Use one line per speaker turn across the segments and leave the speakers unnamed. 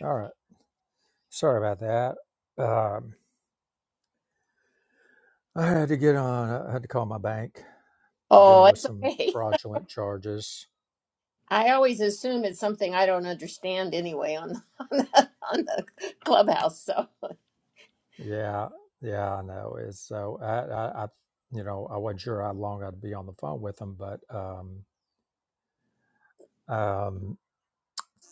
All right. Sorry about that. Um, I had to get on. I had to call my bank,
Oh,
dealing with
it's
some
okay.
fraudulent charges.
I always assume it's something I don't understand anyway on on the, on the clubhouse. So,
Yeah, yeah, I know. It's so I, I, I you know, I wasn't sure how long I'd be on the phone with them, but um, um,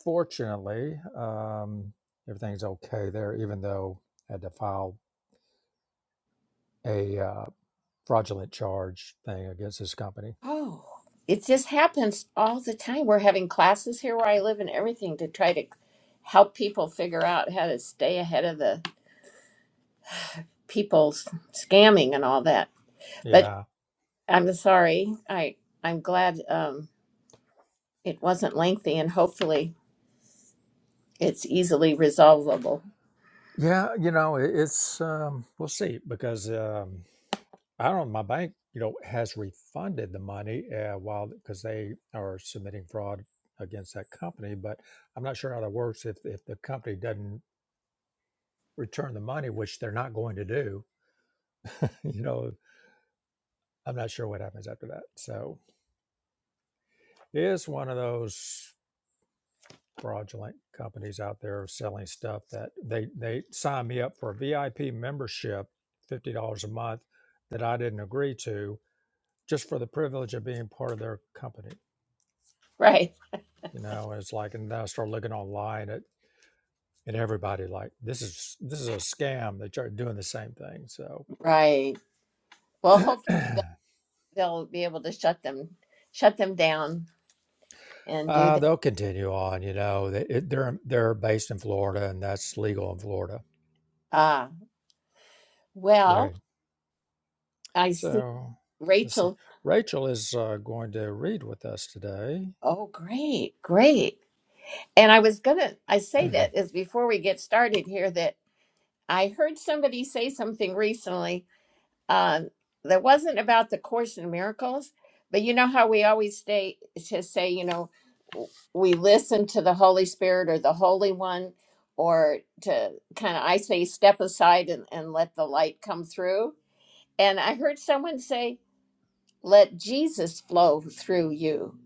fortunately, um, everything's okay there. Even though I had to file a uh, fraudulent charge thing against this company.
oh, it just happens all the time. We're having classes here where I live and everything to try to help people figure out how to stay ahead of the people s- scamming and all that. But
Yeah,
I'm sorry. I I'm glad um, it wasn't lengthy and hopefully it's easily resolvable.
yeah, you know, it, it's um, we'll see because. Um, I don't. My bank, you know, has refunded the money uh, while because they are submitting fraud against that company. But I'm not sure how that works if if the company doesn't return the money, which they're not going to do. You know, I'm not sure what happens after that. So it is one of those fraudulent companies out there selling stuff that they they signed me up for a VIP membership, fifty dollars a month, that I didn't agree to, just for the privilege of being part of their company
Right.
You know, it's like, and then I started looking online at, at everybody like, this is, this is a scam. They started doing the same thing. So
Right. Well, hope. they'll be able to shut them shut them down and do
uh,
that.
they'll continue on, you know, they, it, they're, they're based in Florida and that's legal in Florida.
Ah, well,
There.
I see
So let's see.
Rachel.
Rachel is uh, going to read with us today.
Oh, great, great. And I was gonna I say that is before we get started here that I heard somebody say something recently um, that wasn't about the Course in Miracles, but you know how we always stay to say you know we listen to the Holy Spirit or the Holy One, or to kind of, I say, step aside and, and let the light come through. and I heard someone say, "Let Jesus flow through you,"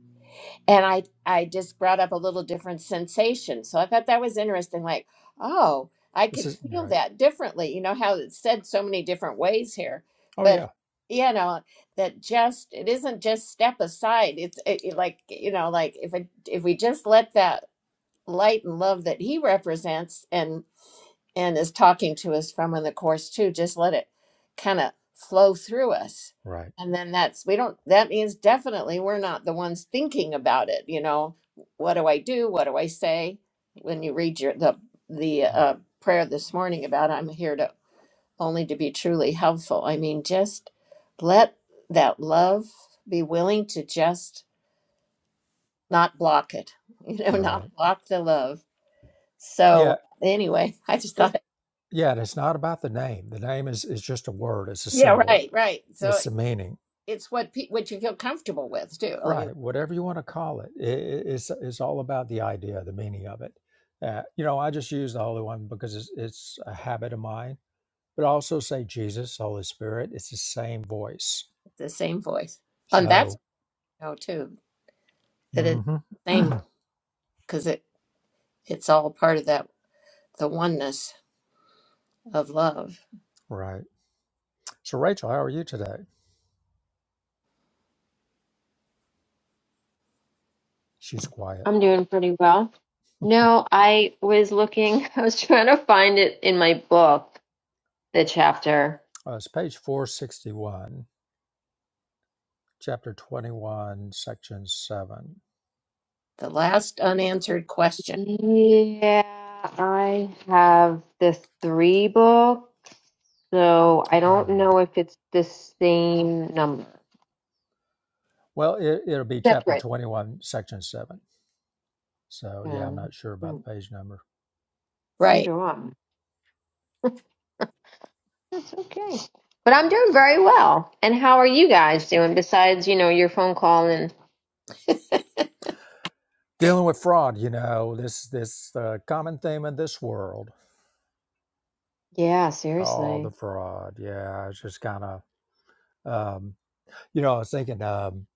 and I I just brought up a little different sensation. So I thought that was interesting. Like, oh, I
this
could
is, you're
feel
right.
that differently. You know how it's said so many different ways here,
Oh yeah.
but you know that just it isn't just step aside. It's it, it like you know like if it if we just let that light and love that He represents and and is talking to us from in the course too just let it kind of flow through us
Right.
and then that's we don't that means definitely we're not the ones thinking about it you know what do i do what do i say when you read your the the
Right.
uh, prayer this morning about i'm here to only to be truly helpful i mean just let that love be willing to just not block it you know not
Right.
block the love so
Yeah.
anyway i just
it-
thought
yeah. And it's not about the name. The name is, is just a word. It's a
yeah,
symbol.
right, right. So
It's the meaning
it's what pe- what you feel comfortable with too. I mean,
Right, whatever you want to call it, i i- it's it's all about the idea, the meaning of it. Uh, you know, I just use the Holy One because it's, it's a habit of mine, but I also say Jesus, Holy Spirit. It's the same voice.
it's the same voice, and that's
So,
how know too that it's
mhm.
the same because it it's all part of that the oneness of love.
right. So, Rachel, how are you today? She's quiet.
I'm doing pretty well. No, I was looking, I was trying to find it in my book, the chapter.
Uh, it's page four sixty one, chapter twenty one, section seven.
The last unanswered question,
Yeah, I have the three book, so I
Ah,
don't know if it's the same number.
well, it, it'll be chapter
Separate.
twenty one, section seven. So, yeah,
Yeah.
I'm not sure about
Mm,
the page number.
right?
Neither one. That's okay. But I'm doing very well. And how are you guys doing besides, you know, your phone call and
dealing with fraud you know this this uh, common theme in this world
yeah,
oh
seriously.
the fraud yeah it's just kind of um you know i was thinking um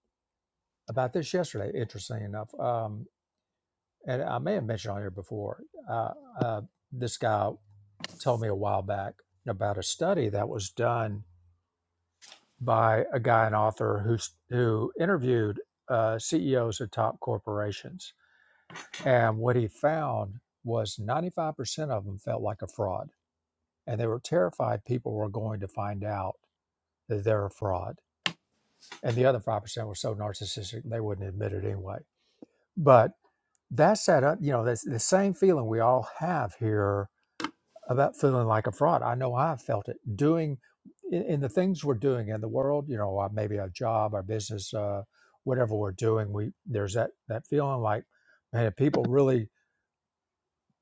about this yesterday interesting enough um and i may have mentioned on here before uh, uh this guy told me a while back about a study that was done by a guy an author who's who interviewed uh, ceos of top corporations and what he found was 95% of them felt like a fraud and they were terrified people were going to find out that they're a fraud. And the other five percent were so narcissistic they wouldn't admit it anyway. But that's that uh, you know that's the same feeling we all have here about feeling like a fraud. I know I've felt it doing in, in the things we're doing in the world. You know, uh, maybe a job, our business, uh, whatever we're doing. We there's that that feeling like, man, if people really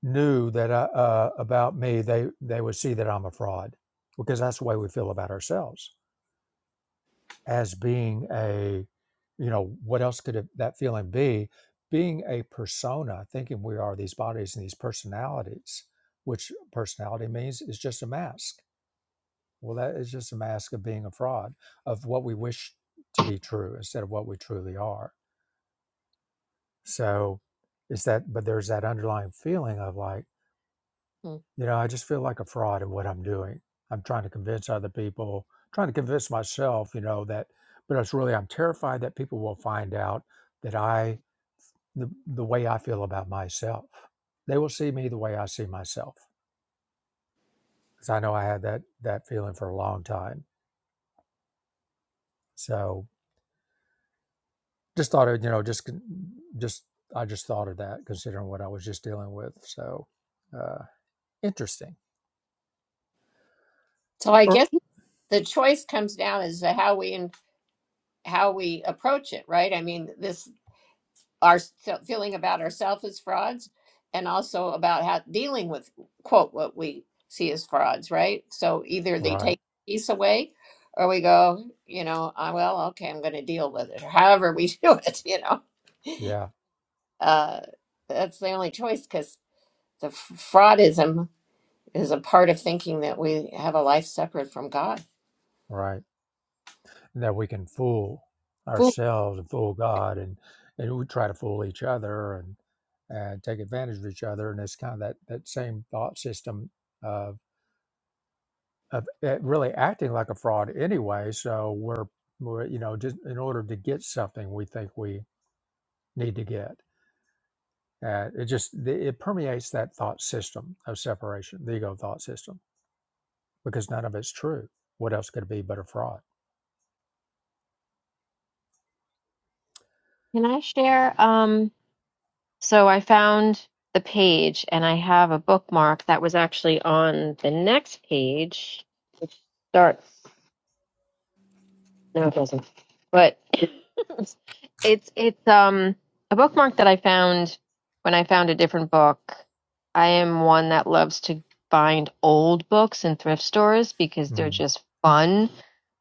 knew that I, uh, about me, they they would see that I'm a fraud because that's the way we feel about ourselves as being a you know what else could it, that feeling be being a persona thinking we are these bodies and these personalities which personality means is just a mask well that is just a mask of being a fraud of what we wish to be true instead of what we truly are so it's that but there's that underlying feeling of like
Hmm.
You know, I just feel like a fraud at what I'm doing. I'm trying to convince other people, trying to convince myself, you know, that, but it's really, I'm terrified that people will find out that I, the, the way I feel about myself, they will see me the way I see myself. Cause I know I had that, that feeling for a long time. So just thought of, you know, just, con- just, I just thought of that considering what I was just dealing with. So, uh, interesting.
So I
Or,
guess the choice comes down as to how we and how we approach it, right? I mean, this our s- feeling about ourselves as frauds and also about how dealing with quote what we see as frauds right so either they
right.
take peace away or we go you know "Ah, well okay i'm going to deal with it or however we do it you know
Yeah.
uh, that's the only choice because the f- fraudism is a part of thinking that we have a life separate from god
Right. that we can fool
Fool.
ourselves and fool God and and we try to fool each other and and take advantage of each other and it's kind of that that same thought system of of it really acting like a fraud anyway so we're we're you know just in order to get something we think we need to get uh, it just the- it permeates that thought system of separation the ego thought system because none of it's true what else could it be but a fraud
Can I share? Um, So I found the page and I have a bookmark that was actually on the next page, which starts, no, it doesn't, but it's, it's, um, a bookmark that I found when I found a different book. I am one that loves to find old books in thrift stores because they're
mm.
just fun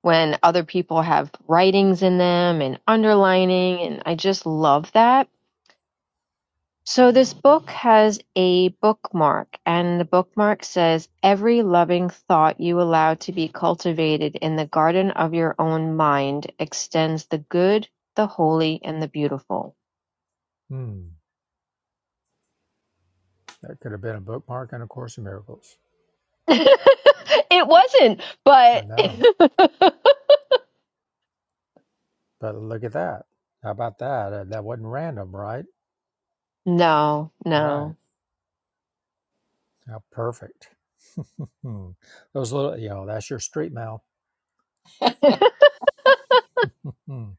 when other people have writings in them and underlining, and I just love that So this book has a bookmark, and the bookmark says, Every loving thought you allow to be cultivated in the garden of your own mind extends the good, the holy, and the beautiful.
Mm. that could have been a bookmark and a course in miracles
it wasn't,
I
but
know, but look at that. How about that? Uh, that wasn't random, right?
no,
Right.
no.
How perfect. Those little, you know, that's your street mail. Hmm.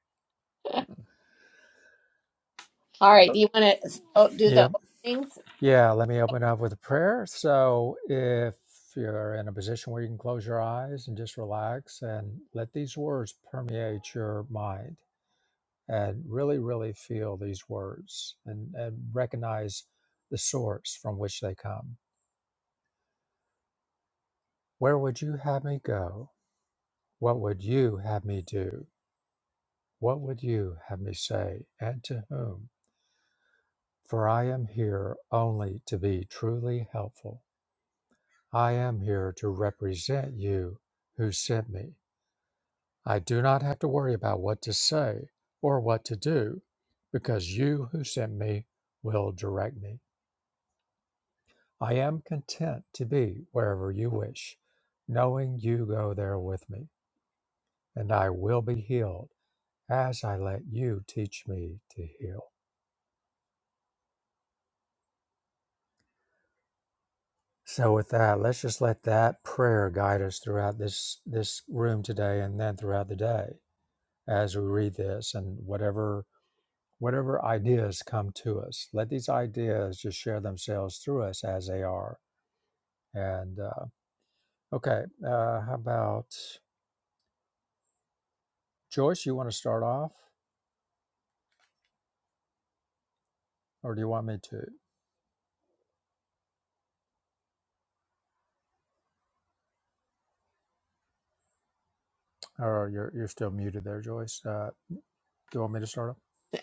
all right
Oh,
do you want to oh, do the
Yeah.
openings
Yeah. Let me open up with a prayer. So if you're in a position where you can close your eyes and just relax and let these words permeate your mind and really, really feel these words and, and recognize the source from which they come. Where would you have me go? What would you have me do? What would you have me say? And to whom? For I am here only to be truly helpful. I am here to represent you who sent me. I do not have to worry about what to say or what to do because you who sent me will direct me. I am content to be wherever you wish, knowing you go there with me, and I will be healed as I let you teach me to heal. So with that, let's just let that prayer guide us throughout this this room today and then throughout the day as we read this and whatever whatever ideas come to us. Let these ideas just share themselves through us as they are. And uh, okay, uh, how about Joyce? You want to start off, or do you want me to? Or you're you're still muted there, Joyce. Uh, do you want me to start off?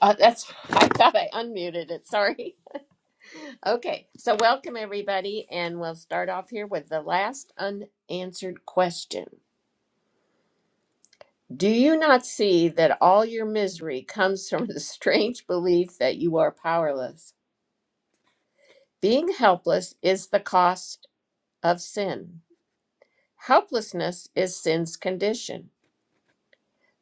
uh, that's i thought i unmuted it sorry Okay, so welcome everybody, and we'll start off here with the last unanswered question. Do you not see that all your misery comes from the strange belief that you are powerless? Being helpless is the cost of sin. Helplessness is sin's condition,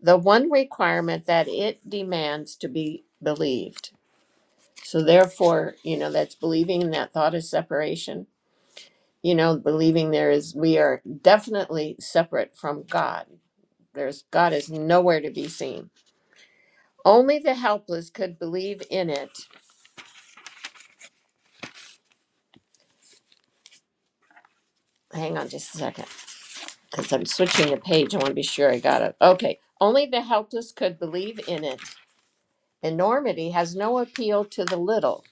the one requirement that it demands to be believed. So, therefore, you know, that's believing in that thought of separation you know, believing there is, we are definitely separate from God. There's God is nowhere to be seen. Only the helpless could believe in it. Hang on just a second, because I'm switching the page. I want to be sure I got it. Okay. Only the helpless could believe in it. Enormity has no appeal to the little,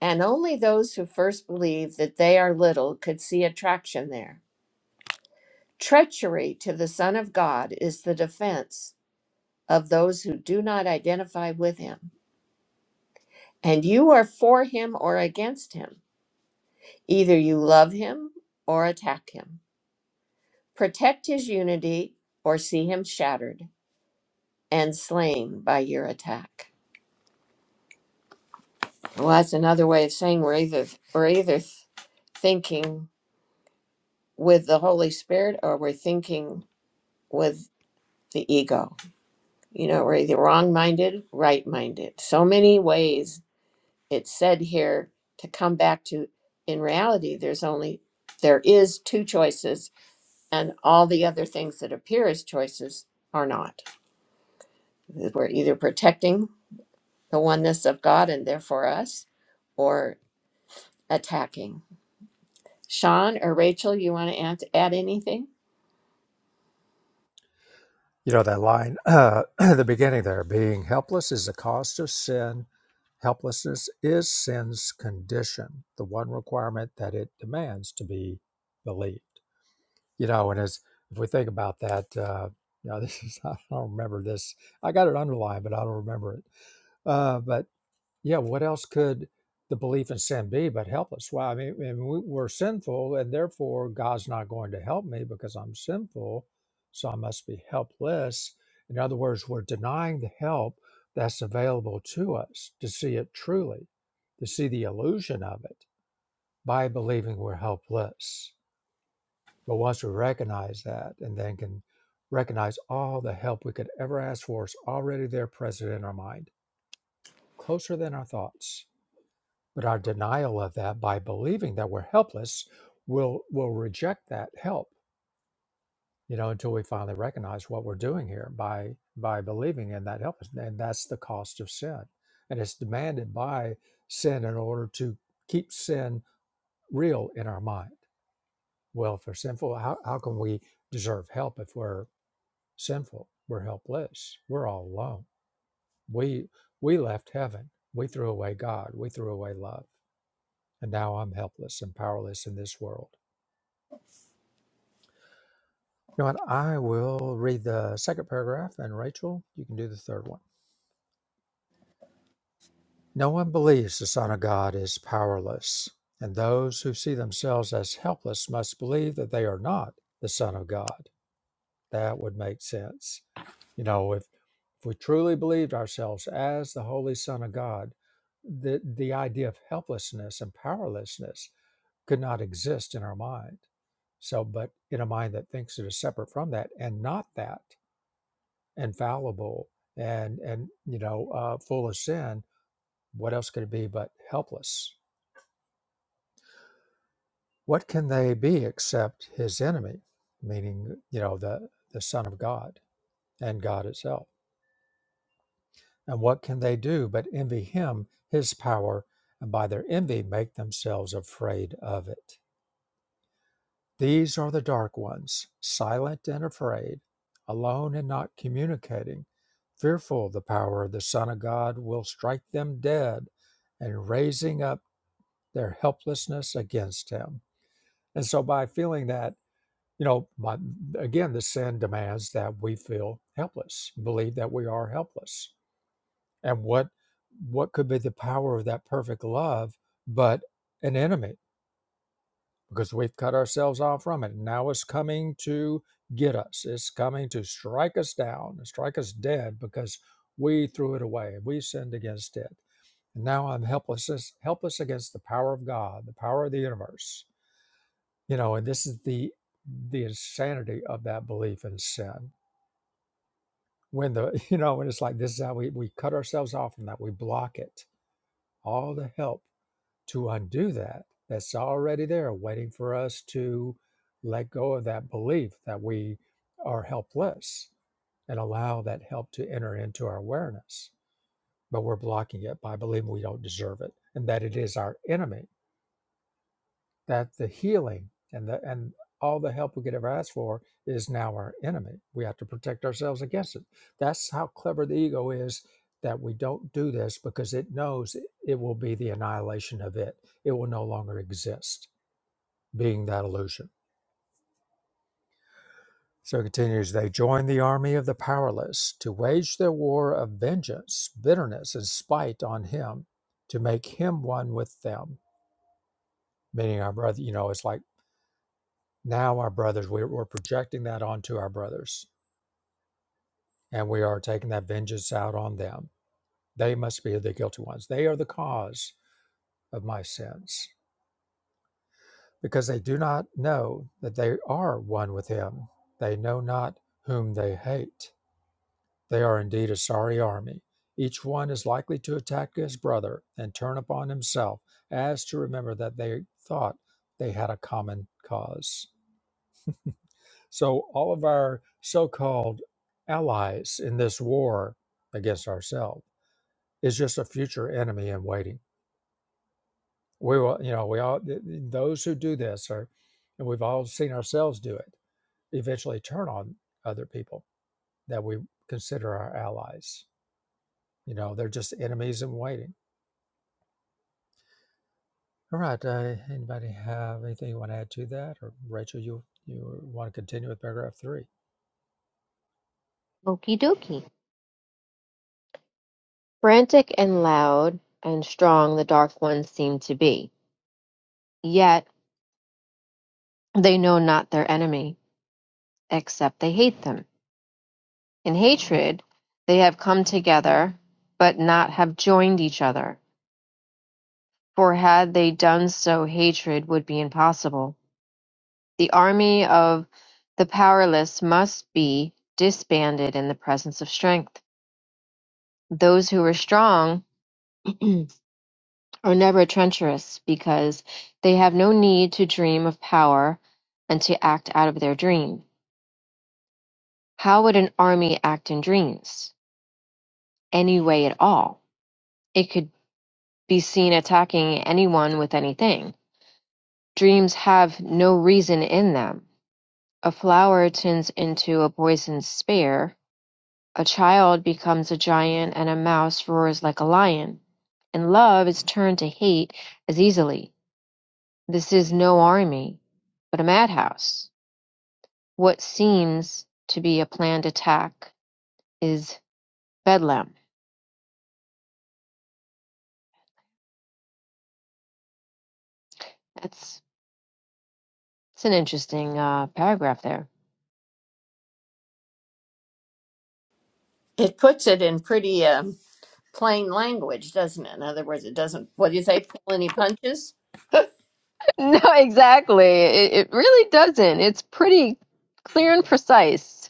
and only those who first believe that they are little could see attraction there. Treachery to the Son of God is the defense of those who do not identify with him. And you are for him or against him. Either you love him or attack him. Protect his unity or see him shattered and slain by your attack. Well, that's another way of saying we're either we're either thinking with the Holy Spirit or we're thinking with the ego. You know, we're either wrong minded, right minded. So many ways it's said here to come back to in reality there's only there is two choices and all the other things that appear as choices are not. We're either protecting the oneness of God and therefore us, or attacking. Sean or Rachel, you want to add, add anything?
You know that line uh, at the beginning there, being helpless is the cost of sin. Helplessness is sin's condition, the one requirement that it demands to be believed. You know, and as if we think about that, uh, you know, this is I don't remember this. I got it underlined, but I don't remember it. Uh, but Yeah, what else could the belief in sin be but helpless? us? Well, I mean, and we- we're sinful, and therefore God's not going to help me because I'm sinful, so I must be helpless. In other words, we're denying the help that's available to us to see it truly, to see the illusion of it by believing we're helpless. But once we recognize that and then can recognize all the help we could ever ask for is already there present in our mind, closer than our thoughts but our denial of that by believing that we're helpless will will reject that help, you know, until we finally recognize what we're doing here by by believing in that helplessness. And that's the cost of sin. And it's demanded by sin in order to keep sin real in our mind. Well, if we're sinful, how, how can we deserve help if we're sinful? We're helpless. We're all alone. We we left heaven. We threw away God. We threw away love. And now I'm helpless and powerless in this world You know what? I will read the second paragraph, and Rachel, you can do the third one. No one believes the Son of God is powerless, and those who see themselves as helpless must believe that they are not the Son of God. That would make sense. You know, if, if we truly believed ourselves as the Holy Son of God, the, the idea of helplessness and powerlessness could not exist in our mind. So, but in a mind that thinks it is separate from that and not that and fallible and and you know uh, full of sin what else could it be but helpless what can they be except his enemy meaning you know the the son of god and god itself and what can they do but envy him his power and by their envy make themselves afraid of it These are the dark ones, silent and afraid, alone and not communicating, fearful the power of the Son of God will strike them dead and raising up their helplessness against him. And so by feeling that, you know, my, again, the sin demands that we feel helpless, believe that we are helpless. And what what could be the power of that perfect love but an enemy? because we've cut ourselves off from it. Now it's coming to get us, it's coming to strike us down, strike us dead because we threw it away, we sinned against it. And now I'm helpless, helpless against the power of God, the power of the universe. You know, and this is the the insanity of that belief in sin. When the you know, when it's like this is how we, we cut ourselves off from that, we block it. All the help to undo that that's already there waiting for us to let go of that belief that we are helpless and allow that help to enter into our awareness but we're blocking it by believing we don't deserve it and that it is our enemy that the healing and the and all the help we could ever ask for is now our enemy. We have to protect ourselves against it. That's how clever the ego is that we don't do this because it knows it, will be the annihilation of it. It will no longer exist, being that illusion. So it continues, they join the army of the powerless to wage their war of vengeance, bitterness, and spite on him, to make him one with them. Meaning our brother, you know, it's like Now our brothers, we're, we're projecting that onto our brothers, and we are taking that vengeance out on them. They must be the guilty ones. They are the cause of my sins because they do not know that they are one with him. They know not whom they hate. They are indeed a sorry army. Each one is likely to attack his brother and turn upon himself, as to remember that they thought they had a common cause. So all of our so-called allies in this war against ourselves is just a future enemy in waiting. We will, you know, we all th- th- those who do this are, and we've all seen ourselves do it. Eventually, turn on other people that we consider our allies. You know, they're just enemies in waiting. All right. Uh, anybody have anything you want to add to that, or Rachel, you you want to continue with paragraph three?
Okie dokie. Frantic and loud and strong the dark ones seem to be, yet they know not their enemy, except they hate them. In hatred they have come together, but not have joined each other: for had they done so hatred would be impossible. The army of the powerless must be disbanded in the presence of strength. Those who are strong are never treacherous because they have no need to dream of power and to act out of their dream. How would an army act in dreams? Any way at all? It could. be seen attacking anyone with anything. Dreams have no reason in them. A flower turns into a poisoned spear. A child becomes a giant and a mouse roars like a lion. And love is turned to hate as easily. This is no army, but a madhouse. What seems to be a planned attack is bedlam. That's, that's an interesting uh, paragraph there.
It puts it in pretty um, plain language, doesn't it? In other words, it doesn't. What do you say? Pull any punches?
No, exactly. It, it really doesn't. It's pretty clear and precise.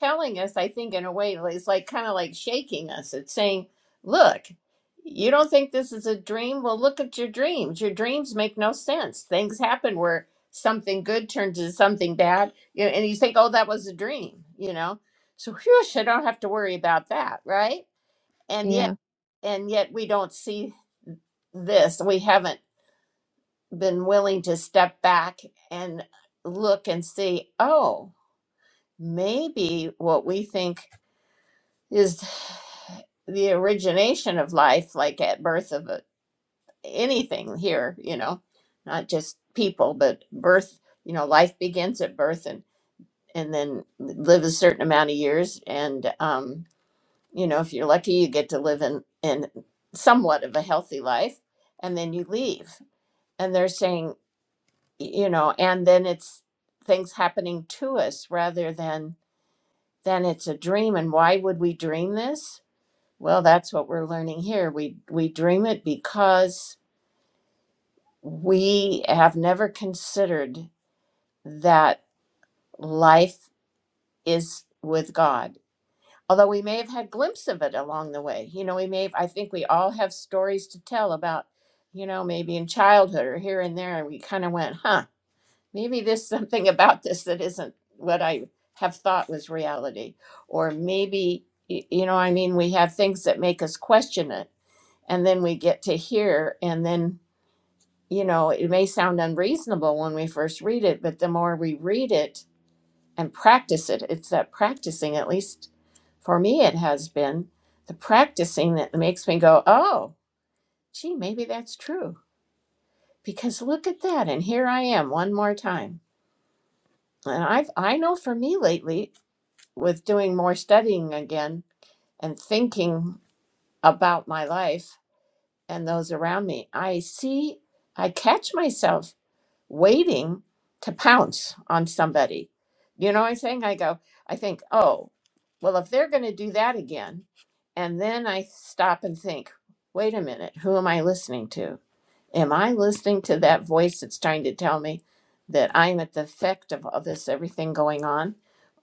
telling us, I think, in a way, like, it's like kind of like shaking us. It's saying, look, you don't think this is a dream? Well, look at your dreams. Your dreams make no sense. Things happen where something good turns into something bad, you know, and you think, oh, that was a dream, you know? So, whew, I don't have to worry about that, right? And yet,
Yeah,
and yet we don't see this. We haven't been willing to step back and look and see, oh, maybe what we think is the origination of life, like at birth of a, anything here, you know, not just people, but birth, you know, life begins at birth and, and then live a certain amount of years. And, um, you know, if you're lucky, you get to live in, in somewhat of a healthy life and then you leave. And they're saying, y- you know, and then it's things happening to us rather than, than it's a dream. And why would we dream this? Well, that's what we're learning here. We we dream it because we have never considered that life is with God. Although we may have had glimpse of it along the way. You know, we may have, I think we all have stories to tell about, you know, maybe in childhood or here and there and we kind of went, "Huh, maybe there's something about this that isn't what I have thought was reality." Or maybe y- you know, I mean, we have things that make us question it and then we get to here and then you know it may sound unreasonable when we first read it but the more we read it and practice it it's that practicing at least for me it has been the practicing that makes me go oh gee maybe that's true because look at that and here i am one more time and i've i know for me lately with doing more studying again and thinking about my life and those around me i see i catch myself waiting to pounce on somebody. You know what I'm saying? I go, I think, oh, well, if they're going to do that again, and then I stop and think, wait a minute, who am I listening to? Am I listening to that voice that's trying to tell me that I'm at the effect of all this, everything going on?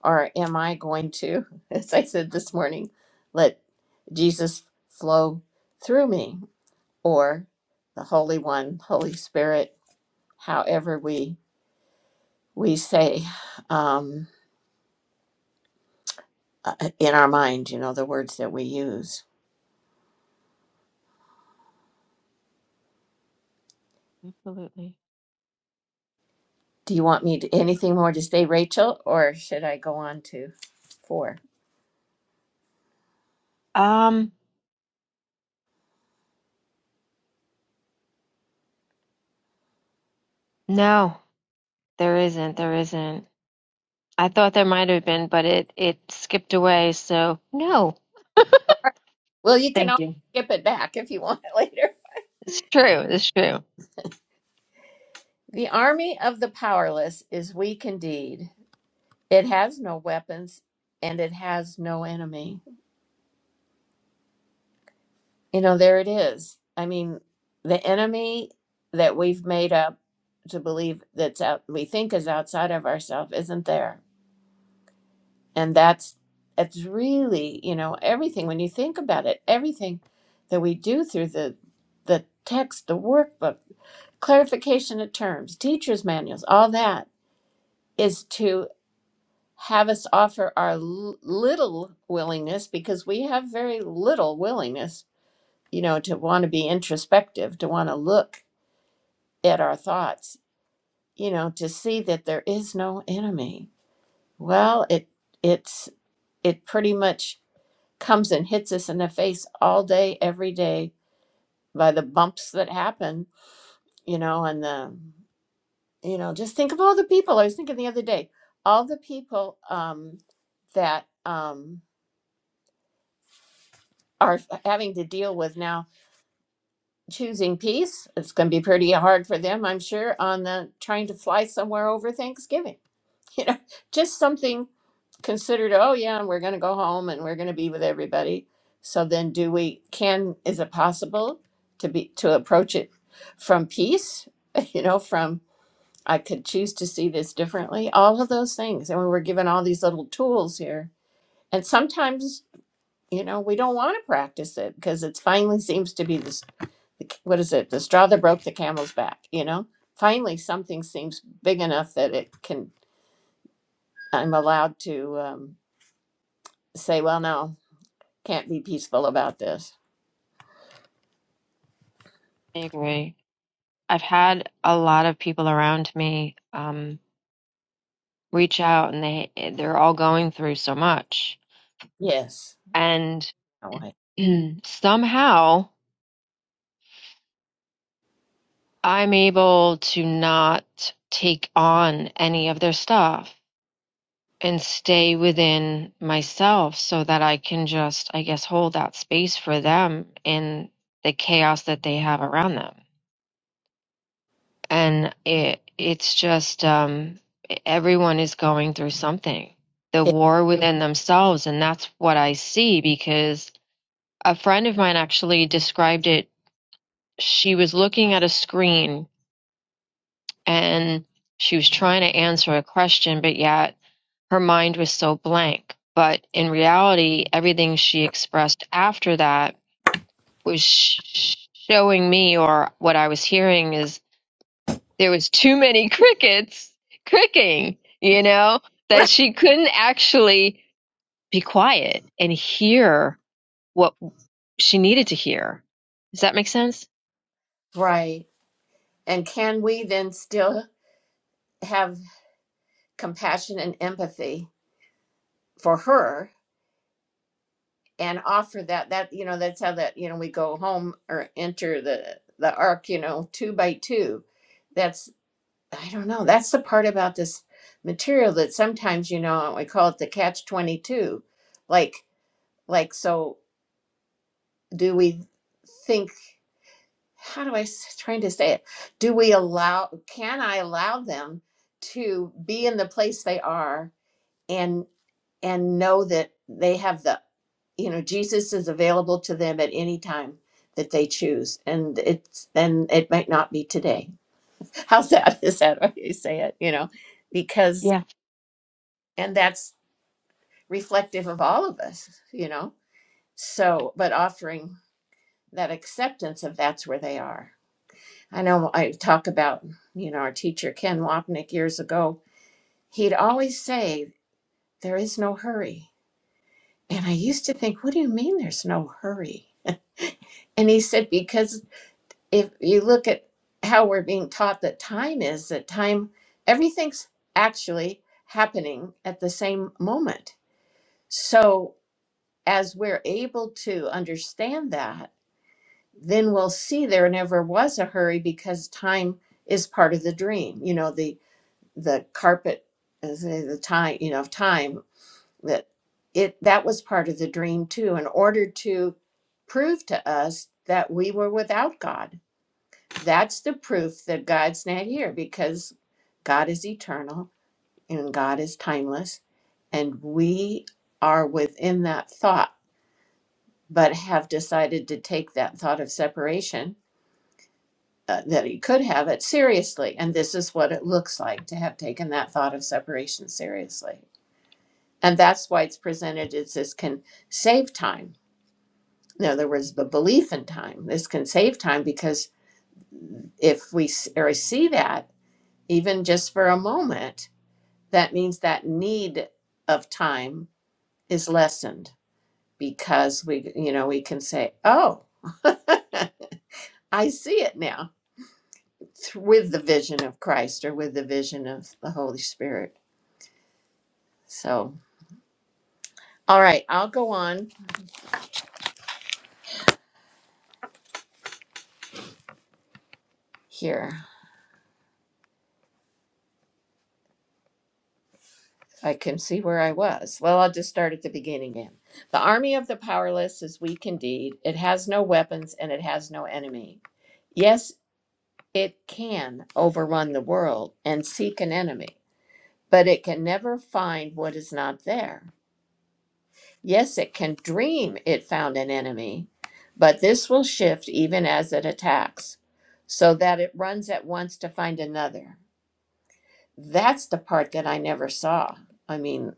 Or am I going to, as I said this morning, let Jesus flow through me or the Holy One, Holy Spirit, however we we say um, uh, in our mind, you know, the words that we use.
absolutely.
Do you want me to, anything more to say, Rachel, or should I go on to four?
Um, no, there isn't. There isn't. I thought there might have been, but it it skipped away. So no,
All right. Well, you can
thank
always
you.
skip it back if you want it later.
It's true. It's true.
The army of the powerless is weak indeed. It has no weapons and it has no enemy. You know, there it is. I mean, the enemy that we've made up to believe that's out, we think is outside of ourselves isn't there and that's it's really you know everything when you think about it everything that we do through the the text the workbook clarification of terms teachers manuals all that is to have us offer our l- little willingness because we have very little willingness you know to want to be introspective to want to look at our thoughts you know to see that there is no enemy well it it's it pretty much comes and hits us in the face all day, every day by the bumps that happen, you know, and the, you know, just think of all the people. I was thinking the other day, all the people um, that um, are having to deal with now choosing peace. It's going to be pretty hard for them, I'm sure, on the trying to fly somewhere over Thanksgiving. You know, just something considered, oh yeah, we're going to go home and we're going to be with everybody. So then do we can is it possible to be to approach it from peace, you know, from I could choose to see this differently, all of those things. And we were given all these little tools here. And sometimes, you know, we don't want to practice it because it finally seems to be this what is it? The straw that broke the camel's back, you know? Finally something seems big enough that it can I'm allowed to um, say, well, no, Can't be peaceful about this.
I agree. I've had a lot of people around me um reach out, and they they're all going through so much,
Yes.
and
No way.
somehow. I'm able to not take on any of their stuff and stay within myself so that I can just, I guess, hold that space for them in the chaos that they have around them. And it it's just um, everyone is going through something, the
It-
war within themselves, and that's what I see because a friend of mine actually described it. She was looking at a screen and she was trying to answer a question, but yet her mind was so blank. But in reality, everything she expressed after that was sh- showing me, or what I was hearing, is there was too many crickets cricking, you know, that
Right.
she couldn't actually be quiet and hear what she needed to hear. Does that make sense?
right. And can we then still have compassion and empathy for her and offer that that you know that's how that you know we go home or enter the the ark you know two by two that's i don't know that's the part about this material that sometimes you know we call it the catch 22 like like so do we think how do I s- trying to say it? Do we allow? Can I allow them to be in the place they are and and know that they have the you know Jesus is available to them at any time that they choose, and it's and it might not be today. How sad is that when you say it? You know, because and that's reflective of all of us. You know, so but offering that acceptance of that's where they are I know I talk about, you know, our teacher Ken Wapnick years ago. He'd always say, There is no hurry. And I used to think, What do you mean there's no hurry? And he said, Because if you look at how we're being taught that time is, that time, everything's actually happening at the same moment. So as we're able to understand that, then we'll see there never was a hurry because time is part of the dream. You know, the. the carpet as the time you know of time that it that was part of the dream too in order to prove to us that we were without god that's the proof that god's not here because god is eternal and god is timeless and we are within that thought but have decided to take that thought of separation uh, that he could have it seriously and this is what it looks like to have taken that thought of separation seriously And that's why it's presented as this can save time. In other words, the belief in time. This can save time because if we s- or see that, even just for a moment, that means that need of time is lessened because we, you know, we can say, oh, I see it now th- with the vision of Christ or with the vision of the Holy Spirit. So, all right, I'll go on here. I can see where I was. Well, I'll just start at the beginning again. The army of the powerless is weak indeed. It has no weapons and it has no enemy. Yes, it can overrun the world and seek an enemy, but it can never find what is not there. Yes, it can dream it found an enemy, but this will shift even as it attacks, so that it runs at once to find another. That's the part that I never saw. I mean,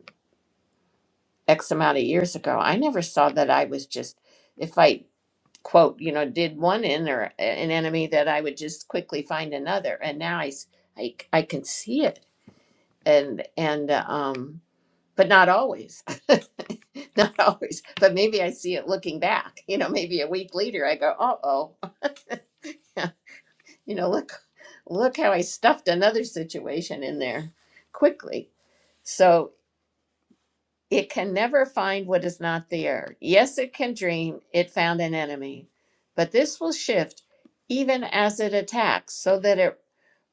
X amount of years ago, I never saw that I was just, if I quote, you know, did one in or a- an enemy that I would just quickly find another. And now I, s- I, I can see it and, and, uh, um, but not always, not always, but maybe I see it looking back, you know, maybe a week later I go, uh oh, you know, look, look how I stuffed another situation in there quickly. So It can never find what is not there. Yes, it can dream it found an enemy, but this will shift even as it attacks, so that it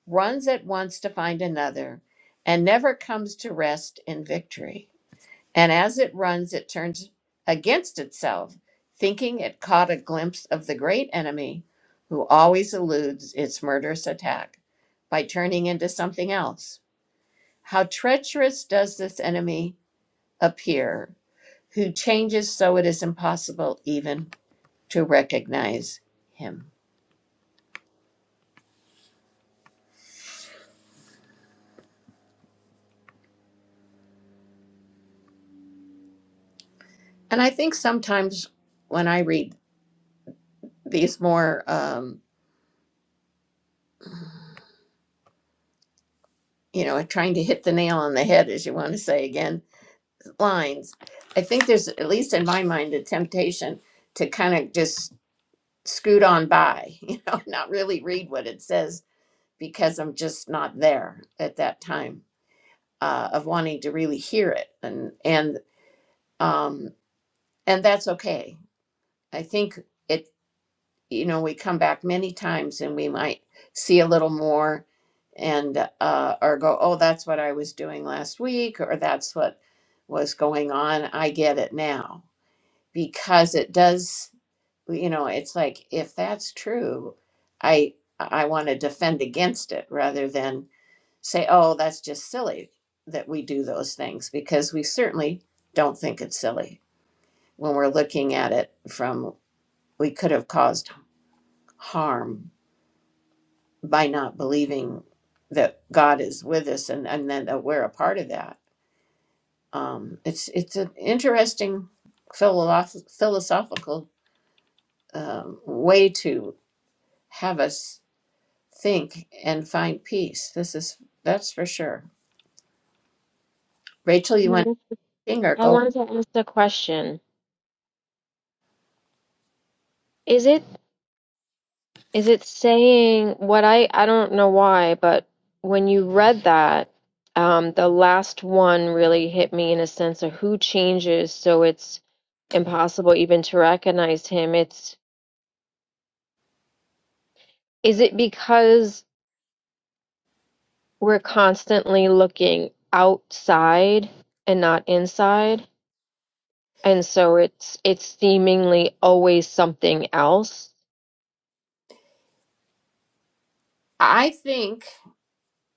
runs at once to find another and never comes to rest in victory. And as it runs, it turns against itself, thinking it caught a glimpse of the great enemy who always eludes its murderous attack by turning into something else. How treacherous does this enemy appear who changes so it is impossible even to recognize him. And I think sometimes when I read these more, um, you know, trying to hit the nail on the head, as you want to say again, lines, I think there's, at least in my mind, a temptation to kind of just scoot on by, you know, not really read what it says because I'm just not there at that time uh, of wanting to really hear it. And, and, um, and that's okay. I think it. you know, we come back many times and we might see a little more and uh, or go, oh, that's what I was doing last week, or that's what was going on. I get it now because it does, you know, it's like if that's true, I I want to defend against it rather than say, oh, that's just silly that we do those things because we certainly don't think it's silly when we're looking at it from we could have caused harm by not believing that God is with us and, and then that we're a part of that. Um, it's it's an interesting philosoph- philosophical um, way to have us think and find peace. This is that's for sure. Rachel, you want
Mhm.
to sing
I
go?
wanted to ask the question. Is it is it saying what I I don't know why, but when you read that, um, the last one really hit me in a sense of who changes, so it's impossible even to recognize him. It's is it because we're constantly looking outside and not inside and so it's it's seemingly always something else
I think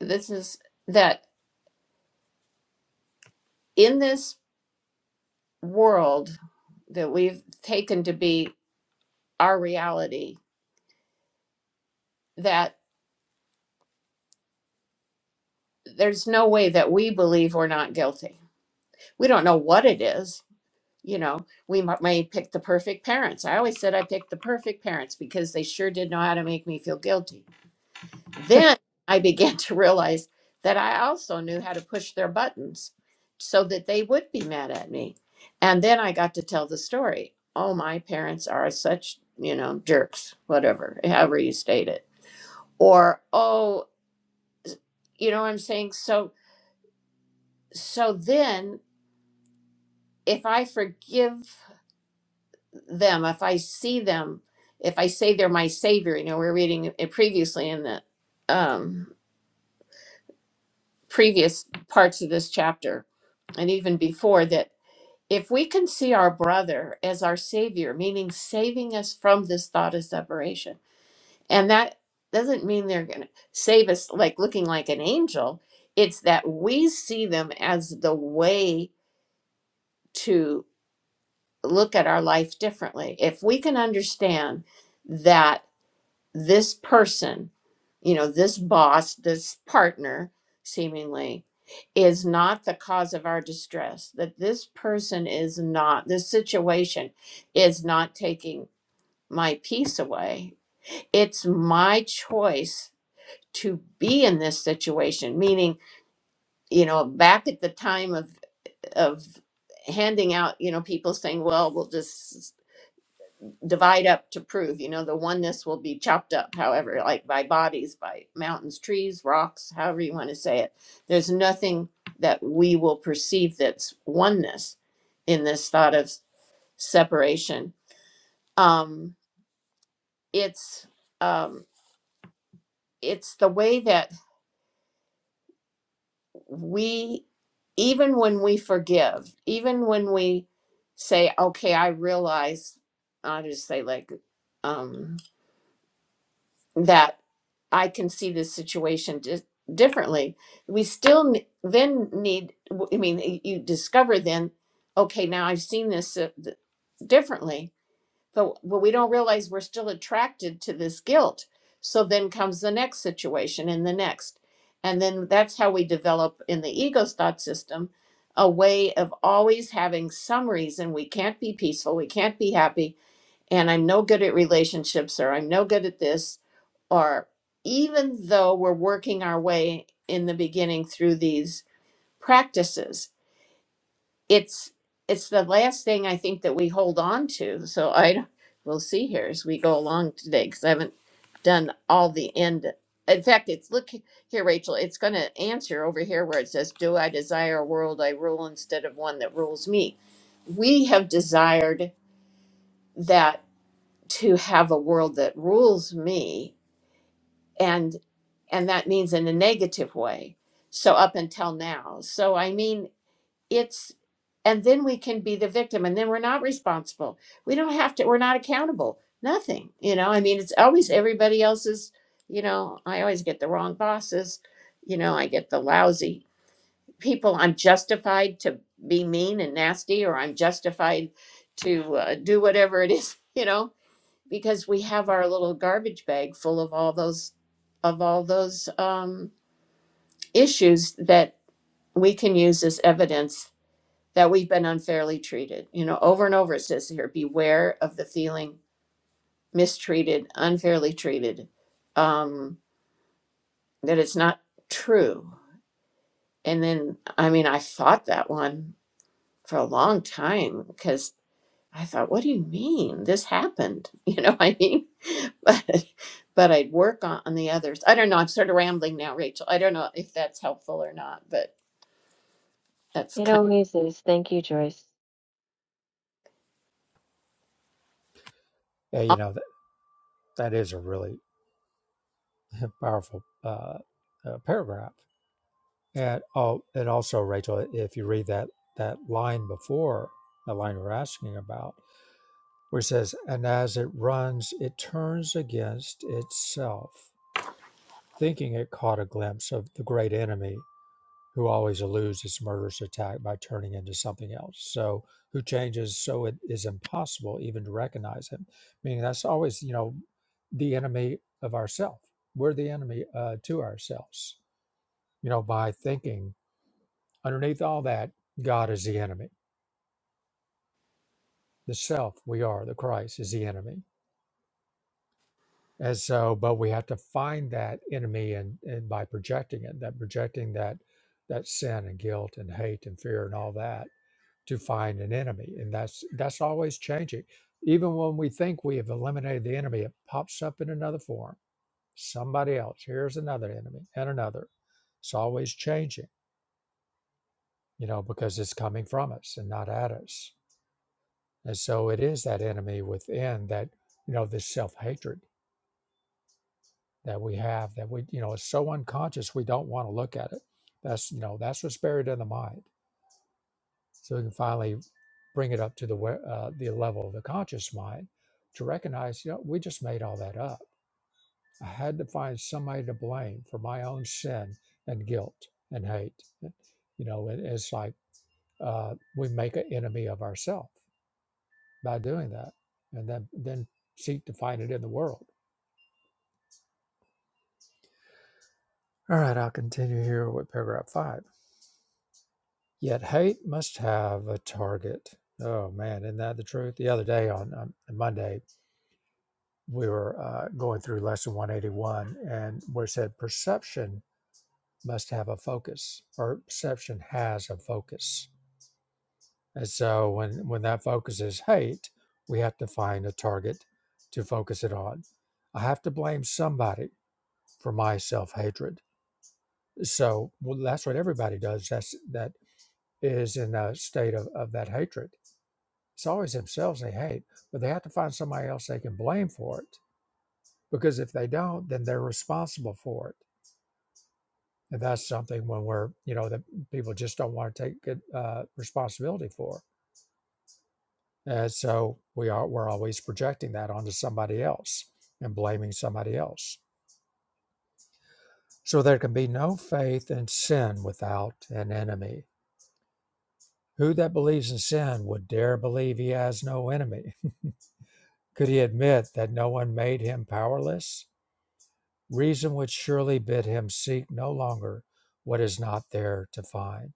this is that in this world that we've taken to be our reality, that there's no way that we believe we're not guilty we don't know what it is you know we mi- may pick the perfect parents i always said i picked the perfect parents because they sure did know how to make me feel guilty then i began to realize that i also knew how to push their buttons so that they would be mad at me and then i got to tell the story oh my parents are such you know jerks whatever however you state it or oh you know what i'm saying so so then if i forgive them, if I see them, if I say they're my savior, you know, we're reading it previously in the um, previous parts of this chapter and even before that, if we can see our brother as our savior, meaning saving us from this thought of separation, and that doesn't mean they're going to save us like looking like an angel, it's that we see them as the way to look at our life differently. If we can understand that. this person, you know, this boss, this partner, seemingly, is not the cause of our distress, that this person is not, this situation is not taking my peace away. It's my choice to be in this situation, meaning, you know, back at the time of, of, handing out you know people saying well we'll just divide up to prove, you know, the oneness will be chopped up, however, like by bodies, by mountains, trees, rocks, however you want to say it. There's nothing that we will perceive that's oneness in this thought of separation. Um, it's um, it's the way that we, even when we forgive, even when we say, "Okay, I realize," I'll just say like um, that I can see this situation di- differently. We still n- then need, I mean, you discover then, okay, now I've seen this uh, th- differently, but, but we don't realize we're still attracted to this guilt. So then comes the next situation and the next. And then that's how we develop in the ego's thought system a way of always having some reason we can't be peaceful, we can't be happy, and I'm no good at relationships or I'm no good at this, or even though we're working our way in the beginning through these practices, it's it's the last thing I think that we hold on to. So I we'll see here as we go along today because I haven't done all the end. In fact, it's look here, Rachel. It's going to answer over here where it says, "Do I desire a world I rule instead of one that rules me?" We have desired that to have a world that rules me and and that means in a negative way so up until now so i mean it's and then we can be the victim and then we're not responsible we don't have to we're not accountable nothing you know i mean it's always everybody else's you know i always get the wrong bosses you know i get the lousy people i'm justified to be mean and nasty or i'm justified to uh, do whatever it is you know because we have our little garbage bag full of all those of all those um, issues that we can use as evidence that we've been unfairly treated. You know, over and over it says here, beware of the feeling mistreated, unfairly treated, um, that it's not true. And then, I mean, I fought that one for a long time because I thought, what do you mean this happened? You know, I mean, but but I'd work on, on the others. I don't know. I'm sort of rambling now, Rachel. I don't know if that's helpful or not, but that's
it
kind
always is thank you joyce
Yeah, you
of
know that that is a really powerful uh, uh, paragraph And oh, and also, Rachel, if you read that that line before the line we're asking about, where it says, "And as it runs, it turns against itself, thinking it caught a glimpse of the great enemy who always eludes its murderous attack by turning into something else. So, who changes so it is impossible even to recognize him. Meaning that's always, you know, the enemy of ourself. We're the enemy uh, to ourselves. You know, by thinking." Underneath all that, God is the enemy. The self we are, the Christ is the enemy. And so, but we have to find that enemy and, and by projecting it, that projecting that that sin and guilt and hate and fear and all that to find an enemy. And that's that's always changing. Even when we think we have eliminated the enemy, it pops up in another form. Somebody else. Here's another enemy and another. It's always changing, you know, because it's coming from us and not at us. And so it is that enemy within that, you know, this self hatred that we have that we, you know, it's so unconscious we don't want to look at it. That's, you know, that's what's buried in the mind. So we can finally bring it up to the wa- uh, the level of the conscious mind to recognize, you know, we just made all that up. I had to find somebody to blame for my own sin and guilt and hate. You know, it, it's like uh, we make an enemy of ourselves by doing that, and then then seek to find it in the world. All right, I'll continue here with paragraph five. Yet hate must have a target. Oh man, isn't that the truth? The other day on um, Monday, we were uh, going through lesson 181 and where it said perception must have a focus or perception has a focus. And so when, when that focus is hate, we have to find a target to focus it on. I have to blame somebody for my self hatred. So well, that's what everybody does. That's that is in a state of, of that hatred. It's always themselves they hate, but they have to find somebody else they can blame for it. Because if they don't, then they're responsible for it. And that's something when we're, you know, that people just don't want to take good, uh, responsibility for. And so we are, we're always projecting that onto somebody else and blaming somebody else. So there can be no faith in sin without an enemy. Who that believes in sin would dare believe he has no enemy? Could he admit that no one made him powerless? Reason would surely bid him seek no longer what is not there to find.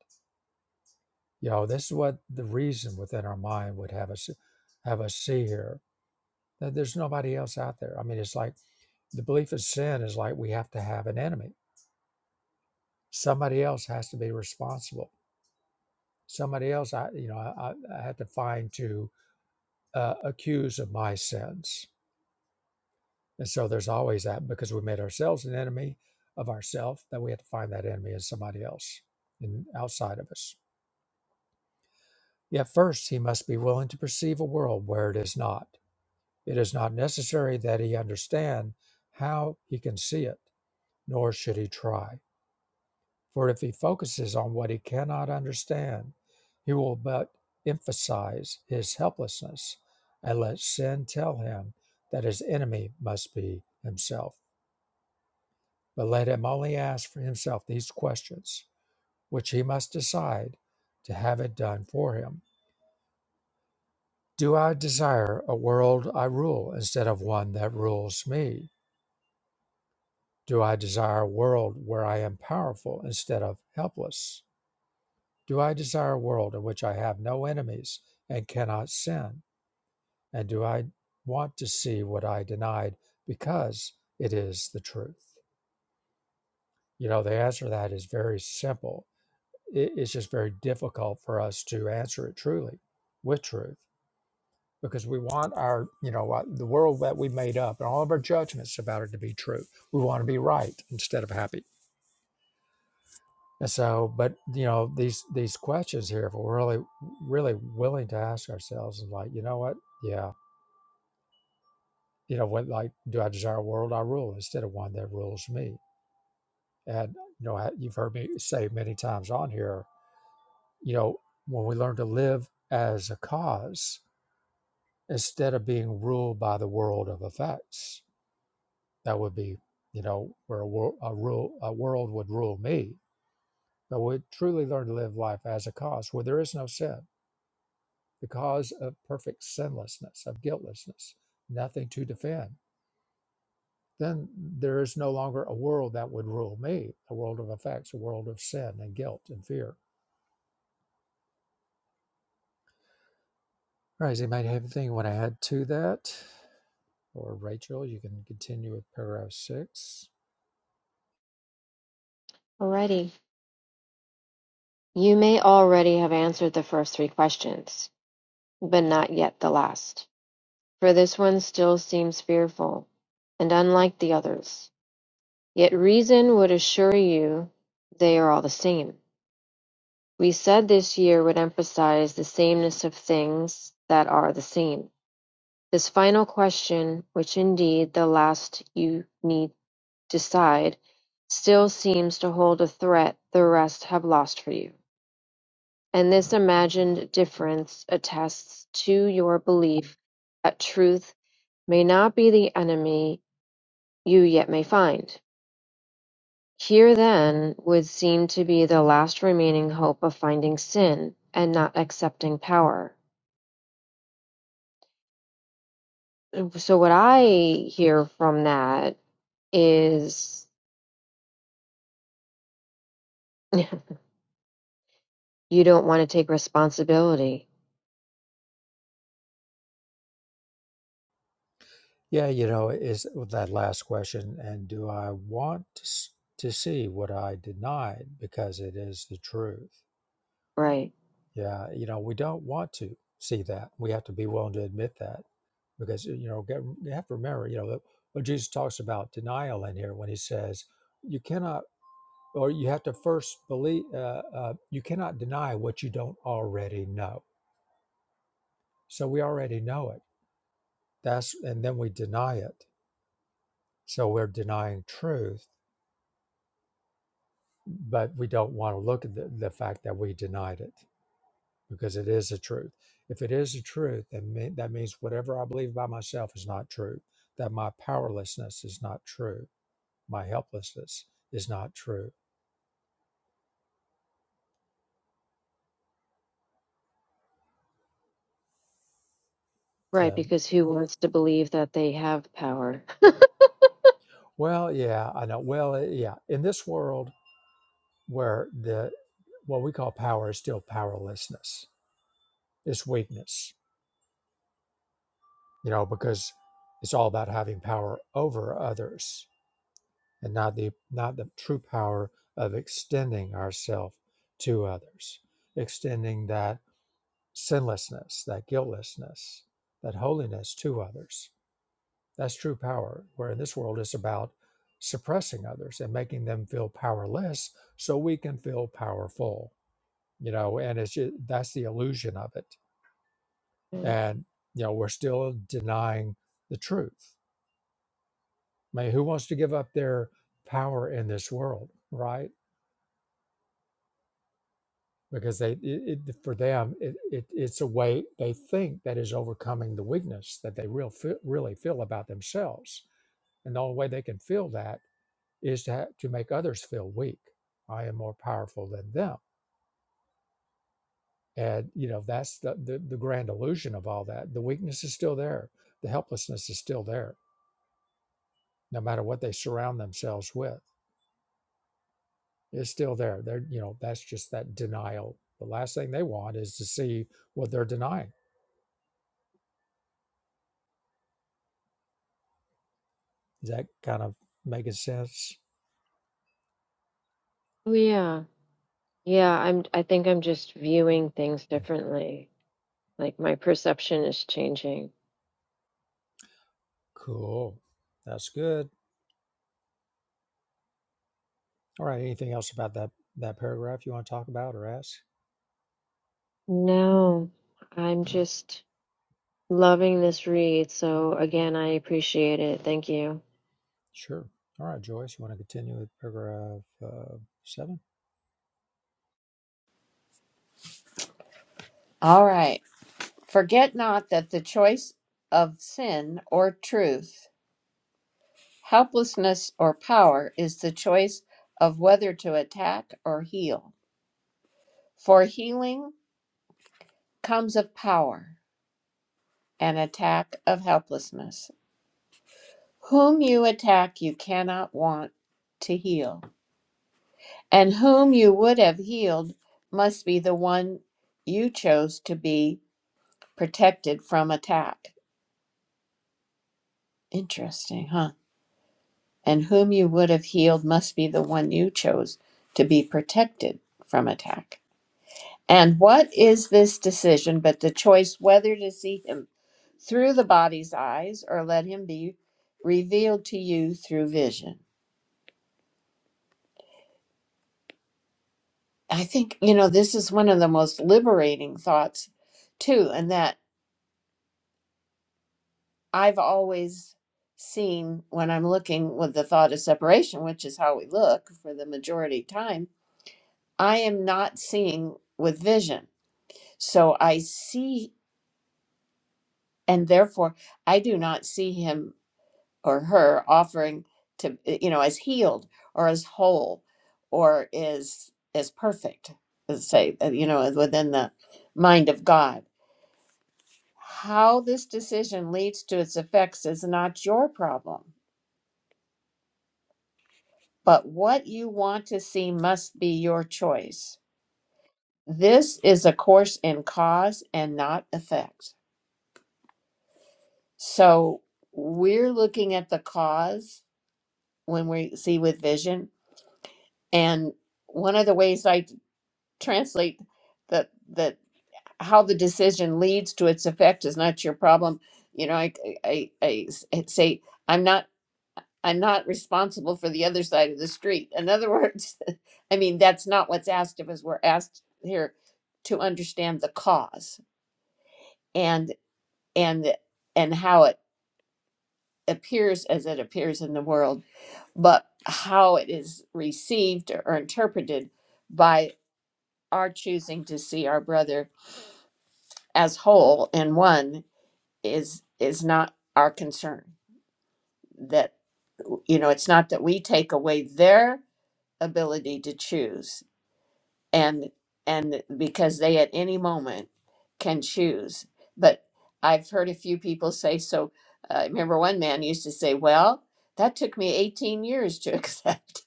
You know, this is what the reason within our mind would have us have us see here. That there's nobody else out there. I mean, it's like the belief of sin is like we have to have an enemy. Somebody else has to be responsible. Somebody else, I you know, I, I had to find to uh, accuse of my sins And so there's always that because we made ourselves an enemy of ourself, that we have to find that enemy in somebody else and outside of us. Yet first, he must be willing to perceive a world where it is not. It is not necessary that he understand how he can see it, nor should he try. For if he focuses on what he cannot understand, he will but emphasize his helplessness and let sin tell him that his enemy must be himself. But let him only ask for himself these questions, which he must decide to have it done for him. Do I desire a world I rule instead of one that rules me? Do I desire a world where I am powerful instead of helpless? Do I desire a world in which I have no enemies and cannot sin? And do I want to see what I denied because it is the truth? You know, the answer to that is very simple it, it's just very difficult for us to answer it truly with truth because we want our you know what the world that we made up and all of our judgments about it to be true we want to be right instead of happy and so but you know these these questions here if we're really really willing to ask ourselves and like you know what yeah you know what like do i desire a world i rule instead of one that rules me and you know I- you've heard me say many times on here you know when we learn to live as a cause instead of being ruled by the world of effects. That would be, you know, where a, wor- a, rule, a world would rule me. But we truly learn to live life as a cause where there is no sin, the cause of perfect sinlessness, of guiltlessness, nothing to defend. Then there is no longer a world that would rule me, a world of effects, a world of sin and guilt and fear. All right, does anybody have anything you want to add to that? Or Rachel, you can continue with paragraph six.
alrighty you may already have answered the first three questions but not yet the last for this one still seems fearful and unlike the others yet reason would assure you they are all the same we said this year would emphasize the sameness of things that are the same This final question, which indeed the last you need decide, still seems to hold a threat the rest have lost for you, and this imagined difference attests to your belief that truth may not be the enemy you yet may find. Here then would seem to be the last remaining hope of finding sin and not accepting power. So what I hear from that is you don't want to take responsibility.
Yeah, you know, is uh, that last question, and do I want to, s- to see what I denied because it is the truth?
Right.
Yeah, you know, we don't want to see that. We have to be willing to admit that because, you know, get, you have to remember, you know, that what Jesus talks about denial in here when he says, you cannot, or you have to first believe, uh, uh, you cannot deny what you don't already know. So we already know it. That's, and then we deny it. So we're denying truth but we don't want to look at the, the fact that we denied it because it is a truth. If it is a truth, then me, that means whatever I believe about myself is not true, that my powerlessness is not true, my helplessness is not true.
Right,
The,
because who wants to believe that they have power?
well, yeah, I know. Well, eh, yeah, in this world where the what we call power is still powerlessness, it's weakness, you know, because it's all about having power over others and not the not the true power of extending ourselves to others extending that sinlessness that guiltlessness that holiness to others that's true power where in this world it's about suppressing others and making them feel powerless so we can feel powerful you know and it's just, that's the illusion of it
Mm.
and you know we're still denying the truth i mean who wants to give up their power in this world right because they it, it, for them it, it, it's a way they think that is overcoming the weakness that they real feel, really feel about themselves and the only way they can feel that is to ha- to make others feel weak i am more powerful than them and you know that's the, the the grand illusion of all that the weakness is still there the helplessness is still there no matter what they surround themselves with it's still there they're you know that's just that denial the last thing they want is to see what they're denying Does that kind of making sense?
Oh yeah. Yeah, I'm I think I'm just viewing things differently. Like my perception is changing.
Cool. That's good. All right. Anything else about that that paragraph you want to talk about or ask?
No, I'm just loving this read. So again, I appreciate it. Thank you.
Sure. All right, Joyce. You want to continue with paragraph uh, seven?
all right. Forget not that the choice of sin or truth, helplessness or power is the choice of whether to attack or heal. For healing comes of power, and attack of helplessness. Whom you attack, you cannot want to heal. And whom you would have healed must be the one you chose to be protected from attack. Interesting, huh? And whom you would have healed must be the one you chose to be protected from attack. And what is this decision but the choice whether to see him through the body's eyes or let him be revealed to you through vision? I think, you know, this is one of the most liberating thoughts, too, and that. I've always seen when I'm looking with the thought of separation, which is how we look for the majority of time, I am not seeing with vision. So I see, and therefore I do not see him or her offering to, eh, you know, as healed or as whole or is as as perfect, let's say, uh, you know, within the mind of God. How this decision leads to its effects is not your problem but what you want to see must be your choice. This is a course in cause and not effect. So we're looking at the cause when we see with vision. And one of the ways I translate that that how the decision leads to its effect is not your problem. You know, I I, I I say I'm not. I'm not responsible for the other side of the street. In other words, I mean, that's not what's asked of us. We're asked here to understand the cause and and and how it appears as it appears in the world, but how it is received or interpreted by our choosing to see our brother as whole and one is is not our concern. That you know, it's not that we take away their ability to choose and and because they at any moment can choose but i've heard a few people say so uh, i remember one man used to say well that took me 18 years to accept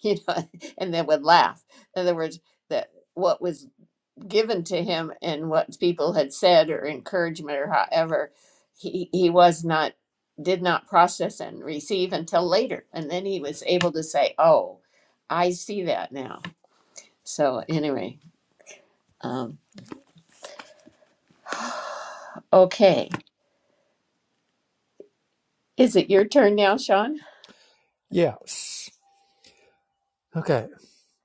you know and then would laugh in other words that what was given to him and what people had said or encouragement or however he he was not did not process and receive until later and then he was able to say oh i see that now so anyway um, okay. Is it your turn now, Sean?
Yes. Okay.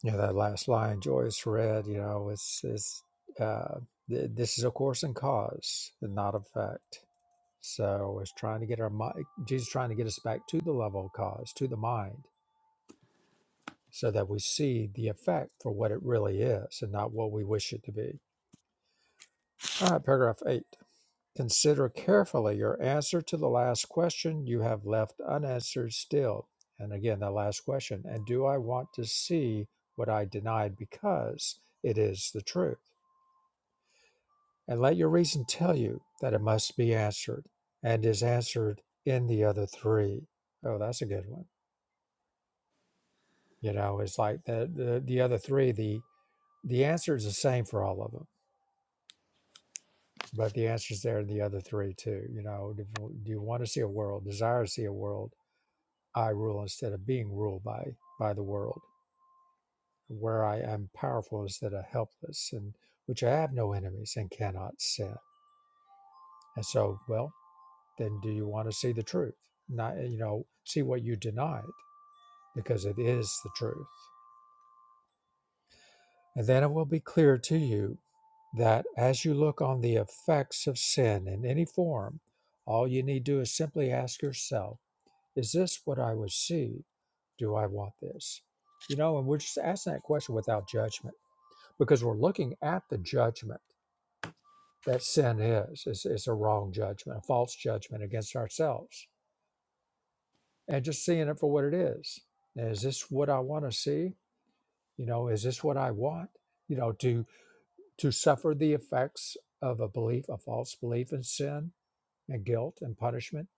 Yeah, that last line Joyce read. You know, it's it's uh, th- this is a course and cause, and not effect. So it's trying to get our mind. Jesus is trying to get us back to the level of cause, to the mind so that we see the effect for what it really is and not what we wish it to be. All right, paragraph eight. Consider carefully your answer to the last question you have left unanswered still. And again, the last question. And do I want to see what I denied because it is the truth? And let your reason tell you that it must be answered and is answered in the other three. Oh, that's a good one. You know, it's like the, the, the other three, the, the answer is the same for all of them But the answer's there in the other three too. You know, do, do you want to see a world? Desire to see a world I rule instead of being ruled by by the world, where I am powerful instead of helpless, and which I have no enemies and cannot sin. And so, well, then, do you want to see the truth? Not eh, you know, see what you denied because it is the truth. And then it will be clear to you that as you look on the effects of sin in any form, all you need to do is simply ask yourself Is this what I would see? Do I want this? You know, and we're just asking that question without judgment because we're looking at the judgment that sin is. It's, it's a wrong judgment, a false judgment against ourselves, and just seeing it for what it is. Is this what I want to see? You know, is this what I want? You know, to to suffer the effects of a belief, a false belief in sin and guilt and punishment.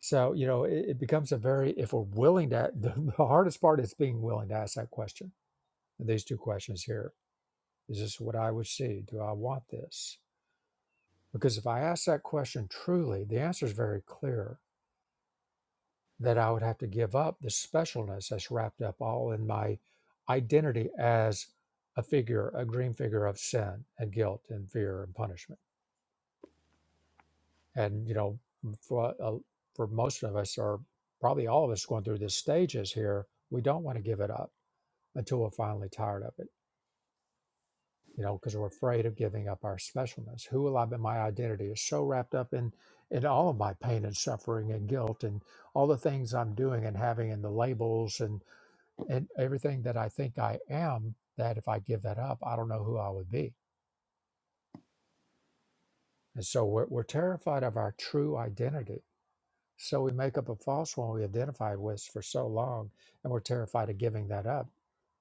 So, you know, it, it becomes a very, if we're willing to, the, the hardest part is being willing to ask that question these two questions here is this what i would see do i want this because if i ask that question truly the answer is very clear that i would have to give up the specialness that's wrapped up all in my identity as a figure a green figure of sin and guilt and fear and punishment and you know for, uh, for most of us or probably all of us going through these stages here we don't want to give it up until we're finally tired of it you know, because we're afraid of giving up our specialness. Who will I be? My identity is so wrapped up in in all of my pain and suffering and guilt and all the things I'm doing and having and the labels and and everything that I think I am. That if I give that up, I don't know who I would be. And so we're, we're terrified of our true identity. So we make up a false one we identified with for so long, and we're terrified of giving that up,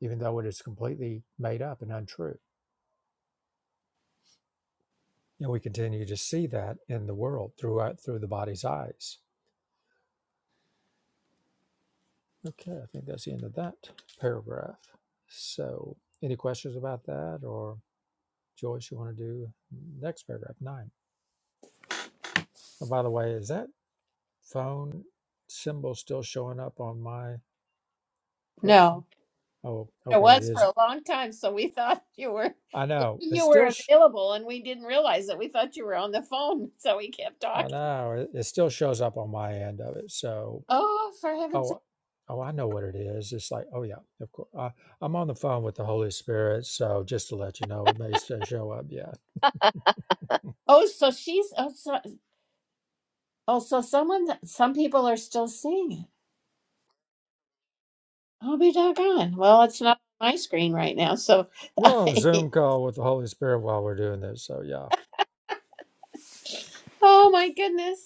even though it is completely made up and untrue. And we continue to see that in the world throughout through the body's eyes. Okay, I think that's the end of that paragraph. So, any questions about that, or Joyce, you want to do next paragraph nine? And by the way, is that phone symbol still showing up on my
No.
profile? Oh,
It
okay, it
was for
is.
a long time, so we thought you were
I know it's
you
still.
were
Sh-
available and we didn't realize it. We thought you were on the phone, so we kept
I
talking.
know it, it still shows up on my end of it. So
Oh, for heaven's sake.
Oh, oh, I know what it is. It's like, oh yeah, of course. I, I'm on the phone with the Holy Spirit, so just to let you know, it may still show up. Yeah,
Oh, so she's oh so, oh, so someone that- some people are still seeing it. I'll be doggone. Well, it's not on my screen right now, so
we're on a Zoom call with the Holy Spirit while we're doing this. So yeah.
oh my goodness.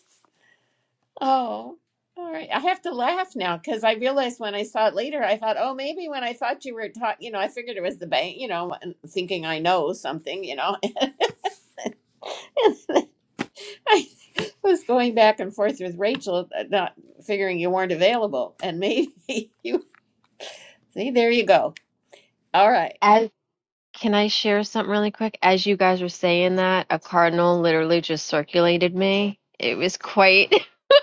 Oh, all right. I have to laugh now because I realized when I saw it later, I thought, oh, maybe when I thought you were taught, you know, I figured it was the bank, you know, and thinking I know something, you know. And I was going back and forth with Rachel, uh, not figuring you weren't available. And maybe you see, there you go. All right.
As can I share something really quick? As you guys were saying that, a cardinal literally just circulated me. It was quite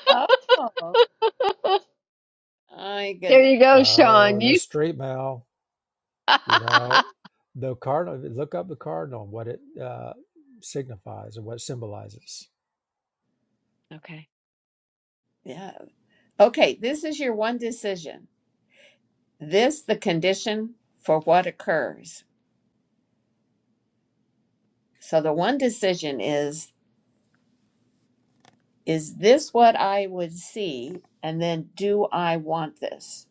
Oh, my
There
goodness.
you go,
Oh,
Sean. You
there's street mail. You know, the cardinal. Look up the cardinal. What it uh, signifies and what it symbolizes.
Okay.
Yeah. Okay. This is your one decision. This, the condition for what occurs. So the one decision is. is this what I would see? And then do I want this?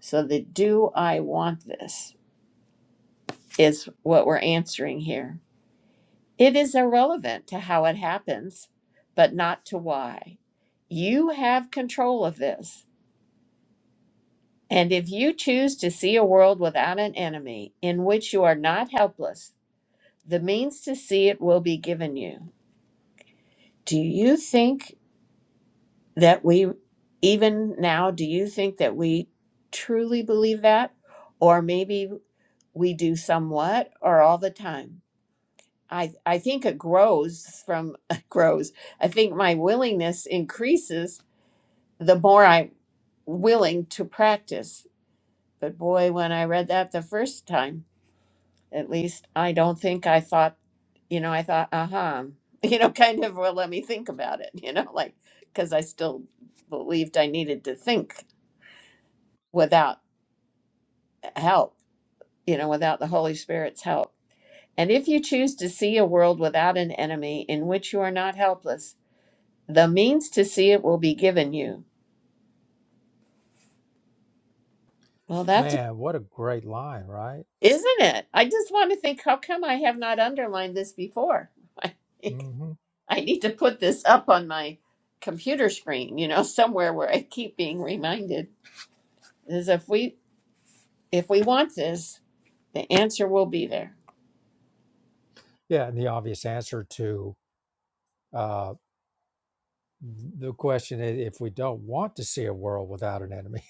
So the do I want this is what we're answering here. It is irrelevant to how it happens, but not to why. You have control of this. And if you choose to see a world without an enemy in which you are not helpless, the means to see it will be given you. Do you think? that we even now do you think that we truly believe that or maybe we do somewhat or all the time i i think it grows from grows i think my willingness increases the more i'm willing to practice but boy when i read that the first time at least i don't think i thought you know i thought uh-huh you know kind of well let me think about it you know like because i still believed i needed to think without help, you know, without the Holy Spirit's help. And if you choose to see a world without an enemy in which you are not helpless, the means to see it will be given you. Well, that's,
Man, what a great line, right?
isn't it? I just want to think, how come I have not underlined this before? I, think
hmm
I need to put this up on my computer screen, you know, somewhere where I keep being reminded. Is if we if we want this, the answer will be there.
Yeah, and the obvious answer to uh, the question: is: If we don't want to see a world without an enemy.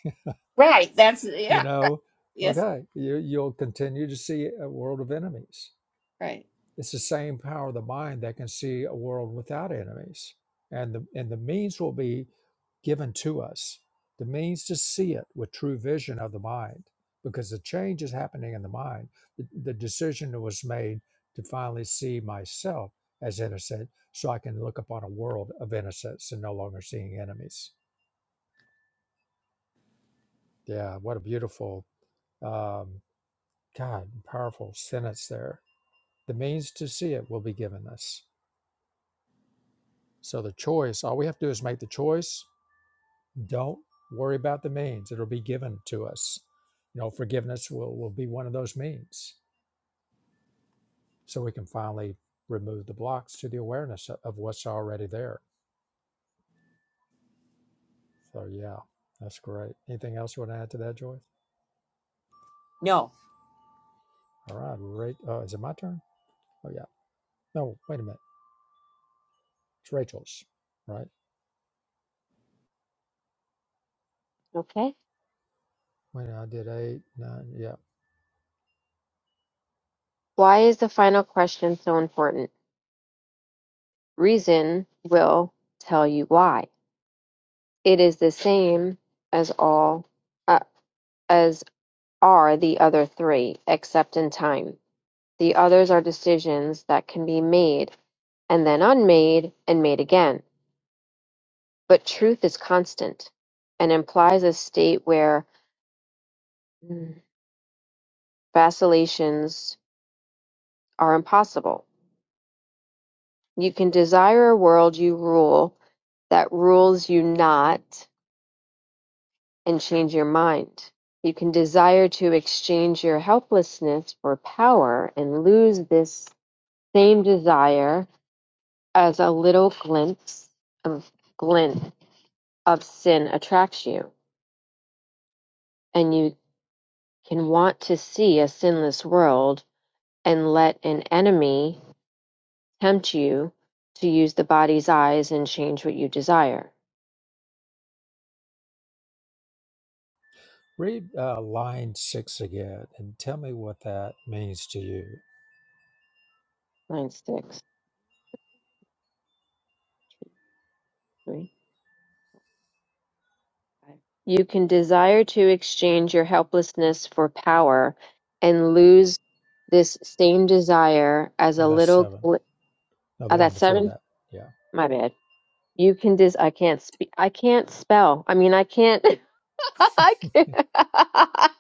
Right. That's
you
yeah. right,
know
Yes.
okay you, you'll continue to see a world of enemies
Right.
it's the same power of the mind that can see a world without enemies and the and the means will be given to us the means to see it with true vision of the mind because the change is happening in the mind the, the decision that was made to finally see myself as innocent so i can look upon a world of innocence and no longer seeing enemies yeah what a beautiful um, God, powerful sentence there. The means to see it will be given us. So the choice, all we have to do is make the choice. Don't worry about the means. It'll be given to us. You know, forgiveness will, will be one of those means. So we can finally remove the blocks to the awareness of, what's already there. So yeah, that's great. Anything else you want to add to that, Joyce?
No.
All right, right. Uh, is it my turn? Oh yeah. No, wait a minute. It's Rachel's, right?
Okay.
Wait, I did eight, nine. Yeah.
Why is the final question so important? Reason will tell you why. It is the same as all uh, as are the other three, except in time. The others are decisions that can be made and then unmade and made again. But truth is constant and implies a state where mm, vacillations are impossible. You can desire a world you rule that rules you not and change your mind. You can desire to exchange your helplessness for power and lose this same desire as a little glimpse of glint of sin attracts you. And you can want to see a sinless world and let an enemy tempt you to use the body's eyes and change what you desire.
Read uh, line six again and tell me what that means to you.
Line six. three. You can desire to exchange your helplessness for power and lose this same desire as a
Oh, that's
little
seven.
gl-
No, the
oh,
one
that's
before
seven
that. Yeah.
my bad you can dis i can't speak i can't spell i mean i can't i can't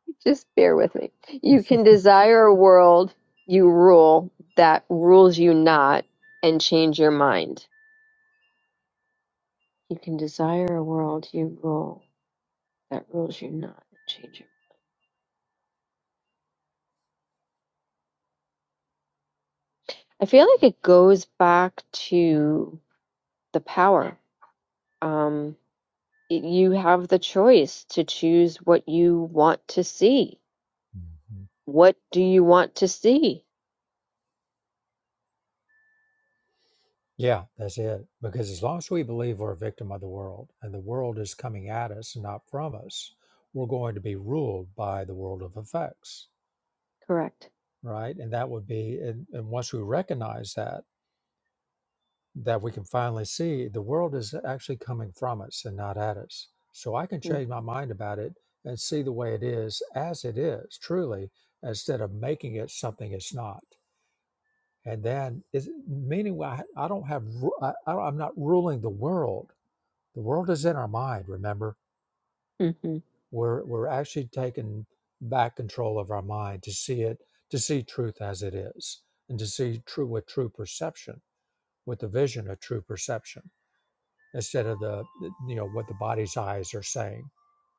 just bear with me you can desire a world you rule that rules you not and change your mind you can desire a world you rule that rules you not and change your I feel like it goes back to the power. Um, y- you have the choice to choose what you want to see.
Mhm.
What do you want to see?
Yeah, that's it. Because as long as we believe we're a victim of the world and the world is coming at us and not from us, we're going to be ruled by the world of effects,
Correct.
right? And that would be, and, and once we recognize that, that we can finally see the world is actually coming from us and not at us. So I can change my mind about it and see the way it is as it is, truly, instead of making it something it's not. And then, is, meaning I, I don't have, ru- I, I don't- I'm not ruling the world. The world is in our mind, remember?
Mm-hmm.
We're, we're actually taking back control of our mind to see it, to see truth as it is, and to see true with true perception, with the vision of true perception instead of the you know what the body's eyes are saying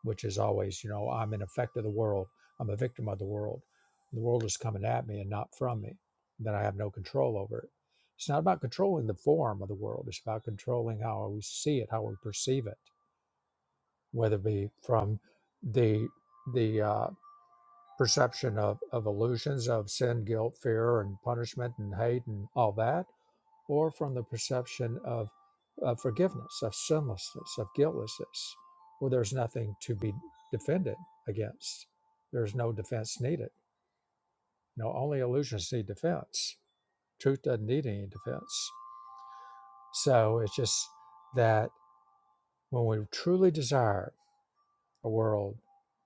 which is always you know i'm an effect of the world i'm a victim of the world the world is coming at me and not from me then i have no control over it it's not about controlling the form of the world it's about controlling how we see it how we perceive it whether it be from the the uh, perception of, of illusions of sin guilt fear and punishment and hate and all that or from the perception of, of forgiveness, of sinlessness, of guiltlessness, where there's nothing to be defended against. There's no defense needed. You know, only illusions need defense. Truth doesn't need any defense. So it's just that when we truly desire a world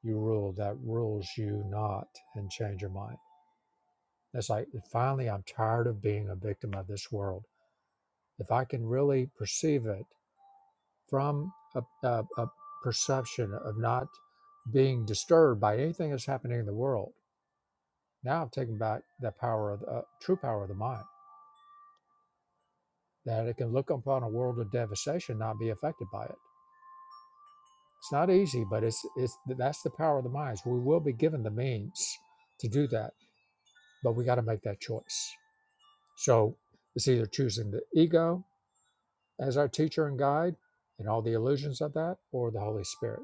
you rule that rules you not and change your mind. It's like finally I'm tired of being a victim of this world. If I can really perceive it from a, a, a perception of not being disturbed by anything that's happening in the world. Now I've taken back the power of the uh, true power of the mind, that it can look upon a world of devastation, not be affected by it. It's not easy, but it's it's that's the power of the minds. We will be given the means to do that, but we got to make that choice. So it's either choosing the ego as our teacher and guide and all the illusions of that, or the Holy Spirit.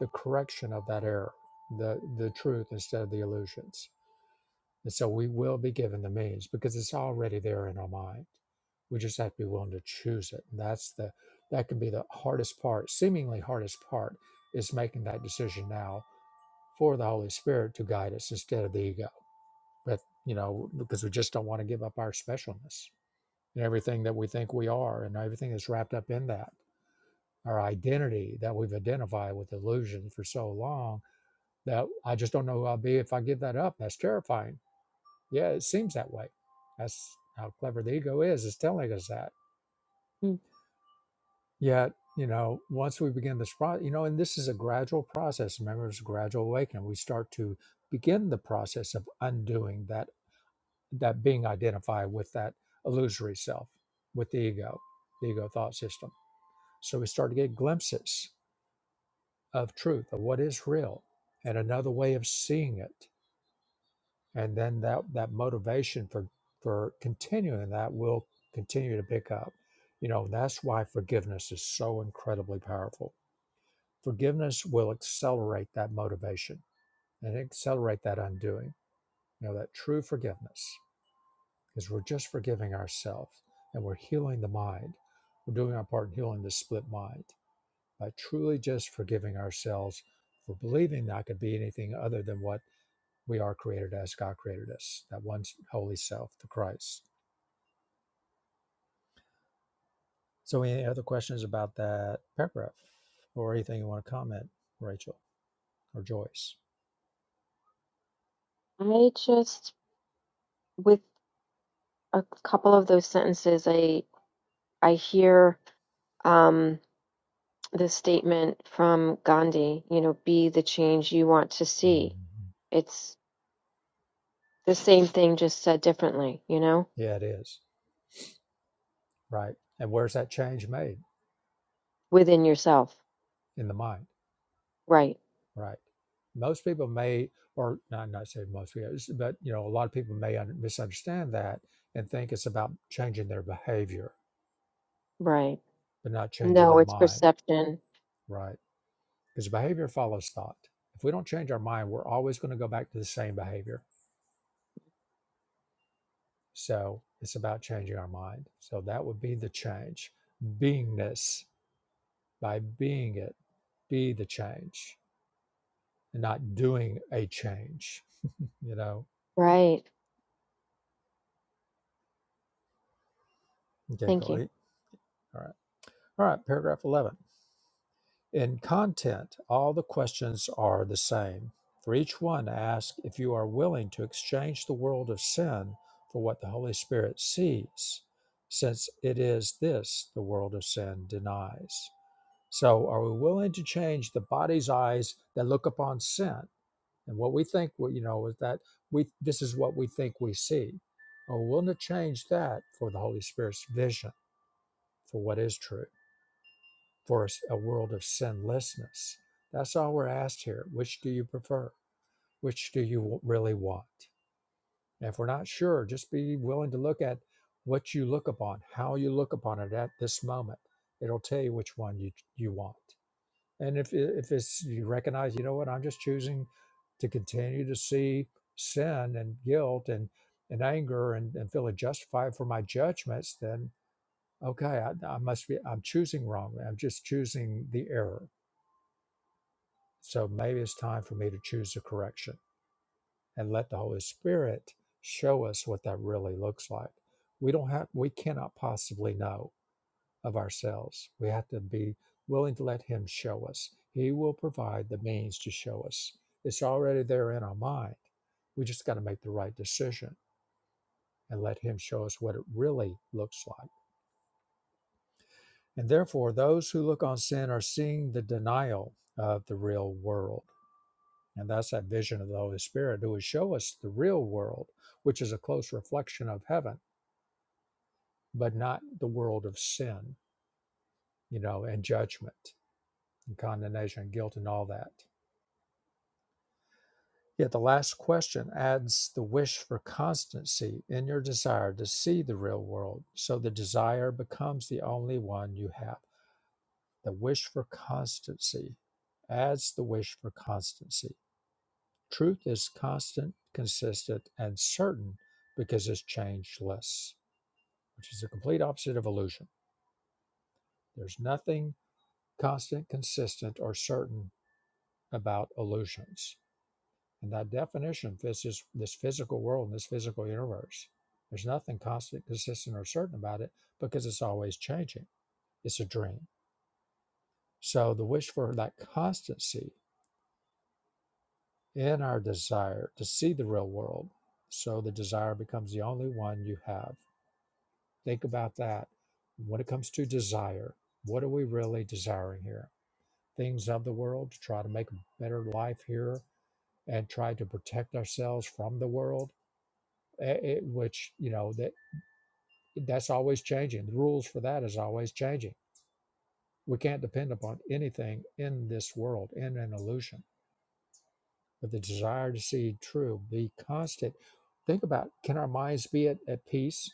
the correction of that error, the the truth instead of the illusions. And so we will be given the means because it's already there in our mind. We just have to be willing to choose it. And that's the that can be the hardest part, seemingly hardest part, is making that decision now for the Holy Spirit to guide us instead of the ego. But you know, because we just don't want to give up our specialness and everything that we think we are and everything that's wrapped up in that. Our identity that we've identified with illusion for so long That I just don't know who I'll be if I give that up. That's terrifying. Yeah, it seems that way. That's how clever the ego is, is telling us that. Yet, you know, once we begin this process, you know, and this is a gradual process. Remember, it's a gradual awakening. We start to begin the process of undoing that that being identified with that illusory self, with the ego, the ego thought system. So we start to get glimpses of truth, of what is real, and another way of seeing it and then that that motivation for for continuing that will continue to pick up you know that's why forgiveness is so incredibly powerful forgiveness will accelerate that motivation and accelerate that undoing you know that true forgiveness is we're just forgiving ourselves and we're healing the mind we're doing our part in healing the split mind by truly just forgiving ourselves for believing that i could be anything other than what we are created as God created us, that one holy self, the Christ. So, any other questions about that paragraph or anything you want to comment, Rachel or Joyce?
I just, with a couple of those sentences, I I hear um, the statement from Gandhi. You know, be the change you want to see.
Mhm.
It's the same thing, just said differently. You know,
Yeah, it is. Right. And where's that change made
within yourself.
in the mind?
Right.
Right. Most people may, or not, not say most people, but you know, a lot of people may un- misunderstand that and think it's about changing their behavior,
Right.
but not changing
No,
their
it's
mind.
perception.
Right because behavior follows thought. If we don't change our mind, we're always going to go back to the same behavior. So it's about changing our mind. So that would be the change. Beingness, by being it, be the change and not doing a change. You know?
Right.
Okay,
Thank
go
you.
eat. All right. All right. Paragraph 11. In content, all the questions are the same. For each one, ask if you are willing to exchange the world of sin for what the Holy Spirit sees, since it is this the world of sin denies. So, are we willing to change the body's eyes that look upon sin and what we think, we- you know, is that we this is what we think we see? Are we willing to change that for the Holy Spirit's vision for what is true? for a world of sinlessness. That's all we're asked here. Which do you prefer? Which do you really want? And if we're not sure, just be willing to look at what you look upon, how you look upon it at this moment. It'll tell you which one you you want. And if if it's you recognize, you know what, I'm just choosing to continue to see sin and guilt and and anger and, and feeling justified for my judgments, then okay, I, I must be I'm choosing wrong. I'm just choosing the error So maybe it's time for me to choose a correction and let the Holy Spirit show us what that really looks like. We don't have we cannot possibly know of ourselves. We have to be willing to let him show us. He will provide the means to show us. It's already there in our mind. We just got to make the right decision and let him show us what it really looks like. And therefore, those who look on sin are seeing the denial of the real world And that's that vision of the Holy Spirit who would show us the real world, which is a close reflection of heaven, but not the world of sin, you know, and judgment and condemnation and guilt and all that. Yet the last question adds the wish for constancy in your desire to see the real world. So the desire becomes the only one you have. The wish for constancy adds the wish for constancy. Truth is constant, consistent, and certain because it's changeless which is the complete opposite of illusion. There's nothing constant, consistent, or certain about illusions. And that definition fits this, this physical world and this physical universe. There's nothing constant, consistent, or certain about it because it's always changing. It's a dream. So the wish for that constancy in our desire to see the real world. So the desire becomes the only one you have. Think about that. When it comes to desire, what are we really desiring here? things of the world, to try to make a better life here, and try to protect ourselves from the world, eh, eh, which you know that that's always changing. The rules for that is always changing. We can't depend upon anything in this world in an illusion. But the desire to see true, be constant. Think about can our minds be at, at peace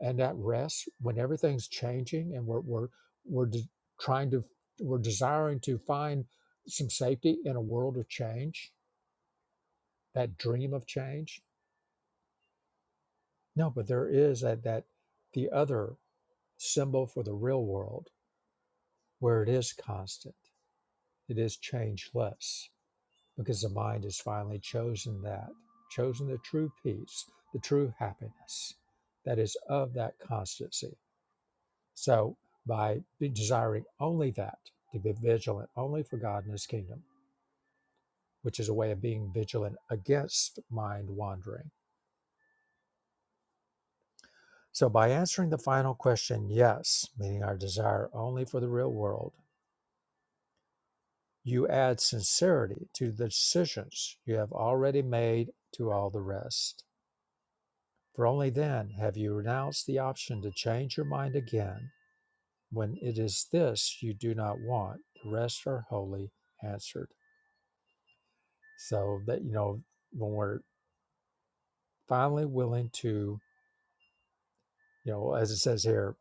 and at rest when everything's changing and we're we're we're de- trying to we're desiring to find some safety in a world of change that dream of change. No, but there is that, that the other symbol for the real world where it is constant, it is changeless, because the mind has finally chosen that, chosen the true peace, the true happiness that is of that constancy. So by desiring only that, to be vigilant only for God and his kingdom, which is a way of being vigilant against mind wandering So, by answering the final question, yes, meaning our desire only for the real world, you add sincerity to the decisions you have already made to all the rest. For only then have you renounced the option to change your mind again when it is this you do not want. The rest are wholly answered. So, that you know, when we're finally willing to You know, as it says here,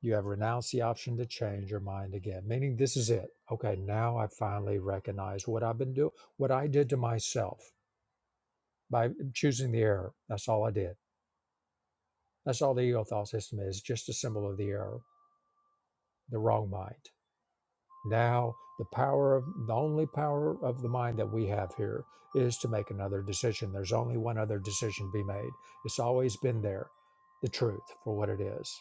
you have renounced the option to change your mind again, meaning this is it. Okay, now I finally recognize what I've been doing, what I did to myself by choosing the error. That's all I did. That's all the ego thought system is, just a symbol of the error, the wrong mind. Now, the power of the only power of the mind that we have here is to make another decision. There's only one other decision to be made. It's always been there, the truth for what it is.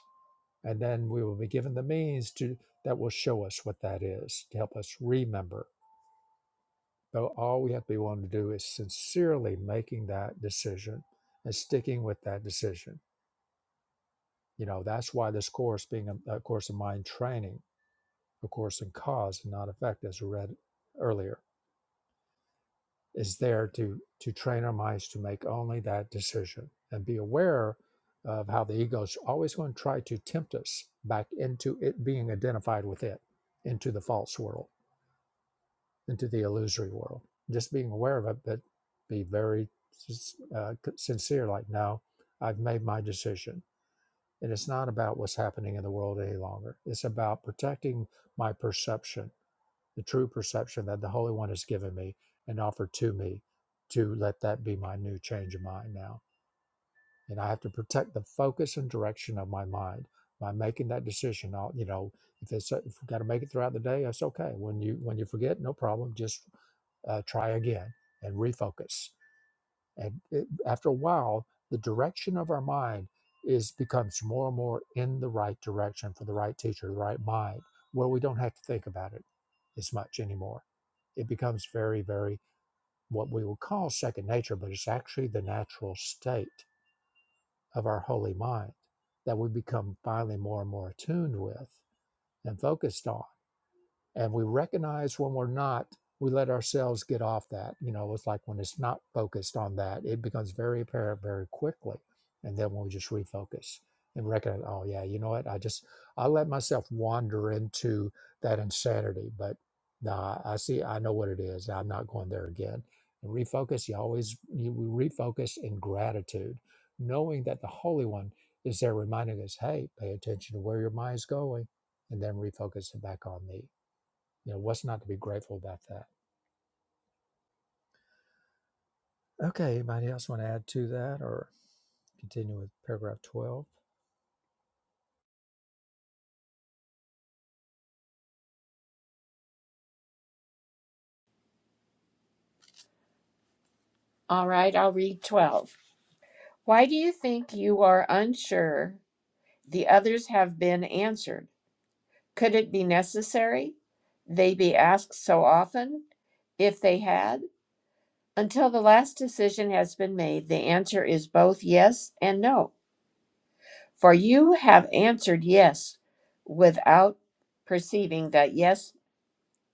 and then we will be given the means to that will show us what that is to help us remember but all we have to be willing to do is sincerely making that decision and sticking with that decision you know that's why this course being a, a course of mind training a course in cause and not effect as we read earlier is there to to train our minds to make only that decision and be aware of how the ego is always going to try to tempt us back into it being identified with it into the false world into the illusory world. Just being aware of it, but be very uh, sincere. Like, no, I've made my decision, and it's not about what's happening in the world any longer. It's about protecting my perception, the true perception that the Holy One has given me and offered to me, to let that be my new change of mind now. And I have to protect the focus and direction of my mind by making that decision. I'll, you know, if it's if we've got to make it throughout the day, that's okay. When you when you forget, no problem. Just uh, try again and refocus. And it, after a while, the direction of our mind is becomes more and more in the right direction for the right teacher, the right mind, where we don't have to think about it as much anymore. It becomes very, very what we would call second nature, but it's actually the natural state of our holy mind that we become finally more and more attuned with and focused on and we recognize when we're not we let ourselves get off that you know it's like when it's not focused on that it becomes very apparent very quickly and then when we just refocus and recognize oh yeah you know what i just i let myself wander into that insanity but nah i see i know what it is i'm not going there again and refocus you always you we refocus in gratitude knowing that the holy one is there reminding us hey pay attention to where your mind's going and then refocus it back on me you know, what's not to be grateful about that? Okay, anybody else want to add to that or continue with paragraph 12?
All right, I'll read 12. Why do you think you are unsure the others have been answered? Could it be necessary they be asked so often if they had? Until the last decision has been made, the answer is both yes and no. For you have answered yes without perceiving that yes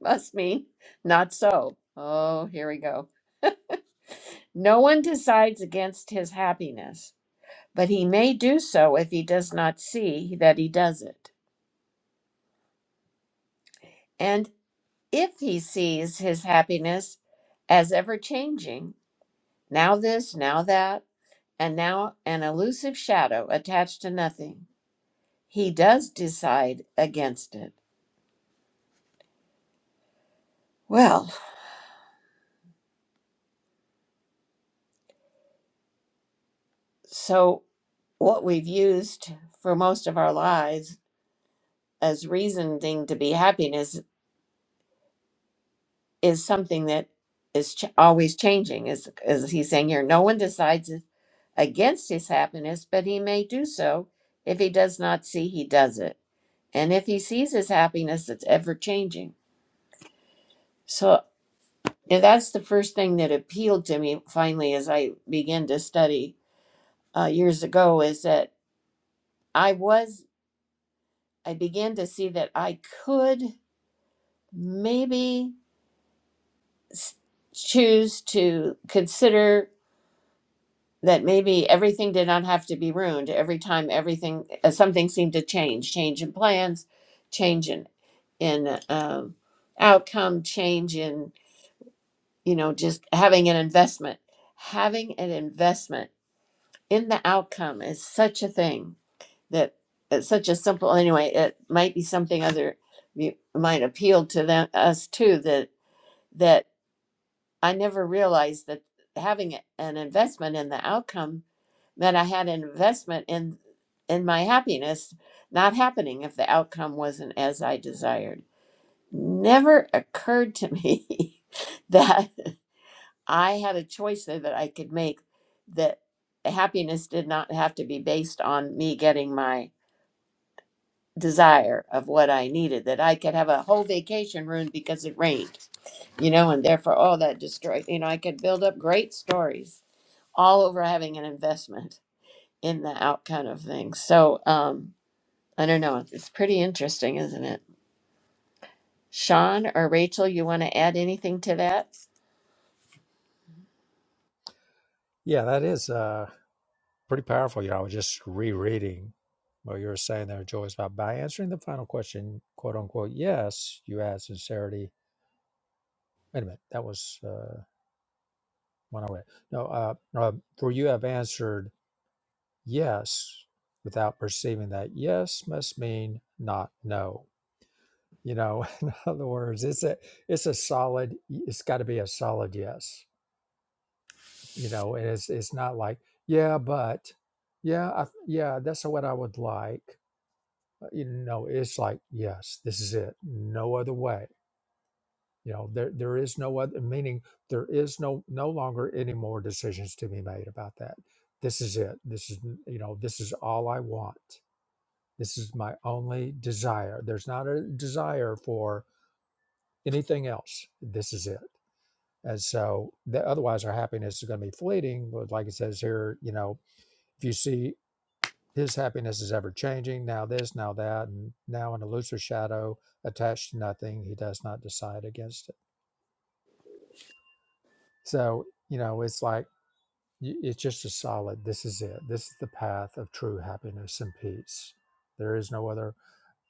must mean not so. Oh, here we go. No one decides against his happiness but he may do so if he does not see that he does it. And if he sees his happiness as ever changing, now this, now that, and now an elusive shadow attached to nothing, he does decide against it. Well, so what we've used for most of our lives as reasoning to be happiness is something that is ch- always changing, is, is he's saying here. No one decides against his happiness, but he may do so if he does not see he does it. And if he sees his happiness, it's ever changing. So yeah, that's the first thing that appealed to me finally as I began to study uh, years ago is that I was, I began to see that I could maybe s- choose to consider that maybe everything did not have to be ruined every time everything uh, something seemed to change change in plans change in in um, outcome change in you know just having an investment having an investment in the outcome is such a thing that it's such a simple anyway it might be something other you might appeal to them us too that that i never realized that having an investment in the outcome that I had an investment in in my happiness not happening if the outcome wasn't as I desired. Never occurred to me that I had a choice there that I could make that happiness did not have to be based on me getting my desire of what I needed, that I could have a whole vacation ruined because it rained, you know, and therefore all that destroyed, you know, I could build up great stories all over having an investment in the outcome of things. So, um, I don't know. It's pretty interesting, isn't it? Sean or Rachel, you want to add anything to that?
Yeah, that is uh, pretty powerful. You know, I was just rereading what you were saying there, Joyce, about by answering the final question, quote unquote, yes, you add sincerity. Wait a minute, that was uh, one I read. No, uh, uh, for you have answered yes without perceiving that yes must mean not no. You know, in other words, it's a it's a solid. It's got to be a solid yes you know and it's it's not like yeah but yeah I, th- yeah that's what i would like Uh, you know it's like yes this is it no other way you know there there is no other meaning there is no no longer any more decisions to be made about that this is it this is you know this is all i want this is my only desire there's not a desire for anything else this is it and so the, otherwise our happiness is going to be fleeting but like it says here you know if you see His happiness is ever changing, now this, now that, and now an elusive shadow attached to nothing. He does not decide against it. So, you know, it's like, it's just a solid, this is it. This is the path of true happiness and peace. There is no other,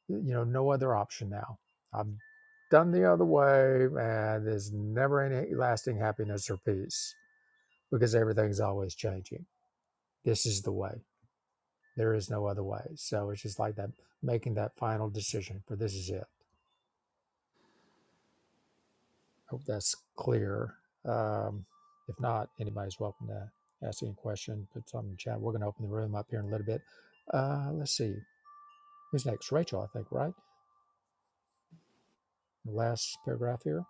you know, no other option now. I've done the other way, and there's never any lasting happiness or peace because everything's always changing. This is the way. There is no other way. So it's just like that, making that final decision for this is it. I hope that's clear. Um, if not, anybody's welcome to ask any question, put something in the chat. We're going to open the room up here in a little bit. Uh, let's see. Who's next? Rachel, I think, right? The last paragraph here.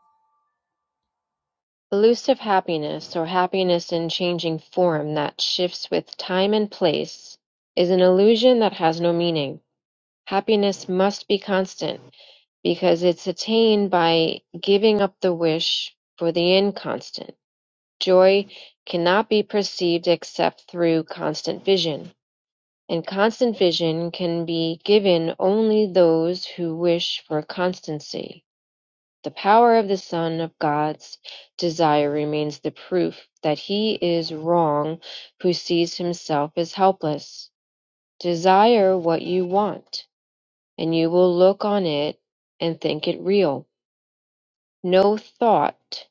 Elusive happiness, or happiness in changing form that shifts with time and place, is an illusion that has no meaning. Happiness must be constant because it's attained by giving up the wish for the inconstant. Joy cannot be perceived except through constant vision, and constant vision can be given only those who wish for constancy. The power of the Son of God's desire remains the proof that he is wrong who sees himself as helpless. Desire what you want, and you will look on it and think it real. No thought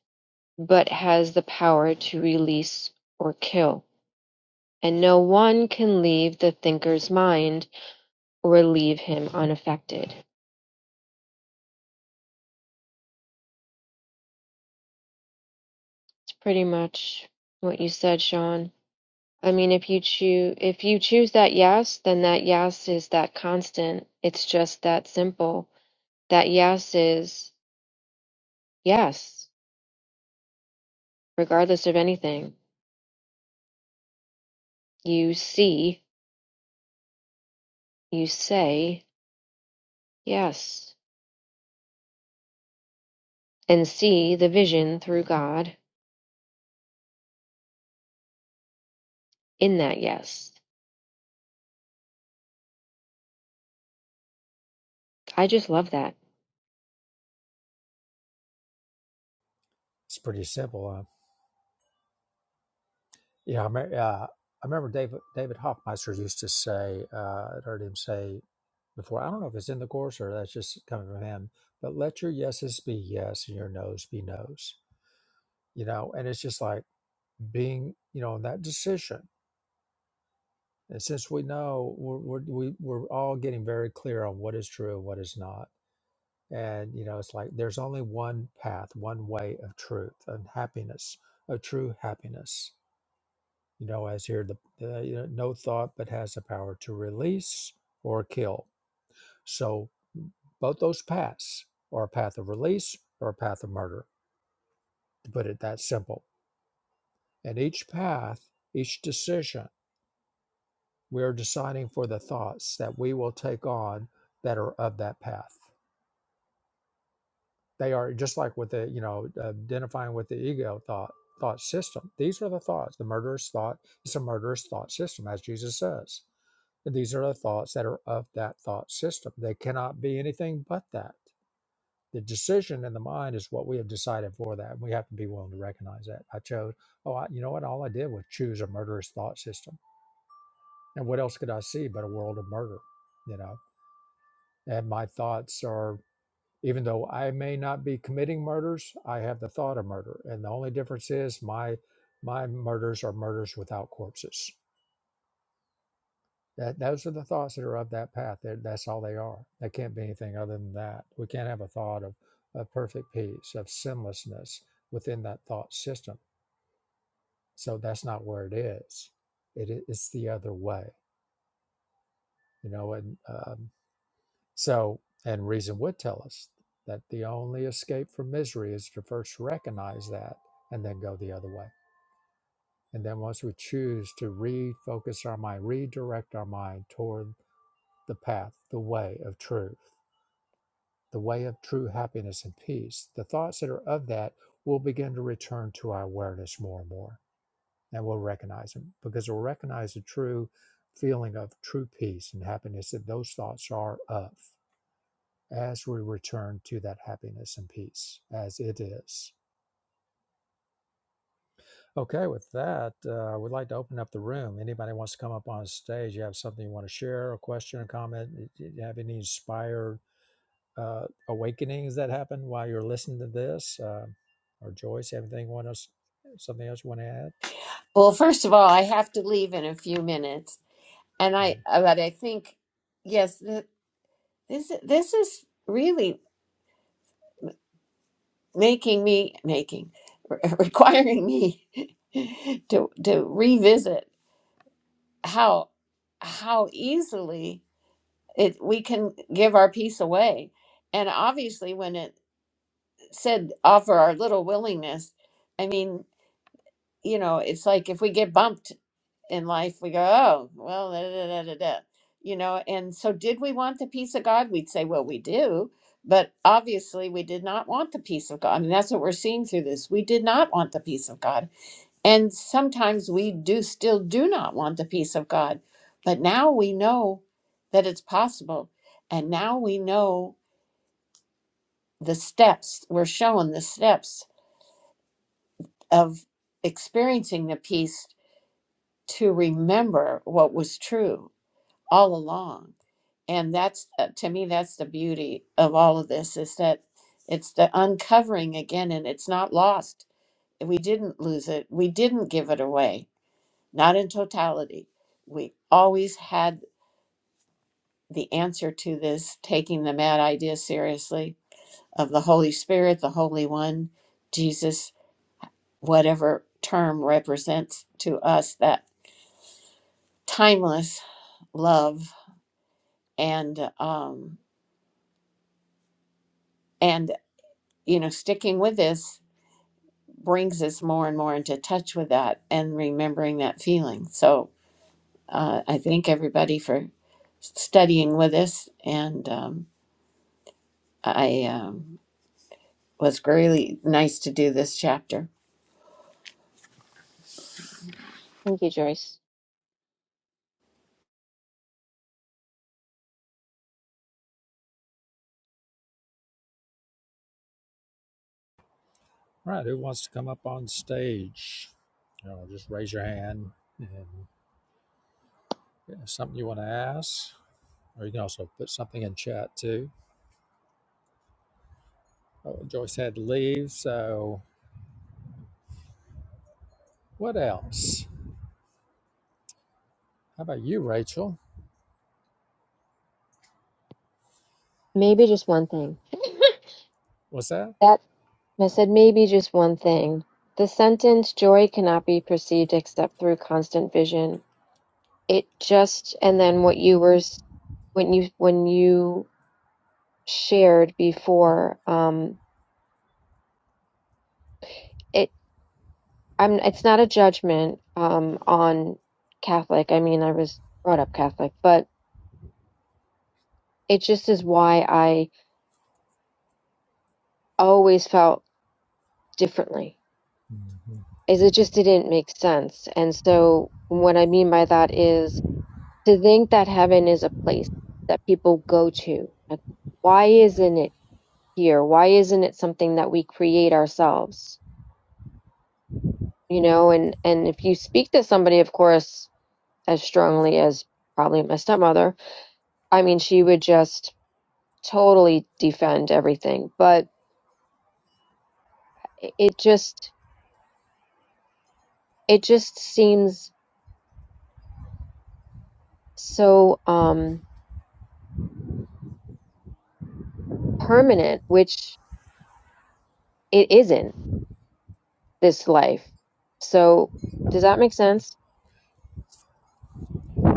but has the power to release or kill, and no one can leave the thinker's mind or leave him unaffected. It's pretty much what you said, Sean. I mean, if you choose if you choose that yes, then that yes is that constant. It's just that simple. That yes is yes, regardless of anything. You see, you say yes, and see the vision through God in that yes. I just love that.
It's pretty simple. Uh, yeah, I, me- uh, I remember David, David Hoffmeister used to say, uh, I heard him say before, I don't know if it's in the course or that's just coming from him, but let your yeses be yes and your nos be nos. You know, and it's just like being, you know, in that decision And since we know we're, we're, we- we're all getting very clear on what is true and what is not, and you know, it's like there's only one path, one way of truth and happiness, of true happiness. You know, as here, the, the you know, no thought but has the power to release or kill. So both those paths are a path of release or a path of murder, to put it that simple. And each path, each decision We are deciding for the thoughts that we will take on that are of that path. They are just like with the, you know, identifying with the ego thought thought system. These are the thoughts. The murderous thought is a murderous thought system, as Jesus says. And these are the thoughts that are of that thought system. They cannot be anything but that. The decision in the mind is what we have decided for that. We have to be willing to recognize that. I chose, oh, I, you know what? All I did was choose a murderous thought system. And what else could I see but a world of murder? You know, And my thoughts are, even though I may not be committing murders, I have the thought of murder. And the only difference is my my murders are murders without corpses. That those are the thoughts that are of that path. That that's all they are. They can't be anything other than that. We can't have a thought of, of perfect peace, of sinlessness within that thought system. So that's not where it is. It, is it's the other way, you know. And um, So, and reason would tell us that the only escape from misery is to first recognize that and then go the other way. And then once we choose to refocus our mind, redirect our mind toward the path, the way of truth, the way of true happiness and peace, the thoughts that are of that will begin to return to our awareness more and more. And we'll recognize them because we'll recognize the true feeling of true peace and happiness that those thoughts are of as we return to that happiness and peace as it is. Okay, with that, uh, we'd like to open up the room. Anybody wants to come up on stage? You have something you want to share, a question, a comment? You have any inspired uh, awakenings that happen while you're listening to this? Um or Joyce, anything you want us something else you want to add?
Well, first of all, I have to leave in a few minutes, and
Yeah.
I uh, but I think yes, th- this this is really making me making requiring me to to revisit how how easily it we can give our peace away, and obviously when it said offer our little willingness, I mean. you know, it's like if we get bumped in life, we go, oh, well, da, da, da, da, da," you know, and so did we want the peace of God? We'd say, well, we do. But obviously, we did not want the peace of God. And that's what we're seeing through this. We did not want the peace of God. And sometimes we do still do not want the peace of God. But now we know that it's possible. And now we know the steps, we're shown the steps of experiencing the peace to remember what was true all along and that's uh, to me that's the beauty of all of this is that it's the uncovering again and it's not lost we didn't lose it we didn't give it away not in totality we always had the answer to this taking the mad idea seriously of the holy spirit the holy one jesus whatever term represents to us that timeless love and um, And, you know, sticking with this brings us more and more into touch with that and remembering that feeling. So uh, I thank everybody for studying with us. And um, I um, was really nice to do this chapter.
Thank you, Joyce.
All right, who wants to come up on stage? You know, just raise your hand and yeah, something you want to ask, or you can also put something in chat too. Oh, Joyce had to leave. So what else? How about you, Rachel?
Maybe just one thing.
What's that?
That I said maybe just one thing. The sentence joy cannot be perceived except through constant vision it just and then what you were s- when you when you shared before um it i'm it's not a judgment um on catholic i mean i was brought up catholic but it just is why i always felt differently
Mhm.
is it just didn't make sense and so what i mean by that is to think that heaven is a place that people go to like why isn't it here why isn't it something that we create ourselves you know and and if you speak to somebody of course as strongly as probably my stepmother i mean she would just totally defend everything but it just it just seems so um permanent which it isn't this life so does that make sense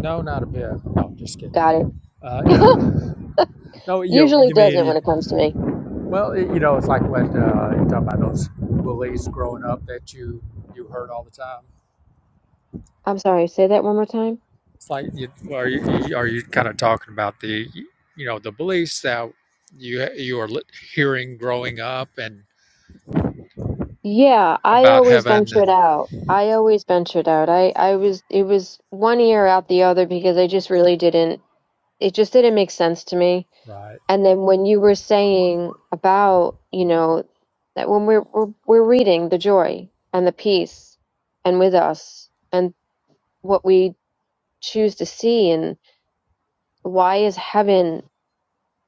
No, not a bit. No, just kidding.
got it
Uh, no, no, you know,
usually
you mean,
doesn't when it
you-
comes to me
well, it, you know, it's like when uh, you talk about those bullies growing up that you you heard all the time.
i'm sorry say that one more time
It's like, you, are you you- are you kind of talking about the, you know, the beliefs that you you are li- hearing growing up and
Yeah, I
about
always
heaven
ventured
and
out. I always ventured out. I I was it was one ear out the other because I just really didn't it just didn't make sense to me.
right,
And then when you were saying about, you know, that when we're we're, we're reading the joy and the peace and with us and what we choose to see and why is heaven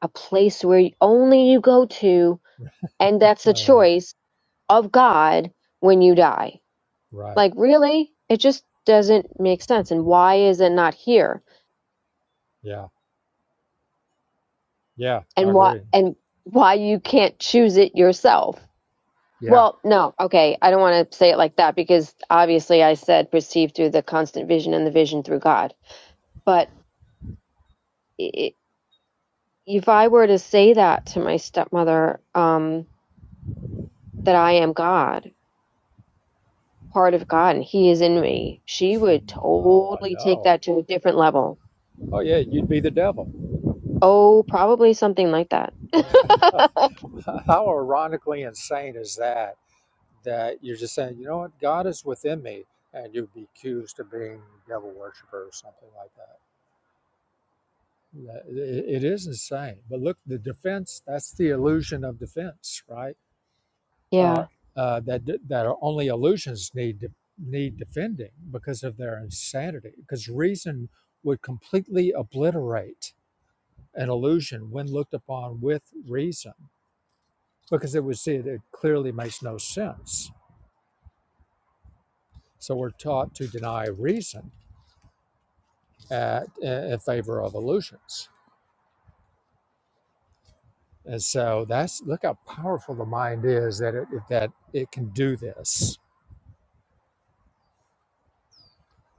a place where only you go to and that's a
uh,
choice of God when you die
right,
Like really? It just doesn't make sense. And why is it not here?
yeah, yeah, I
And why
agree.
and why you can't choose it yourself?
Yeah.
Well, no, okay, I don't want to say it like that because obviously I said perceived through the constant vision and the vision through God. But i if I were to say that to my stepmother, um, that I am God, part of God, and He is in me, she would
Oh, I
totally take
know.
that to a different level.
Oh, yeah, you'd be the devil.
Oh, probably something like that.
How ironically insane is that? That you're just saying, you know what, God is within me, and you'd be accused of being a devil worshiper or something like that. That- It it is insane. But look, the defense, that's the illusion of defense, right?
Yeah.
Uh, uh, that, that are only illusions need, de- need defending because of their insanity, because reason would completely obliterate an illusion when looked upon with reason, because it would see it, it clearly makes no sense. So we're taught to deny reason at, in favor of illusions. And so that's look how powerful the mind is that it that it can do this.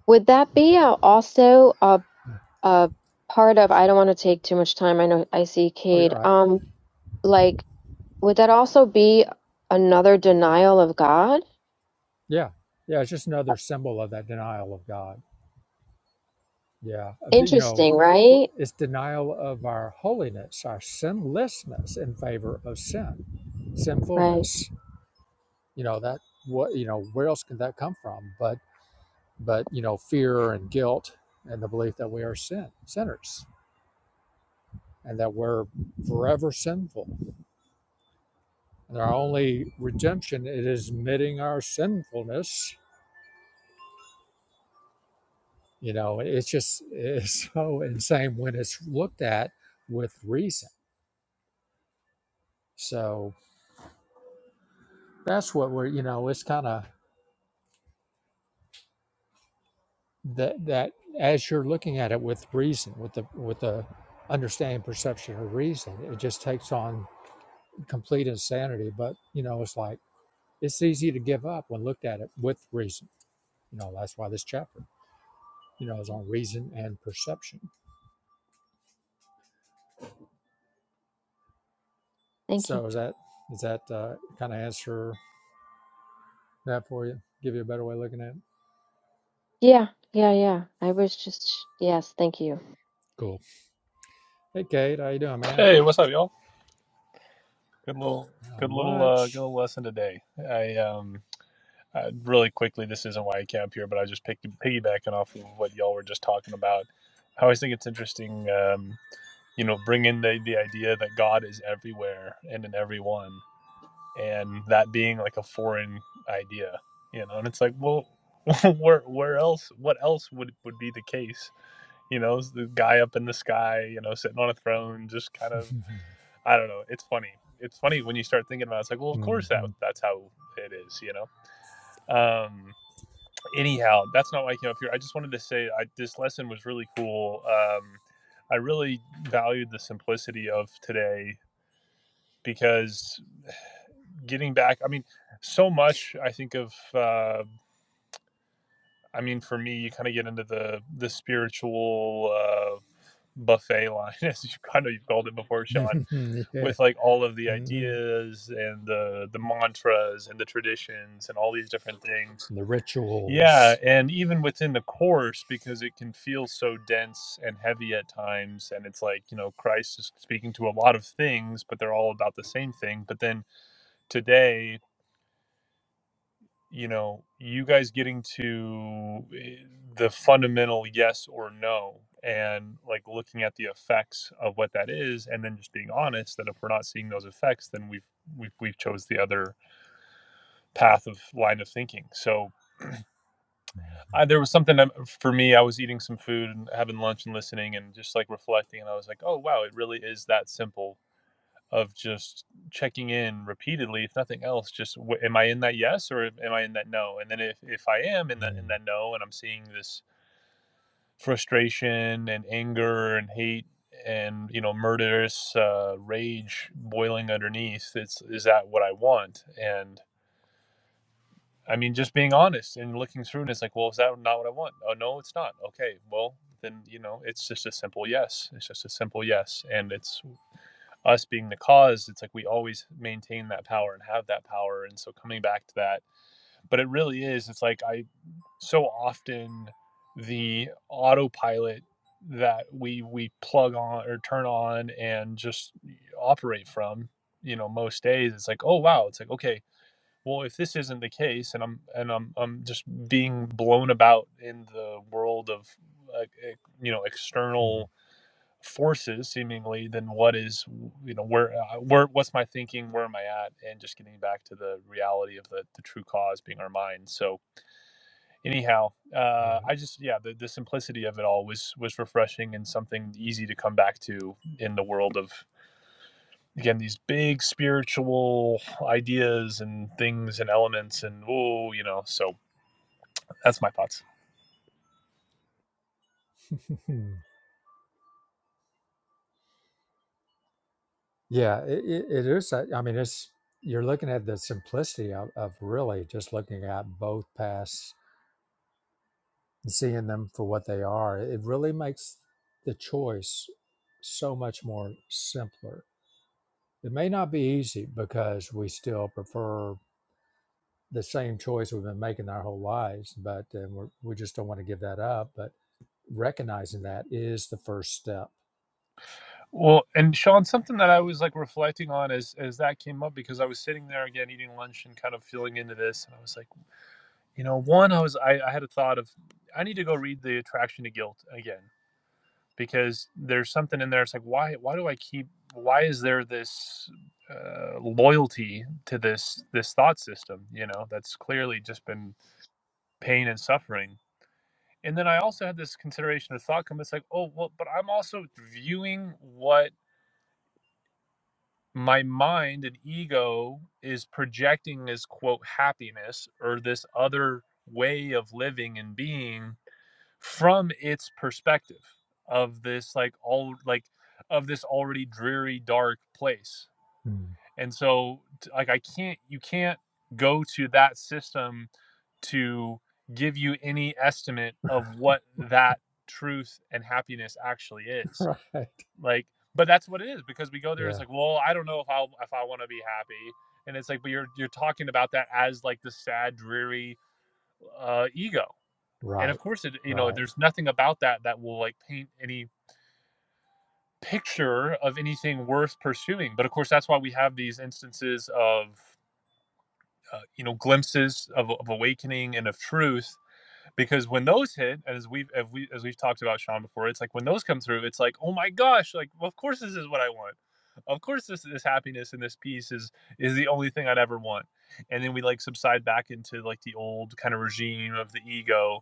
Would that be uh, also a a part of, I don't want to take too much time. I know I see
Oh, you're
Cade.
right.
Um, like, would that also be another denial of God?
Yeah, yeah. It's just another symbol of that denial of God. Yeah, of the- you know,
Interesting,
well,
right?
it's denial of our holiness, our sinlessness in favor of sin,
Right.
sinfulness you know that what you know where else can that come from but but you know fear and guilt and the belief that we are sin sinners and that we're forever sinful and our only redemption it is admitting our sinfulness you know it's just it's so insane when it's looked at with reason so that's what we're you know it's kind of that that as you're looking at it with reason with the with the understanding perception of reason it just takes on complete insanity, but you know, it's like it's easy to give up when looked at it with reason. You know, that's why this chapter, you know, is
Yeah.
on reason and perception.
Thank you.
So is that is that uh, kind of answer that for you? Give you a better way of looking at it.
Yeah, yeah, yeah. I was just, yes, thank you.
Cool. Hey, Kate, how you doing, man?
Hey, what's up, y'all? Good little,
Not
good little, uh, good
much.
little lesson today. I, um, I, really quickly, this isn't why I came up here, but I was just picked, piggybacking off of what y'all were just talking about. I always think it's interesting, um, you know, bring in the the idea that God is everywhere and in everyone, and that being like a foreign idea, you know. And it's like, well, where where else? What else would would be the case? You know, is the guy up in the sky, you know, sitting on a throne, just kind of I don't know. It's funny. It's funny when you start thinking about it. It's like, well, of course that
Mhm.
that's how it is, you know. Um, anyhow, that's not why I came up here. I just wanted to say I, this lesson was really cool. Um, I really valued the simplicity of today because getting back, I mean, so much I think of. Uh, I mean, for me, you kind of get into the the spiritual. Uh, buffet line as you kind of you've called it before sean
yeah.
with like all of the
Mhm.
ideas and the the mantras and the traditions and all these different things.
The
Yeah,
rituals.
and even within the course because it can feel so dense and heavy at times and it's like, you know, Christ is speaking to a lot of things, but they're all about the same thing. But then today you know, you guys getting to eh, the fundamental yes or no and like looking at the effects of what that is and then just being honest that if we're not seeing those effects then we've we've we've chose the other path of line of thinking so I, there was something that- for me i was eating some food and having lunch and listening and just like reflecting and i was like oh wow it really is that simple of just checking in repeatedly, if nothing else, just w- am I in that yes or am I in that no? And then if, if I am in that in
Mhm.
that no, and I'm seeing this frustration and anger and hate and you know murderous uh, rage boiling underneath, it's is that what I want? And I mean, just being honest and looking through, and it's like, well, is that not what I want? Oh no, it's not. Okay, well then you know, it's just a simple yes. It's just a simple yes, and it's us being the cause, it's like we always maintain that power and have that power. And so coming back to that, but it really is, it's like I so often the autopilot that we we plug on or turn on and just operate from, you know, most days, it's like, oh wow, it's like, okay, well if this isn't the case and I'm and I'm I'm just being blown about in the world of like, eh, you know, external forces seemingly than what is you know where uh, where what's my thinking where am i at and just getting back to the reality of the, the true cause being our mind so anyhow uh i just yeah the, the simplicity of it all was was refreshing and something easy to come back to in the world of again these big spiritual ideas and things and elements and oh you know so that's my thoughts
Yeah. Yeah, it, it it is. a- I mean, it's you're looking at the simplicity of, of really just looking at both paths and seeing them for what they are. It really makes the choice so much more simpler. It may not be easy because we still prefer the same choice we've been making our whole lives, but and we're, we just don't want to give that up. But recognizing that is the first step.
Well, and Sean, something that I was like reflecting on as as that came up because I was sitting there again eating lunch and kind of feeling into this, and I was like, you know, one, I was I, I had a thought of I need to go read the Attraction to Guilt again because there's something in there. It's like why why do I keep why is there this uh, loyalty to this this thought system? You know, that's clearly just been pain and suffering. And then I also had this consideration of thought come. It's like, oh well, but I'm also viewing what my mind and ego is projecting this quote happiness or this other way of living and being from its perspective of this like all like of this already dreary dark place
Mm.
and so like i can't you can't go to that system to give you any estimate of what that truth and happiness actually is
Right.
like, but that's what it is because we go there and it's
Yeah.
like, well, I don't know if I if I want to be happy, and it's like, but you're you're talking about that as like the sad, dreary uh, ego, and of
Right.
course, it you know,
Right.
there's nothing about that that will like paint any picture of anything worth pursuing. But of course, that's why we have these instances of uh, you know glimpses of, of awakening and of truth because when those hit, as we've as we as we've talked about Sean before, it's like when those come through, it's like, oh my gosh, like well, of course this is what I want. Of course this this happiness and this peace is is the only thing I'd ever want. And then we like subside back into like the old kind of regime of the ego,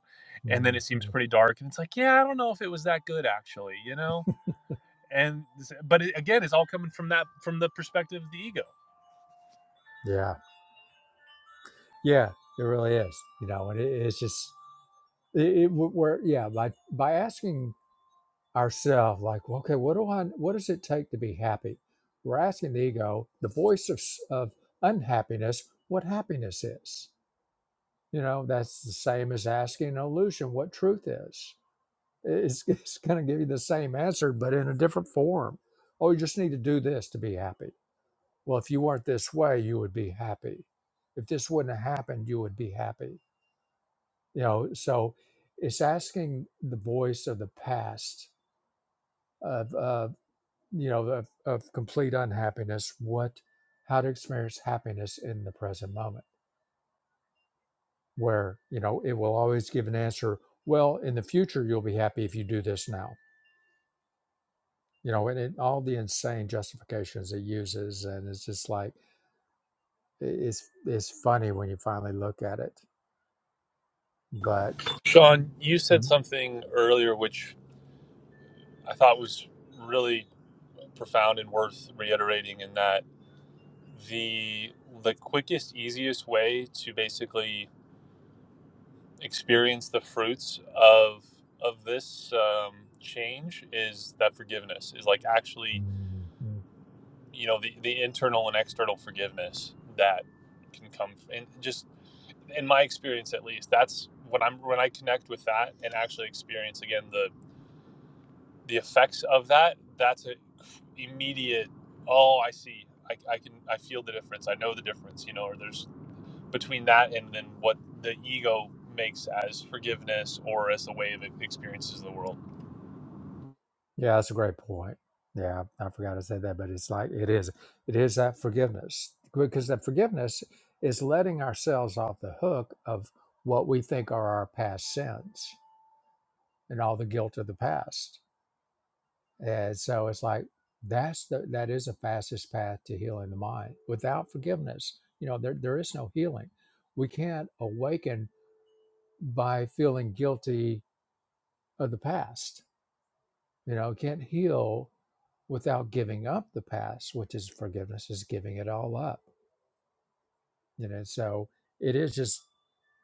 and
hmm
then it seems pretty dark. And it's like, yeah, I don't know if it was that good actually, you know. And but it, again, it's all coming from that from the perspective of the ego.
Yeah. Yeah, it really is. You know, and it, it's just it, it we're yeah by by asking ourselves like, well, okay, what do I? What does it take to be happy? We're asking the ego, the voice of s- of unhappiness, what happiness is. You know, that's the same as asking an illusion what truth is. It's, it's going to give you the same answer, but in a different form. Oh, you just need to do this to be happy. Well, if you weren't this way, you would be happy. If this wouldn't have happened, you would be happy you know so it's asking the voice of the past of uh, you know of, of complete unhappiness what how to experience happiness in the present moment where you know it will always give an answer well in the future you'll be happy if you do this now you know and it, all the insane justifications it uses and it's just like i- it's it's funny when you finally look at it but
Sean, you said something earlier which I thought was really profound and worth reiterating in that the the quickest easiest way to basically experience the fruits of of this um, change is that forgiveness is like actually
Mhm.
you know the, the internal and external forgiveness that can come and just in my experience at least that's when i'm when i connect with that and actually experience again the. the effects of that that's a immediate oh i see I, I can i feel the difference i know the difference you know or there's between that and then what the ego makes as forgiveness or as the way of it experiences the world
Yeah, that's a great point. Yeah, I forgot to say that, but it's like it is it is that forgiveness because that forgiveness is letting ourselves off the hook of what we think are our past sins and all the guilt of the past. And so it's like that's the that is the fastest path to healing the mind. Without forgiveness, you know, there there is no healing. We can't awaken by feeling guilty of the past You know, can't heal without giving up the past, which is forgiveness, is giving it all up. You know, so it is just.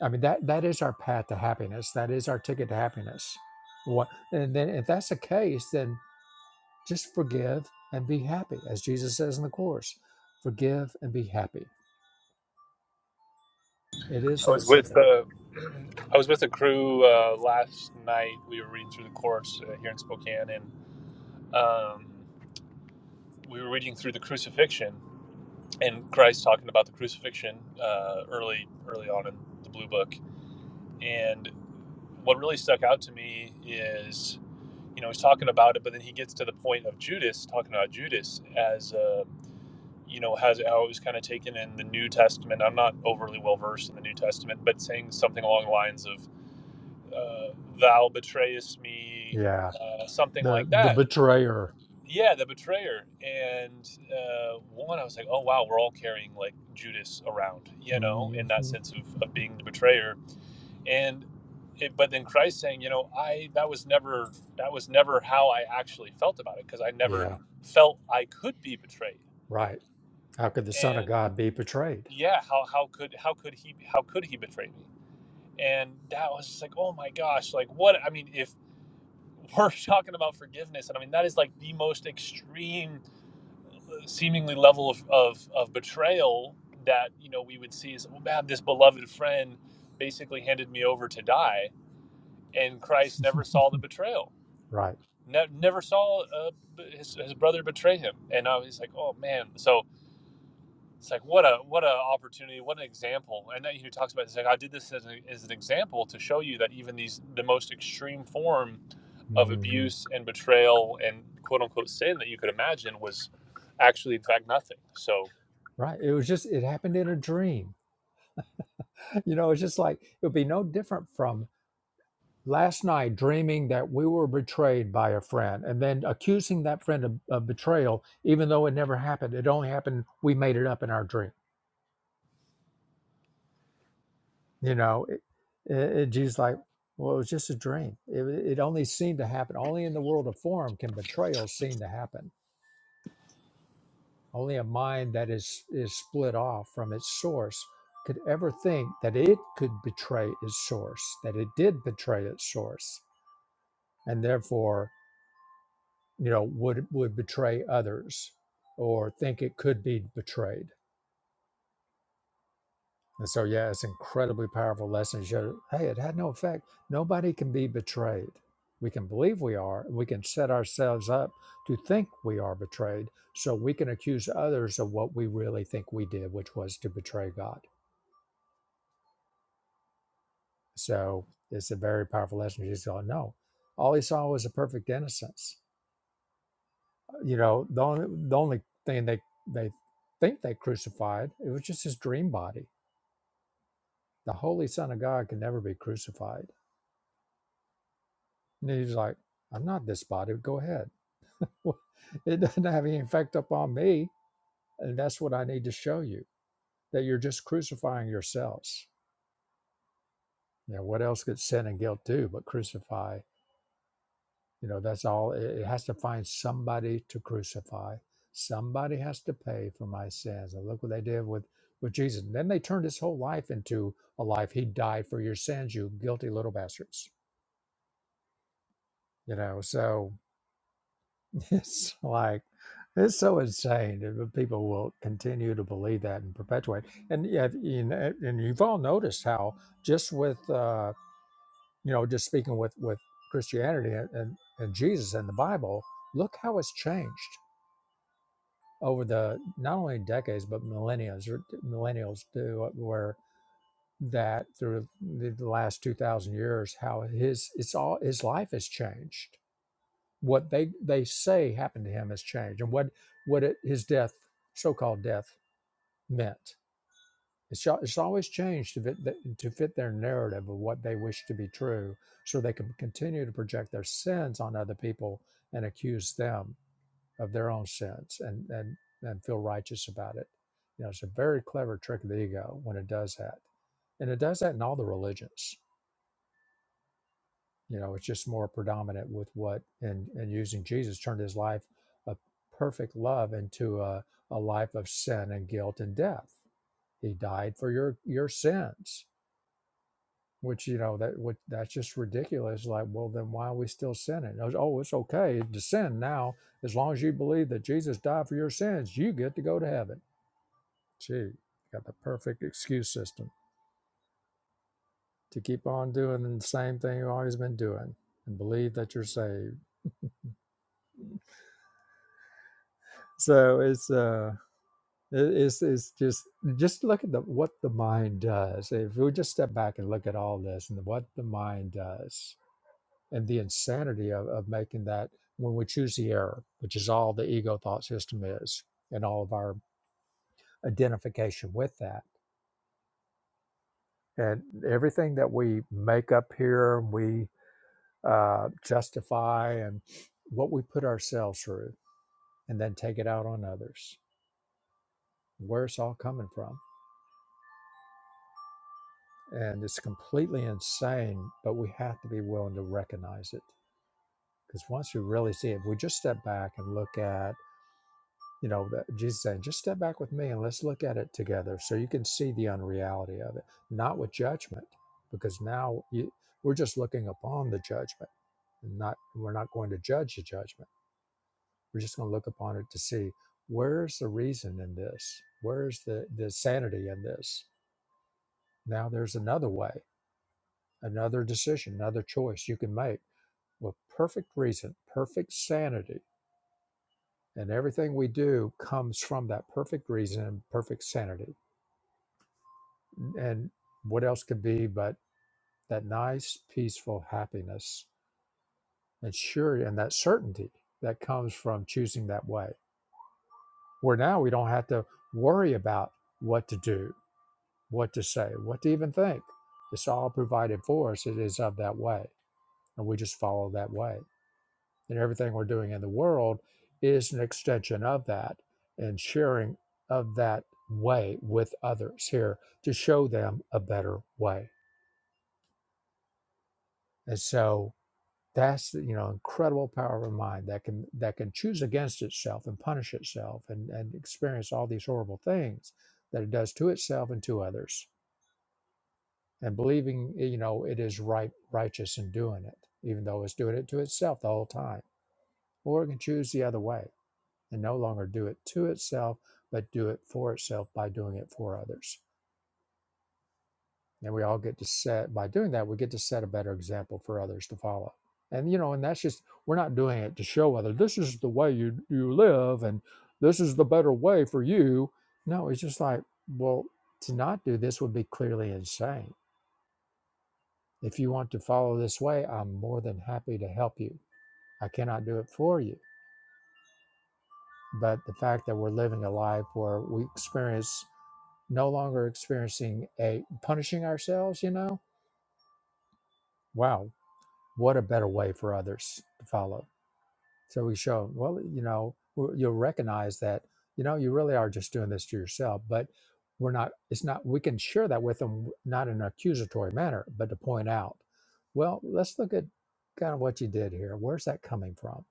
I mean that that is our path to happiness. That is our ticket to happiness. What and then if that's the case, then just forgive and be happy, as Jesus says in the course. Forgive and be happy. It is
i
that
was with
simple.
uh, i was with a crew uh, last night we were reading through the course uh, here in spokane and um, we were reading through the crucifixion and christ talking about the crucifixion uh, early early on in the blue book and what really stuck out to me is you know he's talking about it but then he gets to the point of judas talking about judas as uh, you know has how it was kind of taken in the new testament i'm not overly well versed in the new testament but saying something along the lines of uh, thou betrayest me
Yeah.
uh, something
The
like
the
that
betrayer.
yeah the betrayer and uh, one i was like oh wow we're all carrying like judas around you know in
Mhm.
that sense of, of being the betrayer and it, but then Christ saying, you know, I that was never that was never how I actually felt about it because I never
Yeah.
felt I could be betrayed.
Right. How could the Son of
And
God be betrayed?
yeah, how how could how could he how could he betray me? And that was just like, oh my gosh, like what I mean, if we're talking about forgiveness, and I mean that is like the most extreme, seemingly level of of, of betrayal that you know we would see is, oh man, this beloved friend basically handed me over to die, and Christ never saw the betrayal
Right.
ne- never saw uh, his, his brother betray him and i was like oh man so it's like what a what a opportunity what an example and then he talks about this like i did this as, a, as an example to show you that even these the most extreme form of
Mhm.
abuse and betrayal and quote unquote sin that you could imagine was actually in fact nothing so
Right. It was just, it happened in a dream. You know, it's just like, it would be no different from last night dreaming that we were betrayed by a friend and then accusing that friend of, of betrayal, even though it never happened. It only happened, we made it up in our dream. You know, it, it, it Jesus like, well, it was just a dream. It, it only seemed to happen. Only in the world of form can betrayal seem to happen. Only a mind that is, is split off from its source could ever think that it could betray its source, that it did betray its source, and therefore, you know, would would betray others or think it could be betrayed. And so yeah, it's an incredibly powerful lesson. to Show, hey, it had no effect. Nobody can be betrayed. We can believe we are, and we can set ourselves up to think we are betrayed, so we can accuse others of what we really think we did, which was to betray God So it's a very powerful lesson. She's going, no, all he saw was a perfect innocence. Uh, You know, the only, the only thing they, they think they crucified, it was just his dream body. The Holy Son of God can never be crucified. And he's like, I'm not this body. Go ahead. Well, It doesn't have any effect upon me. And that's what I need to show you that you're just crucifying yourselves. You know, what else could sin and guilt do but crucify You know, that's all. It it has to find somebody to crucify. Somebody has to pay for my sins. And look what they did with, with Jesus. And then they turned his whole life into a life. He died for your sins, you guilty little bastards. You know, so it's like, it's so insane that people will continue to believe that and perpetuate. And yeah, you know, and you've all noticed how just with, uh, you know, just speaking with, with Christianity and, and, and Jesus and the Bible, look how it's changed over the not only decades but millennials millennials do uh, where that through the last 2000 years how his it's all his life has changed what they they say happened to him has changed and what what it, his death so-called death meant it's, it's always changed to fit, the, to fit their narrative of what they wish to be true so they can continue to project their sins on other people and accuse them of their own sins and and and feel righteous about it. You know, it's a very clever trick of the ego when it does that, and it does that in all the religions. You know, it's just more predominant with what and and using Jesus turned his life of perfect love into a, a life of sin and guilt and death. He died for your your sins, which you know that what that's just ridiculous. Like, well, then why are we still sinning? It was, Oh, it's okay to sin now as long as you believe that Jesus died for your sins. You get to go to heaven Gee, got the perfect excuse system to keep on doing the same thing you've always been doing and believe that you're saved. So it's uh it- it's it's just just look at the what the mind does. If we just step back and look at all this and what the mind does and the insanity of, of making that when we choose the error, which is all the ego thought system is, and all of our identification with that. And everything that we make up here, we. uh, justify and what we put ourselves through and then take it out on others where it's all coming from and it's completely insane but we have to be willing to recognize it because once we really see it if we just step back and look at you know the, jesus saying just step back with me and let's look at it together so you can see the unreality of it not with judgment because now you, we're just looking upon the judgment and not we're not going to judge the judgment We're just going to look upon it to see where's the reason in this? Where's the, the sanity in this? Now there's another way, another decision, another choice you can make with perfect reason, perfect sanity. And everything we do comes from that perfect reason and perfect sanity. And what else could be but that nice, peaceful happiness and sure and that certainty that comes from choosing that way. Where now we don't have to worry about what to do what to say, what to even think. It's all provided for us. It is of that way. And we just follow that way. And everything we're doing in the world is an extension of that and sharing of that way with others here to show them a better way. And so that's the, you know incredible power of mind that can that can choose against itself and punish itself and, and experience all these horrible things that it does to itself and to others and believing eh, you know it is right righteous in doing it even though it's doing it to itself the whole time or it can choose the other way and no longer do it to itself but do it for itself by doing it for others and we all get to set by doing that we get to set a better example for others to follow and you know and that's just we're not doing it to show others this is the way you you live and this is the better way for you no it's just like well to not do this would be clearly insane If you want to follow this way, I'm more than happy to help you. I cannot do it for you. But the fact that we're living a life where we experience no longer experiencing a punishing ourselves, you know, wow, what a better way for others to follow. So we show 'em, well, you know, w- you'll recognize that, you know, you really are just doing this to yourself, but we're not, it's not, we can share that with them, not in an accusatory manner, but to point out, well, let's look at kind of what you did here. Where's that coming from?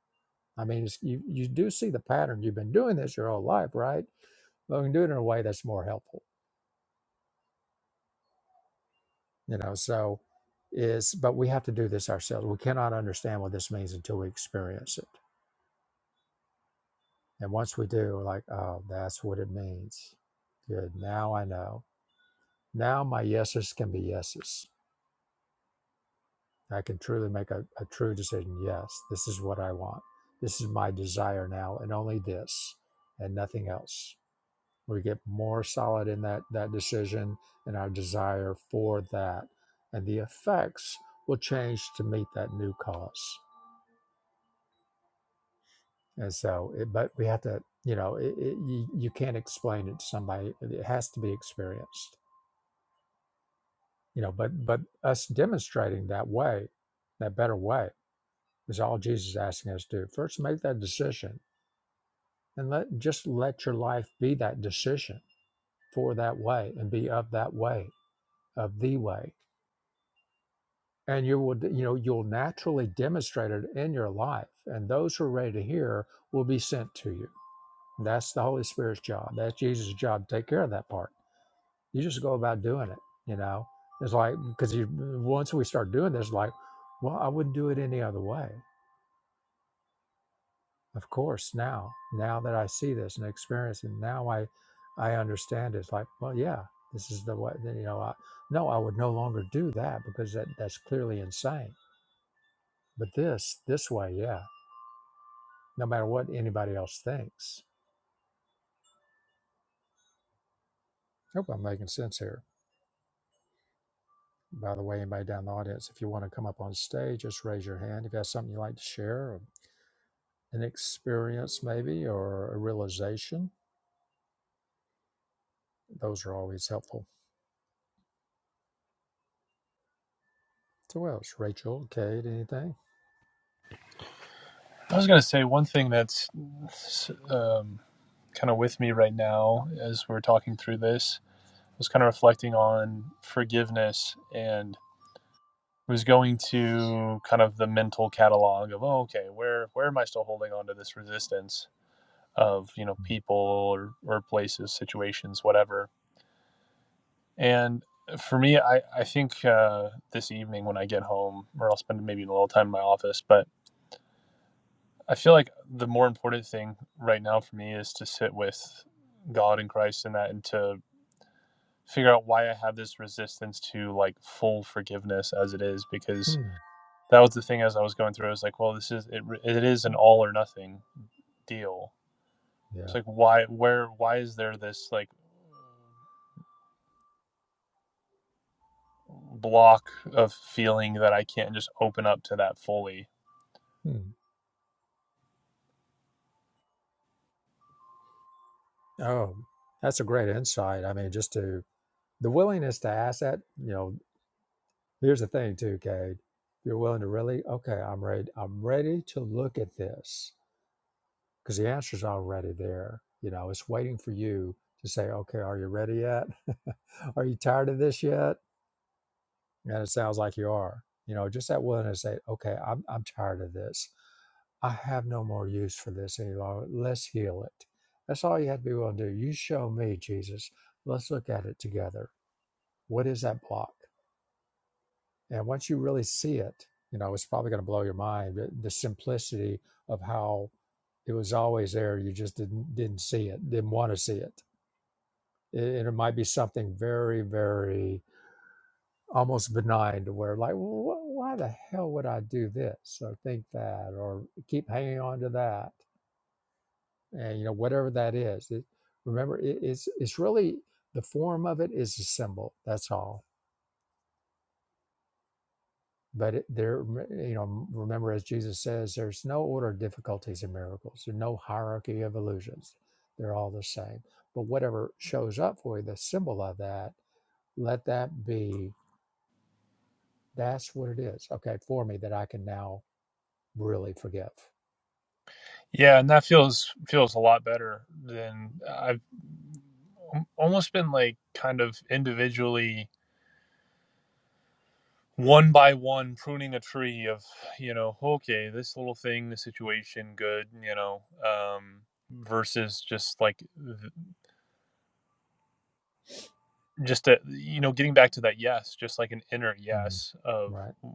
I mean, it's, you you do see the pattern. You've been doing this your whole life, right? But we can do it in a way that's more helpful, you know. So, is but we have to do this ourselves. We cannot understand what this means until we experience it. And once we do, we're like, oh, that's what it means. Good. Now I know. Now my yeses can be yeses. I can truly make a, a true decision. Yes, this is what I want. This is my desire now, and only this, and nothing else. we get more solid in that that decision and our desire for that and the effects will change to meet that new cause and so it, but we have to you know it, it, you, you can't explain it to somebody it has to be experienced you know but but us demonstrating that way that better way is all jesus is asking us to do first make that decision and let just let your life be that decision for that way and be of that way of the way and you will you know you'll naturally demonstrate it in your life and those who are ready to hear will be sent to you that's the holy spirit's job that's jesus' job to take care of that part you just go about doing it you know it's like because you once we start doing this like well i wouldn't do it any other way of course now now that i see this and experience and now i i understand it. it's like well yeah this is the way you know i no i would no longer do that because that that's clearly insane but this this way yeah no matter what anybody else thinks. Hope I'm making sense here. By the way, anybody down in the audience, if you want to come up on stage, just raise your hand. If you have something you'd like to share, or an experience maybe, or a realization, those are always helpful. So, what else? Rachel, Kate, anything?
i was going to say one thing that's um, kind of with me right now as we're talking through this I was kind of reflecting on forgiveness and was going to kind of the mental catalog of oh, okay where where am i still holding on to this resistance of you know people or, or places situations whatever and for me i i think uh, this evening when i get home or i'll spend maybe a little time in my office but i feel like the more important thing right now for me is to sit with god and christ in that and to figure out why i have this resistance to like full forgiveness as it is because
Hmm.
that was the thing as I was going through. I was like, well, this is it. It is an all or nothing deal. It's
Yeah.
like why, where, why is there this like block of feeling that I can't just open up to that fully?
Hmm. Oh, that's a great insight. I mean, just to the willingness to ask that, you know, here's the thing too, Kate. If you're willing to really, okay, I'm ready. I'm ready to look at this because the answer's already there. You know, it's waiting for you to say, okay, are you ready yet? are you tired of this yet? And it sounds like you are. You know, just that willingness to say, okay, I'm, I'm tired of this. I have no more use for this any longer. Let's heal it. That's all you have to be willing to do. You show me, Jesus. Let's look at it together. What is that block? And once you really see it, you know, it's probably going to blow your mind. The, simplicity of how it was always there. You just didn't didn't see it, didn't want to see it. and it might be something very, very almost benign to where like, "Wh- why the hell would I do this or think that or keep hanging on to that? And you know, whatever that is, it, remember, it, it's it's really the form of it is a symbol. That's all but it, there you know remember as jesus says there's no order of difficulties in miracles there's no hierarchy of illusions they're all the same but whatever shows up for you the symbol of that let that be that's what it is okay for me that i can now really forgive
Yeah, and that feels feels a lot better than uh, I've almost been like kind of individually one by one pruning a tree of you know okay this little thing the situation good you know um versus just like just a, you know getting back to that yes just like an inner
Mhm.
yes of
right
a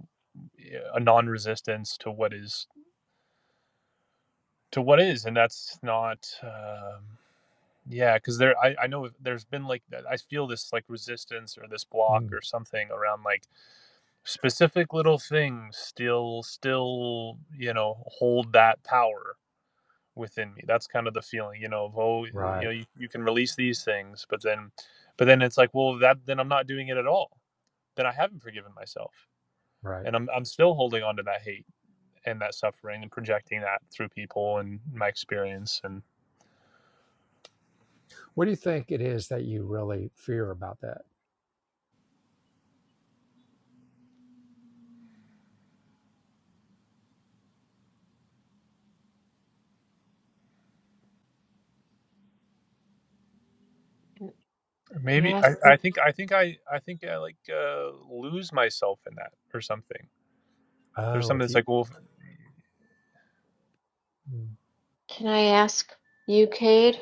a non-resistance to what is to what is and that's not um yeah because there I, I know there's been like i feel this like resistance or this block
Mm.
or something around like specific little things still still you know hold that power within me that's kind of the feeling you know of oh you
right
know you, you can release these things but then but then it's like well that then i'm not doing it at all then i haven't forgiven myself
right
and I'm I'm still holding on to that hate and that suffering and projecting that through people and my experience and
what do you think it is that you really fear about that
Can I
maybe
ask,
I, I think I think I I think I like uh, lose myself in that or something. There's
oh
something
if
that's
you
like well
Mm.
can I ask you, Cade?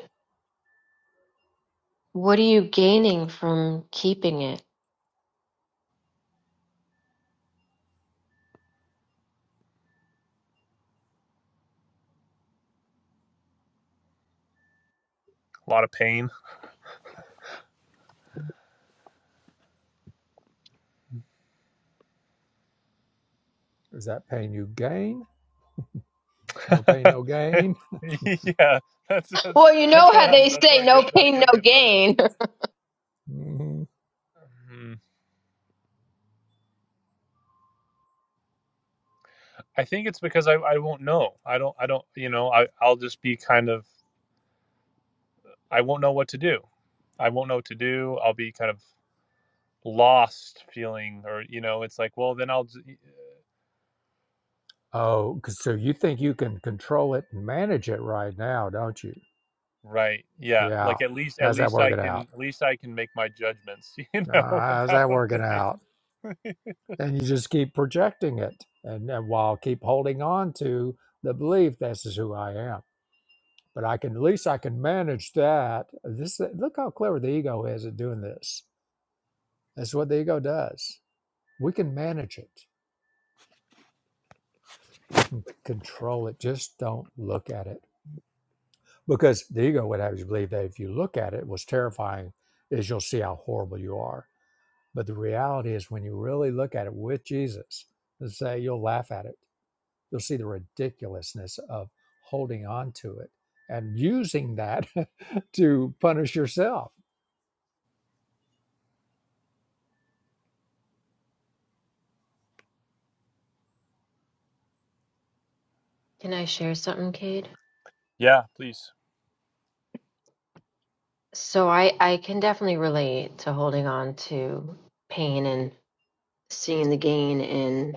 What are you gaining from keeping it?
a lot of pain.
is that pain you gain no pain no gain
yeah, that's that's
Well, you know
that's
how
what I'm
they
that's what
say
I
no
get that's
pain,
what I
no
get from it.
gain.
Mm-hmm.
Hmm. I think it's because I, I won't know. I don't I don't you know I I'll just be kind of I won't know what to do. I won't know what to do. I'll be kind of lost feeling or you know it's like well then i'll
Oh, 'cause- so you think you can control it and manage it right now, don't you?
right yeah
Yeah.
like at least at
How's that
least i
working
can
out?
at least i can make my judgments you
Uh,
know
how's
about
that working
things.
out? And you just keep projecting it, and, and while keep holding on to the belief this is who I am. But I can at least I can manage that. This look how clever the ego is at doing this. That's what the ego does. We can manage it. We can control it. Just don't look at it. because the ego would have you believe that if you look at it, what's terrifying is you'll see how horrible you are. But the reality is, when you really look at it with Jesus, and say you'll laugh at it, you'll see the ridiculousness of holding on to it and using that to punish yourself.
Can I share something, Cade?
yeah please
So I, I can definitely relate to holding on to pain and seeing the gain in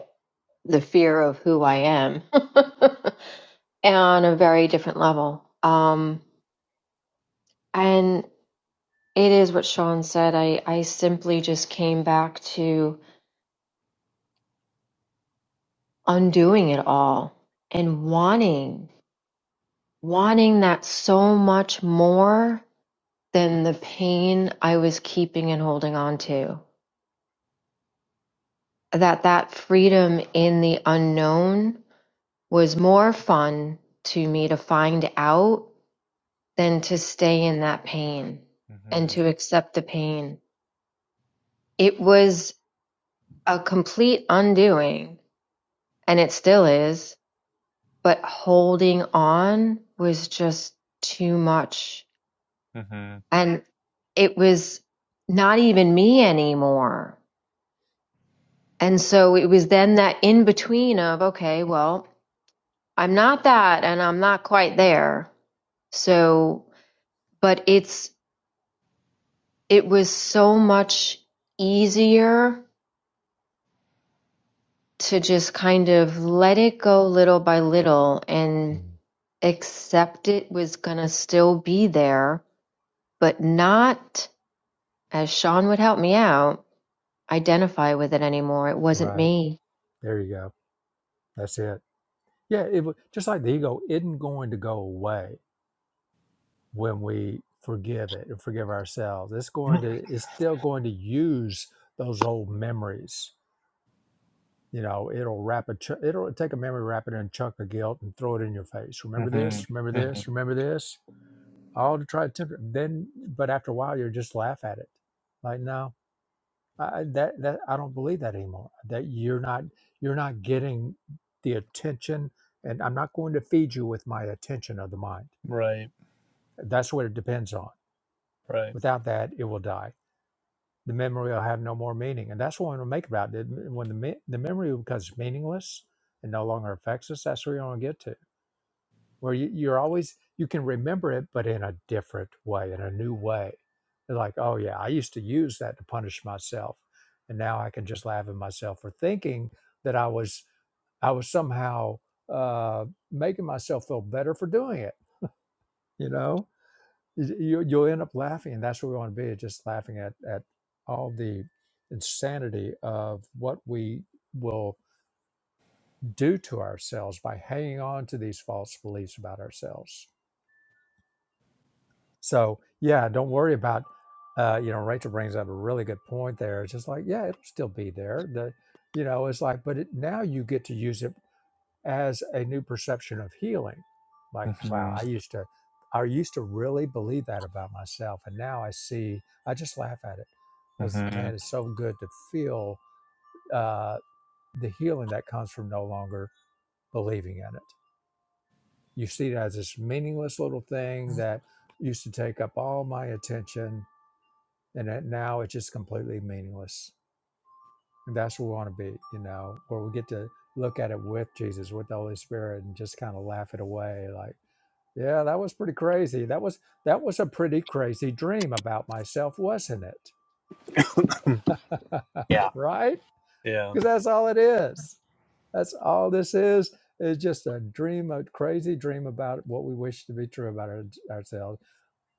the fear of who I am on a very different level. Um, and it is what Sean said. I, I simply just came back to undoing it all and wanting, wanting that so much more than the pain I was keeping and holding on to. That that freedom in the unknown was more fun to me to find out than to stay in that pain and
hmm
to accept the pain. It was a complete undoing and it still is, but holding on was just too much.
hmm
And it was not even me anymore And so it was then that in between of, okay, well, I'm not that and I'm not quite there. So, but it's, it was so much easier to just kind of let it go little by little and
Mm.
accept it was going to still be there, but not, as Sean would help me out, identify with it anymore. It wasn't
Right
me
there, you go. That's it. Yeah, it wa- just like the ego isn't going to go away when we forgive it and forgive ourselves. It's going to. It's still going to use those old memories You know, it'll wrap a ch- it'll take a memory, wrap it in a chunk of guilt, and throw it in your face. Remember
hmm
this. Remember
hmm
this. Remember this. All to try to temper. Then, but after a while, you just laugh at it. Like, no, I, that that I don't believe that anymore. That you're not you're not getting the attention, and I'm not going to feed you with my attention of the mind.
right
That's what it depends on.
right
Without that, it will die the memory will have no more meaning. And that's what we want to make about it. When the, me- the memory becomes meaningless and no longer affects us, that's where you want to get to, where you, you're always, you can remember it, but in a different way, in a new way. It's like, oh yeah, I used to use that to punish myself. And now I can just laugh at myself for thinking that I was, I was somehow uh, making myself feel better for doing it, you know? You, you- you'll end up laughing, and that's what we want to be, just laughing at, at all the insanity of what we will do to ourselves by hanging on to these false beliefs about ourselves. So, yeah, don't worry about, uh, you know, Rachel brings up a really good point there. It's just like, yeah, it'll still be there. The, you know, it's like, but it, now you get to use it as a new perception of healing. Like, wow,
hmm
I used to, I used to really believe that about myself, and now I see. I just laugh at it because
hmm
man, it's so good to feel uh, the healing that comes from no longer believing in it. You see it as this meaningless little thing that used to take up all my attention, and it, now it's just completely meaningless. And that's where we want to be, you know, where we get to look at it with Jesus, with the Holy Spirit, and just kind of laugh it away, like Yeah, that was pretty crazy. That was that was a pretty crazy dream about myself, wasn't it?
yeah
right?
yeah
Because that's all it is. That's all this is. It's just a dream, a crazy dream about what we wish to be true about our, ourselves.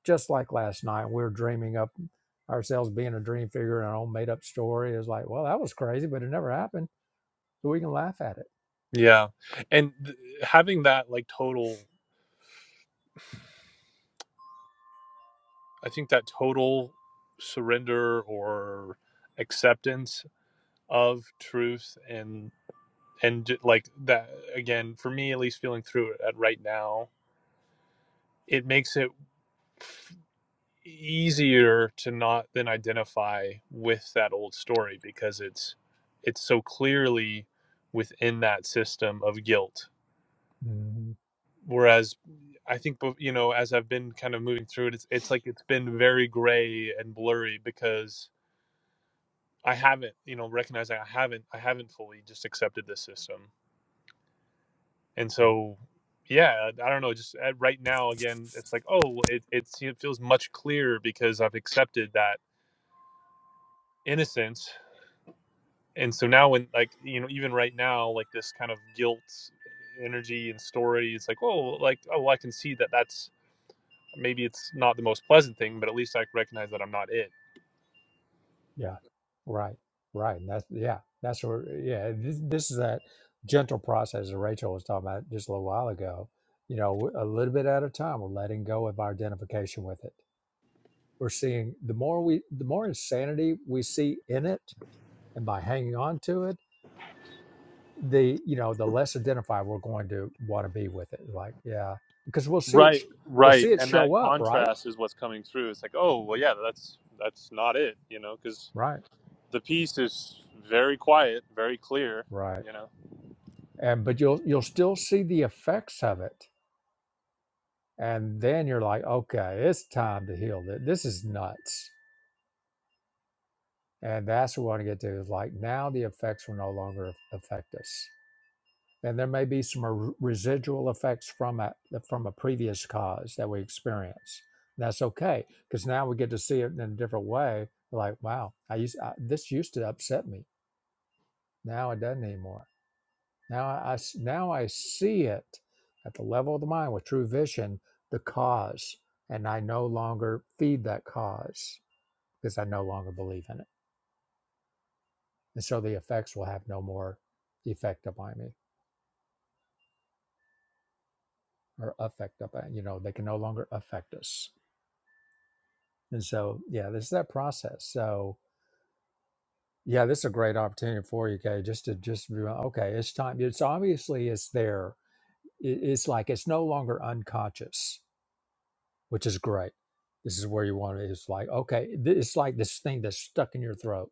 Just like last night, we were dreaming up ourselves being a dream figure in our own made up story. It's like, well, that was crazy, but it never happened. So we can laugh at it.
yeah and th- having that like total i think that total surrender or acceptance of truth and. and like that again for me at least feeling through it at right now it makes it easier to not then identify with that old story because it's it's so clearly within that system of guilt
Mhm.
whereas i think you know as i've been kind of moving through it it's, it's like it's been very gray and blurry because i haven't you know recognizing i haven't i haven't fully just accepted this system and so yeah i don't know just at, right now again it's like oh it, it it feels much clearer because i've accepted that innocence and so now when like you know even right now like this kind of guilt energy and story it's like oh like oh i can see that that's maybe it's not the most pleasant thing but at least i recognize that i'm not it
Yeah, right, right. And that's yeah, that's where yeah. This this is that gentle process that Rachel was talking about just a little while ago. You know, a little bit at a time, we're letting go of our identification with it. We're seeing the more we, the more insanity we see in it, and by hanging on to it, the you know the less identified we're going to want to be with it. Like yeah, because we'll see it,
Right,
sh- we'll
right,
see it
and that
show up, right,
contrast is what's coming through. It's like, oh, well, yeah, that's that's not it, you know, because
right,
the piece is very quiet, very clear,
right.
you know.
And but you'll you'll still see the effects of it And then you're like, okay, it's time to heal. Th- This is nuts. And that's what we want to get to is like now the effects will no longer affect us. And there may be some r- residual effects from a, from a previous cause that we experience. That's okay because now we get to see it in a different way. Like, wow, I used I, this used to upset me. Now it doesn't anymore Now I now I see it at the level of the mind with true vision, the cause, and I no longer feed that cause because I no longer believe in it, and so the effects will have no more effect upon me or affect upon you know they can no longer affect us. And so yeah, this is that process. So yeah, this is a great opportunity for you, Kay, just to just be like, okay, it's time. It's obviously it's there. It, it's like it's no longer unconscious which is great. This is where you want it. It's like, okay, th- it's like this thing that's stuck in your throat.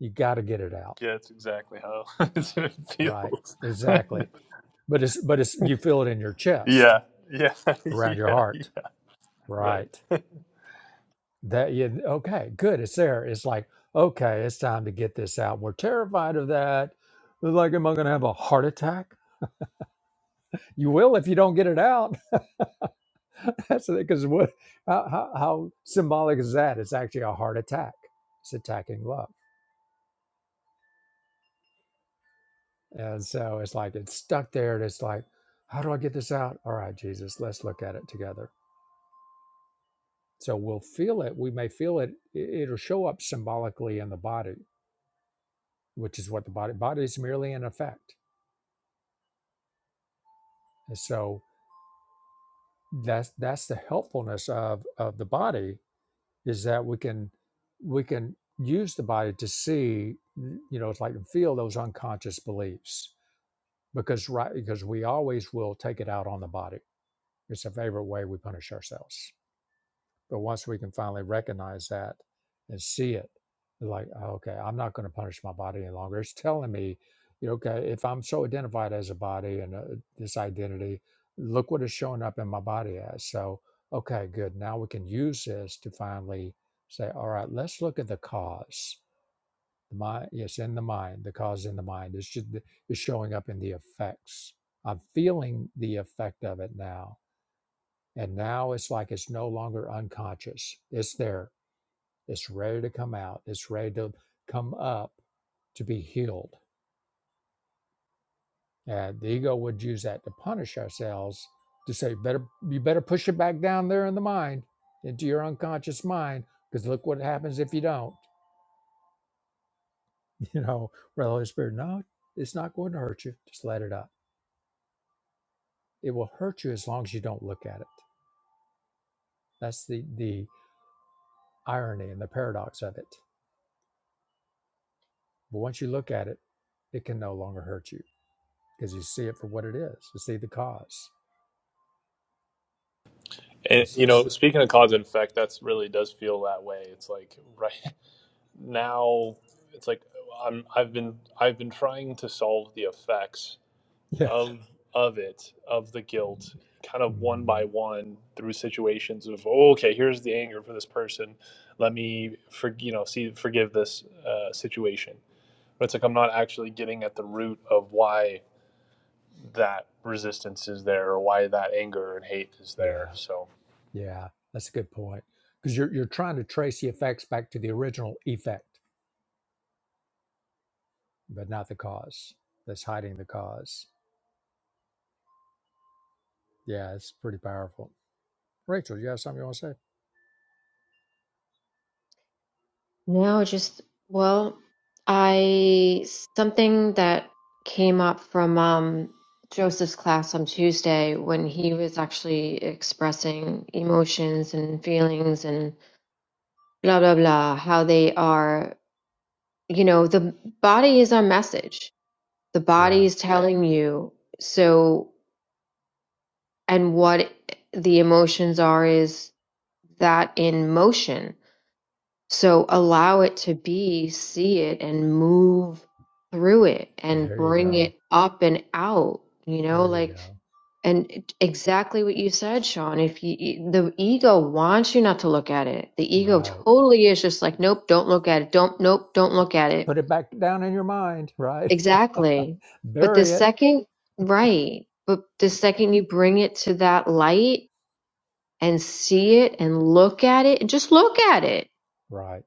You got to get it out,
Yeah, it's exactly how it
right?
feels.
Exactly. But it's but it's you feel it in your chest,
yeah, yeah,
around your
yeah, yeah.
heart,
Right.
right? That you okay, good. It's there. It's like okay, it's time to get this out. We're terrified of that. We're like, am I going to have a heart attack? You will if you don't get it out. That's because what? How, how, how symbolic is that? It's actually a heart attack. It's attacking love. And so it's like it's stuck there, and it's like, how do I get this out? All right, Jesus, let's look at it together. So we'll feel it. We may feel it. i- It'll show up symbolically in the body, which is what the body body is merely an effect. And so that's that's the helpfulness of of the body is that we can we can use the body to see, you know, it's like and feel those unconscious beliefs because right because we always will take it out on the body. It's a favorite way we punish ourselves. But once we can finally recognize that and see it, like, "Oh, okay, I'm not going to punish my body any longer. It's telling me, you know, okay, if I'm so identified as a body and uh, this identity, look what is showing up in my body as. So, okay, good. Now we can use this to finally say, all right, let's look at the cause. The mind, yes, in the mind, the cause in the mind is just is showing up in the effects. I'm feeling the effect of it now. And now it's like it's no longer unconscious. It's there it's ready to come out. It's ready to come up to be healed. And the ego would use that to punish ourselves to say, better you better push it back down there in the mind, into your unconscious mind, because look what happens if you don't. You know, where the Holy Spirit, no, it's not going to hurt you. Just let it up. It will hurt you as long as you don't look at it. That's the the irony and the paradox of it. But once you look at it, it can no longer hurt you because you see it for what it is. You see the cause.
And
That's
you
it.
know, speaking of cause and effect, that's really does feel that way. It's like right now, it's like I'm I've been I've been trying to solve the effects
Yeah.
of of it of the guilt kind of one by
Mm,
one through situations of oh, okay here's the anger for this person let me for you know see forgive this uh, situation but it's like I'm not actually getting at the root of why that resistance is there or why that anger and hate is there.
yeah,
So
yeah, that's a good point. Because you're you're trying to trace the effects back to the original effect, but not the cause. That's hiding the cause. Yeah, it's pretty powerful. Rachel, you have something you want to say?
No, just well, I something that came up from um, Joseph's class on Tuesday when he was actually expressing emotions and feelings and blah blah blah, how they are, you know, the body is our message. The body
Yeah,
is telling you so, and what the emotions are is that in motion So allow it to be, see it, and move through it and
there you
bring
go.
it up and out, you know,
There you
like,
go.
and it- exactly what you said, Sean. If you, the ego wants you not to look at it, the ego
Right.
totally is just like, nope, don't look at it. Don't, nope, don't look at it.
Put it back down in your mind. Right.
Exactly. But the
Bury it.
second, right. But the second you bring it to that light and see it and look at it, just look at it.
Right.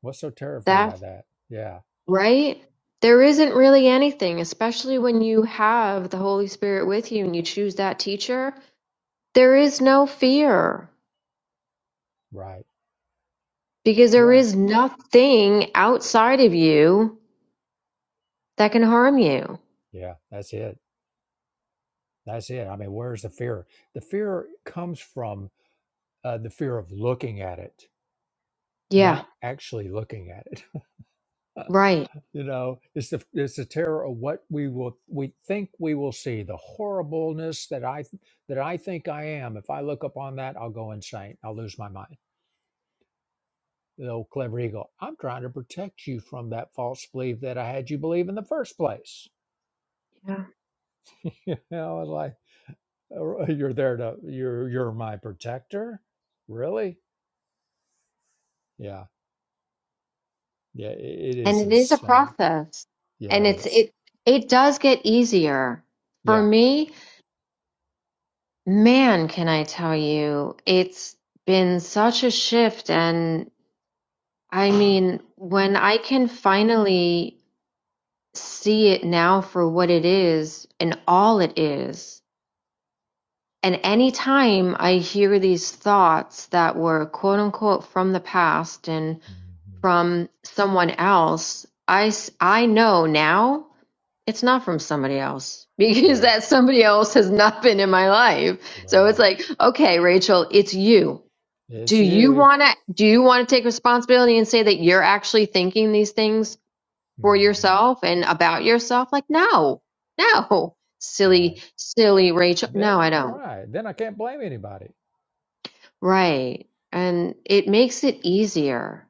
What's so terrifying about that? Yeah.
Right? There isn't really anything, especially when you have the Holy Spirit with you and you choose that teacher. There is no fear
Right.
because there
Right.
is nothing outside of you that can harm you.
Yeah. That's it. That's it. I mean, where's the fear? The fear comes from uh, the fear of looking at it
Yeah,
not actually looking at it.
right.
you know, it's the it's the terror of what we will we think we will see, the horribleness that I that I think I am. If I look upon that, I'll go insane. I'll lose my mind. The old clever eagle. I'm trying to protect you from that false belief that I had you believe in the first place.
Yeah.
You know, it's like "Oh, you're there to you're you're my protector, really? Yeah, yeah, i it
And
is
it is a
insane.
process.
Yeah,
And
it
it's
is.
it it does get easier. For
Yeah,
me, man, can I tell you, it's been such a shift and I mean, when I can finally see it now for what it is and all it is. And anytime I hear these thoughts that were quote unquote from the past and
hmm
from someone else, I I know now it's not from somebody else because
yeah,
that somebody else has not been in my life. So it's
right.
like, okay, Rachel, it's you. Do
It's
you
you.
want to do you want to take responsibility and say that you're actually thinking these things for
hmm
yourself and about yourself? Like, no, no,
Right.
silly, silly Rachel. No, I
Then,
don't.
right. Then I can't blame anybody.
Right. And it makes it easier.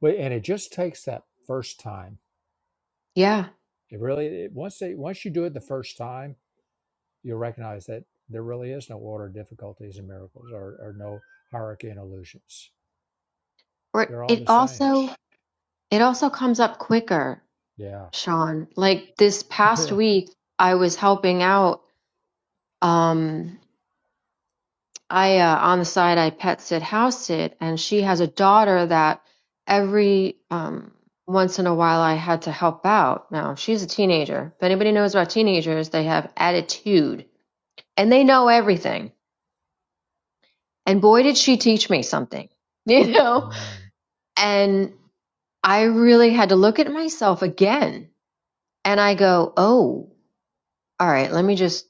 Wait, and it just takes that first time.
Yeah.
It really it, once they once you do it the first time, you'll recognize that there really is no order of difficulties and miracles, or, or no hierarchy and illusions.
Or
They're all
it
the same.
also, it also comes up quicker,
Yeah.
Sean. Like this past
Yeah.
week, I was helping out. Um, I uh, on the side I pet sit, house sit, and she has a daughter that every um, once in a while I had to help out. Now she's a teenager. If anybody knows about teenagers, they have attitude and they know everything. And boy, did she teach me something, you know. And I really had to look at myself again, and I go, oh, all right, let me just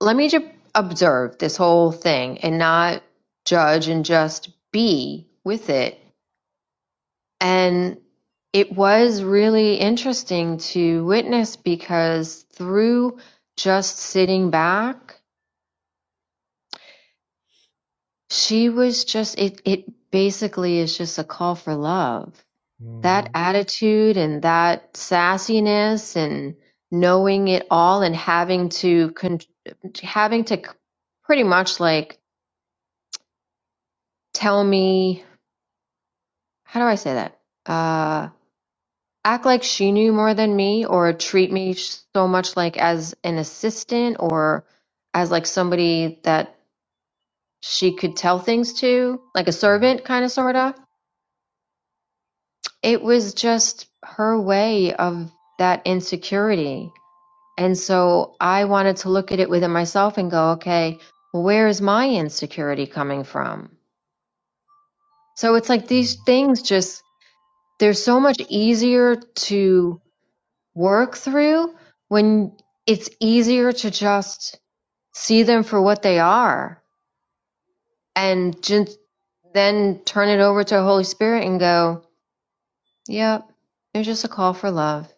let me just observe this whole thing and not judge and just be with it And it was really interesting to witness because through just sitting back, she was just, it, it basically is just a call for love.
Mm-hmm.
That attitude and that sassiness and knowing it all and having to, con- having to c- pretty much like tell me, how do I say that? Uh, act like she knew more than me or treat me so much like as an assistant or as like somebody that she could tell things to, like a
Right.
servant kind of sorta. It was just her way of that insecurity. And so I wanted to look at it within myself and go, okay, well, where is my insecurity coming from? So it's like these
Mm.
things just they're so much easier to work through when it's easier to just see them for what they are and just then turn it over to the Holy Spirit and go, yep, they're just a call for love.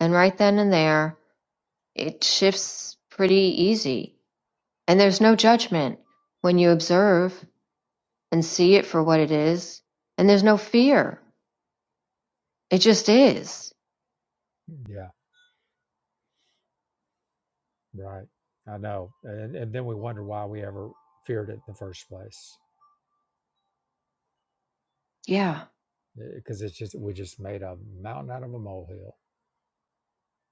And right then and there, it shifts pretty easy. And there's no judgment when you observe and see it for what it is. And there's no fear. It just is.
Yeah. Right. I know. And and then we wonder why we ever feared it in the first place,
Yeah.
because it's just we just made a mountain out of a molehill.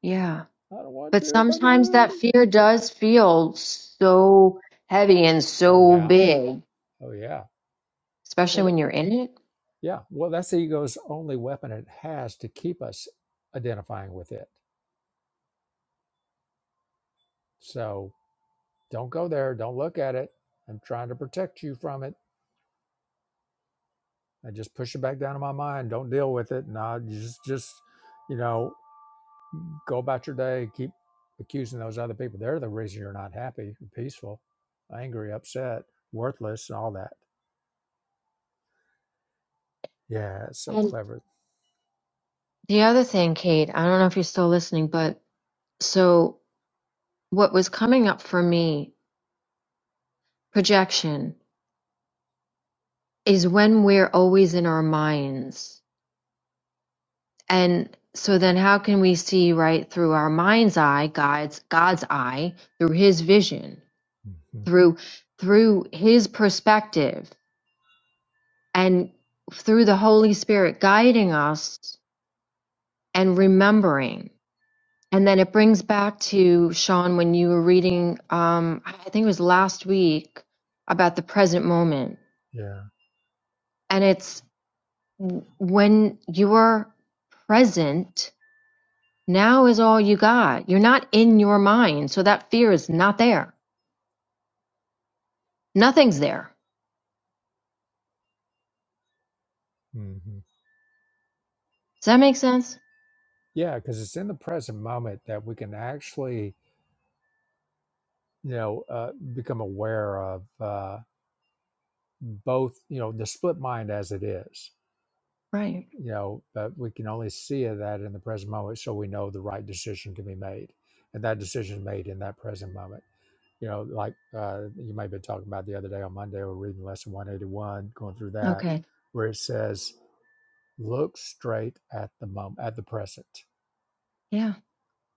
Yeah.
I don't want
But
to if I
sometimes
do
that
it.
fear does feel so heavy and
Oh
so
yeah.
big,
Oh yeah.
especially
Well, that,
when you're in it.
yeah. Well, that's the ego's only weapon it has to keep us identifying with it. So don't go there. Don't look at it. I'm trying to protect you from it. I just push it back down in my mind. Don't deal with it. Nah, just just you know go about your day. Keep accusing those other people. They're the reason you're not happy, peaceful, angry, upset, worthless, and all that. Yeah, it's so
And
clever.
the other thing, Kate, I don't know if you're still listening, but so what was coming up for me, projection, is when we're always in our minds. And so then how can we see right through our mind's eye, God's God's eye, through his vision,
hmm
through through his perspective? and through the Holy Spirit guiding us and remembering. And then it brings back to Sean when you were reading, um, I think it was last week, about the present moment.
Yeah.
And it's w- when you're present, now is all you got. You're not in your mind. So that fear is not there. Nothing's there.
Mm-hmm.
Does that make sense?
Yeah, because it's in the present moment that we can actually, you know, uh, become aware of uh, both, you know, the split mind as it is,
Right.
you know, but we can only see it that in the present moment so we know the right decision can be made. And that decision is made in that present moment. You know, like uh, you may have been talking about the other day on Monday, we're reading lesson 181, going through that,
Okay.
where it says, look straight at the moment, at the present,
Yeah.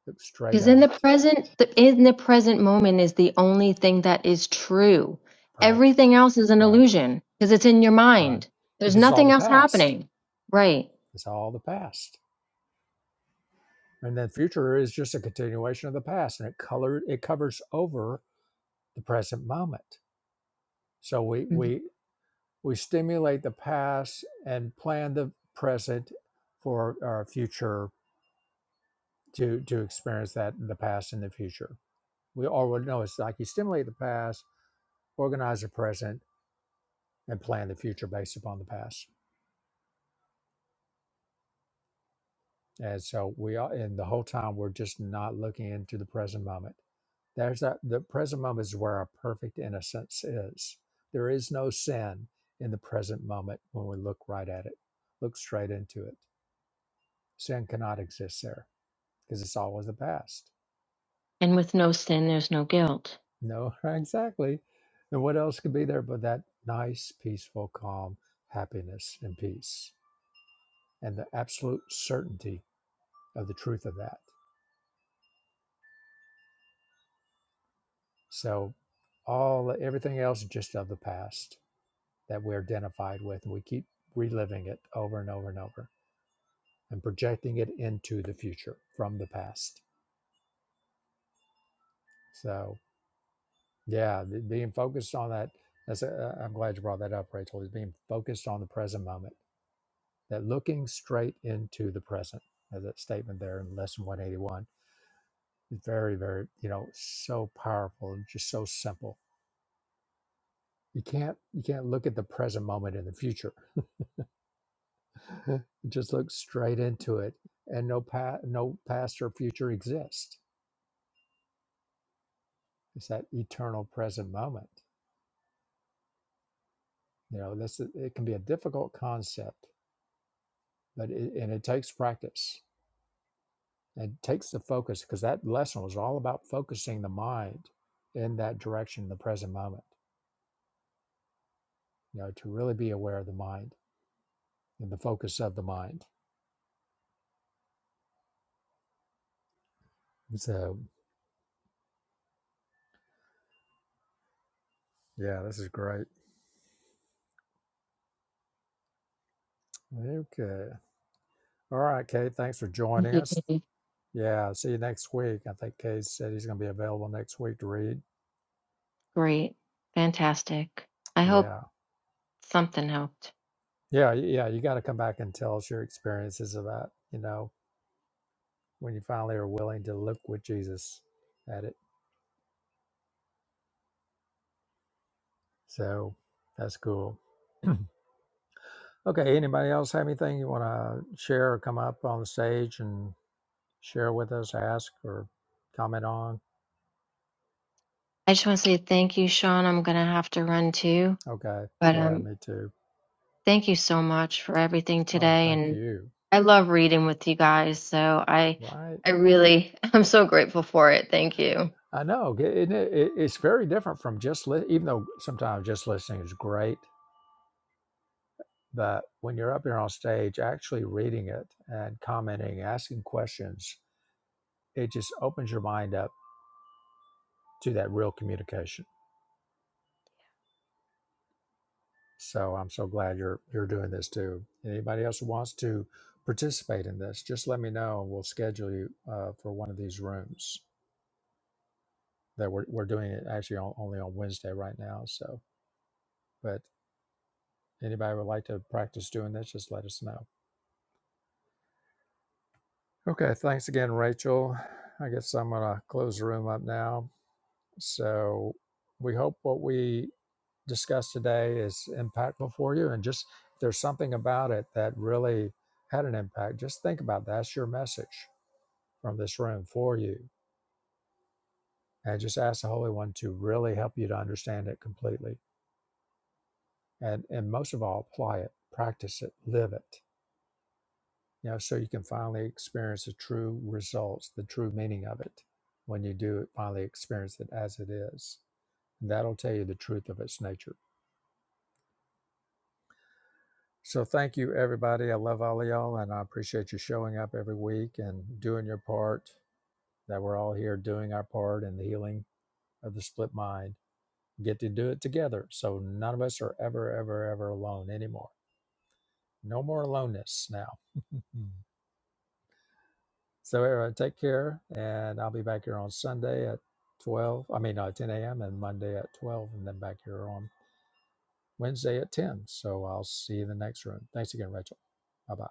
look straight
Because in
at
the
it,
present, the, in the present moment is the only thing that is true.
right?
Everything else is an
Right
illusion because it's in your
Right.
mind. There's
Because it's all
nothing
the
else
past.
happening. Right.
It's all the past. And the future is just a continuation of the past and it colored it covers over the present moment. So we
Mhm.
we we stimulate the past and plan the present for our future to to experience that the past and the future. We or know it's like you stimulate the past, organize the present, and plan the future based upon the past. And so we are, and the whole time we're just not looking into the present moment. There's that, the present moment is where our perfect innocence is. There is no sin in the present moment when we look right at it, look straight into it. Sin cannot exist there because it's always the past.
And with no sin, there's no guilt.
No, exactly. And what else could be there but that nice, peaceful, calm happiness and peace and the absolute certainty of the truth of that? So all everything else is just of the past that we're identified with, and we keep reliving it over and over and over and projecting it into the future from the past. So yeah, be- being focused on that. That's a, I'm glad you brought that up, Rachel. Is being focused on the present moment. That looking straight into the present, as that statement there in lesson 181, is very, very you know so powerful and just so simple. You can't you can't look at the present moment in the future just look straight into it and no pa- no past or future exist it's that eternal present moment you know this is- it can be a difficult concept but it, and it takes practice it takes the focus because that lesson was all about focusing the mind in that direction the present moment you know to really be aware of the mind and the focus of the mind so yeah this is great okay all right kate thanks for joining
Mhm.
us
Mhm.
Yeah, see you next week. I think Case said he's going to be available next week to read.
Great. Fantastic. I hope
Yeah.
something helped.
Yeah. Yeah. You got to come back and tell us your experiences of that. you know, when you finally are willing to look with Jesus at it. So that's cool. okay. Anybody else have anything you want to share or come up on the stage and share with us, ask or comment on?
I just want to say thank you, Sean. I'm going to have to run too.
Okay.
But
Yeah.
um,
Me too.
thank you so much for everything
Oh,
today.
thank
And
you.
I love reading with you guys, so I
Right.
I really I'm so grateful for it. Thank you.
I know, g- isn't it, it, it's very different from just li- even though sometimes just listening is great, but when you're up here on stage, actually reading it and commenting, asking questions, it just opens your mind up to that real communication. So I'm so glad you're you're doing this too. Anybody else who wants to participate in this, just let me know, and we'll schedule you uh, for one of these rooms that we're we're doing it actually on, only on Wednesday right now. So, but anybody would like to practice doing this, just let us know. Okay, thanks again, Rachel. I guess I'm going to close the room up now. So we hope what we discussed today is impactful for you. And just if there's something about it that really had an impact, just think about that. that's your message from this room for you. And just ask the Holy One to really help you to understand it completely. And, and most of all, apply it, practice it, live it. you know, so you can finally experience the true results, the true meaning of it when you do finally experience it as it is. And that'll tell you the truth of its nature. So thank you, everybody. I love all of y'all, and I appreciate you showing up every week and doing your part, that we're all here doing our part in the healing of the split mind. Get to do it together. So none of us are ever, ever, ever alone anymore. No more aloneness now. So everyone, take care, and I'll be back here on Sunday at twelve. I mean, uh, ten a.m. and Monday at twelve, and then back here on Wednesday at ten. So I'll see you in the next room. Thanks again, Rachel. Bye bye.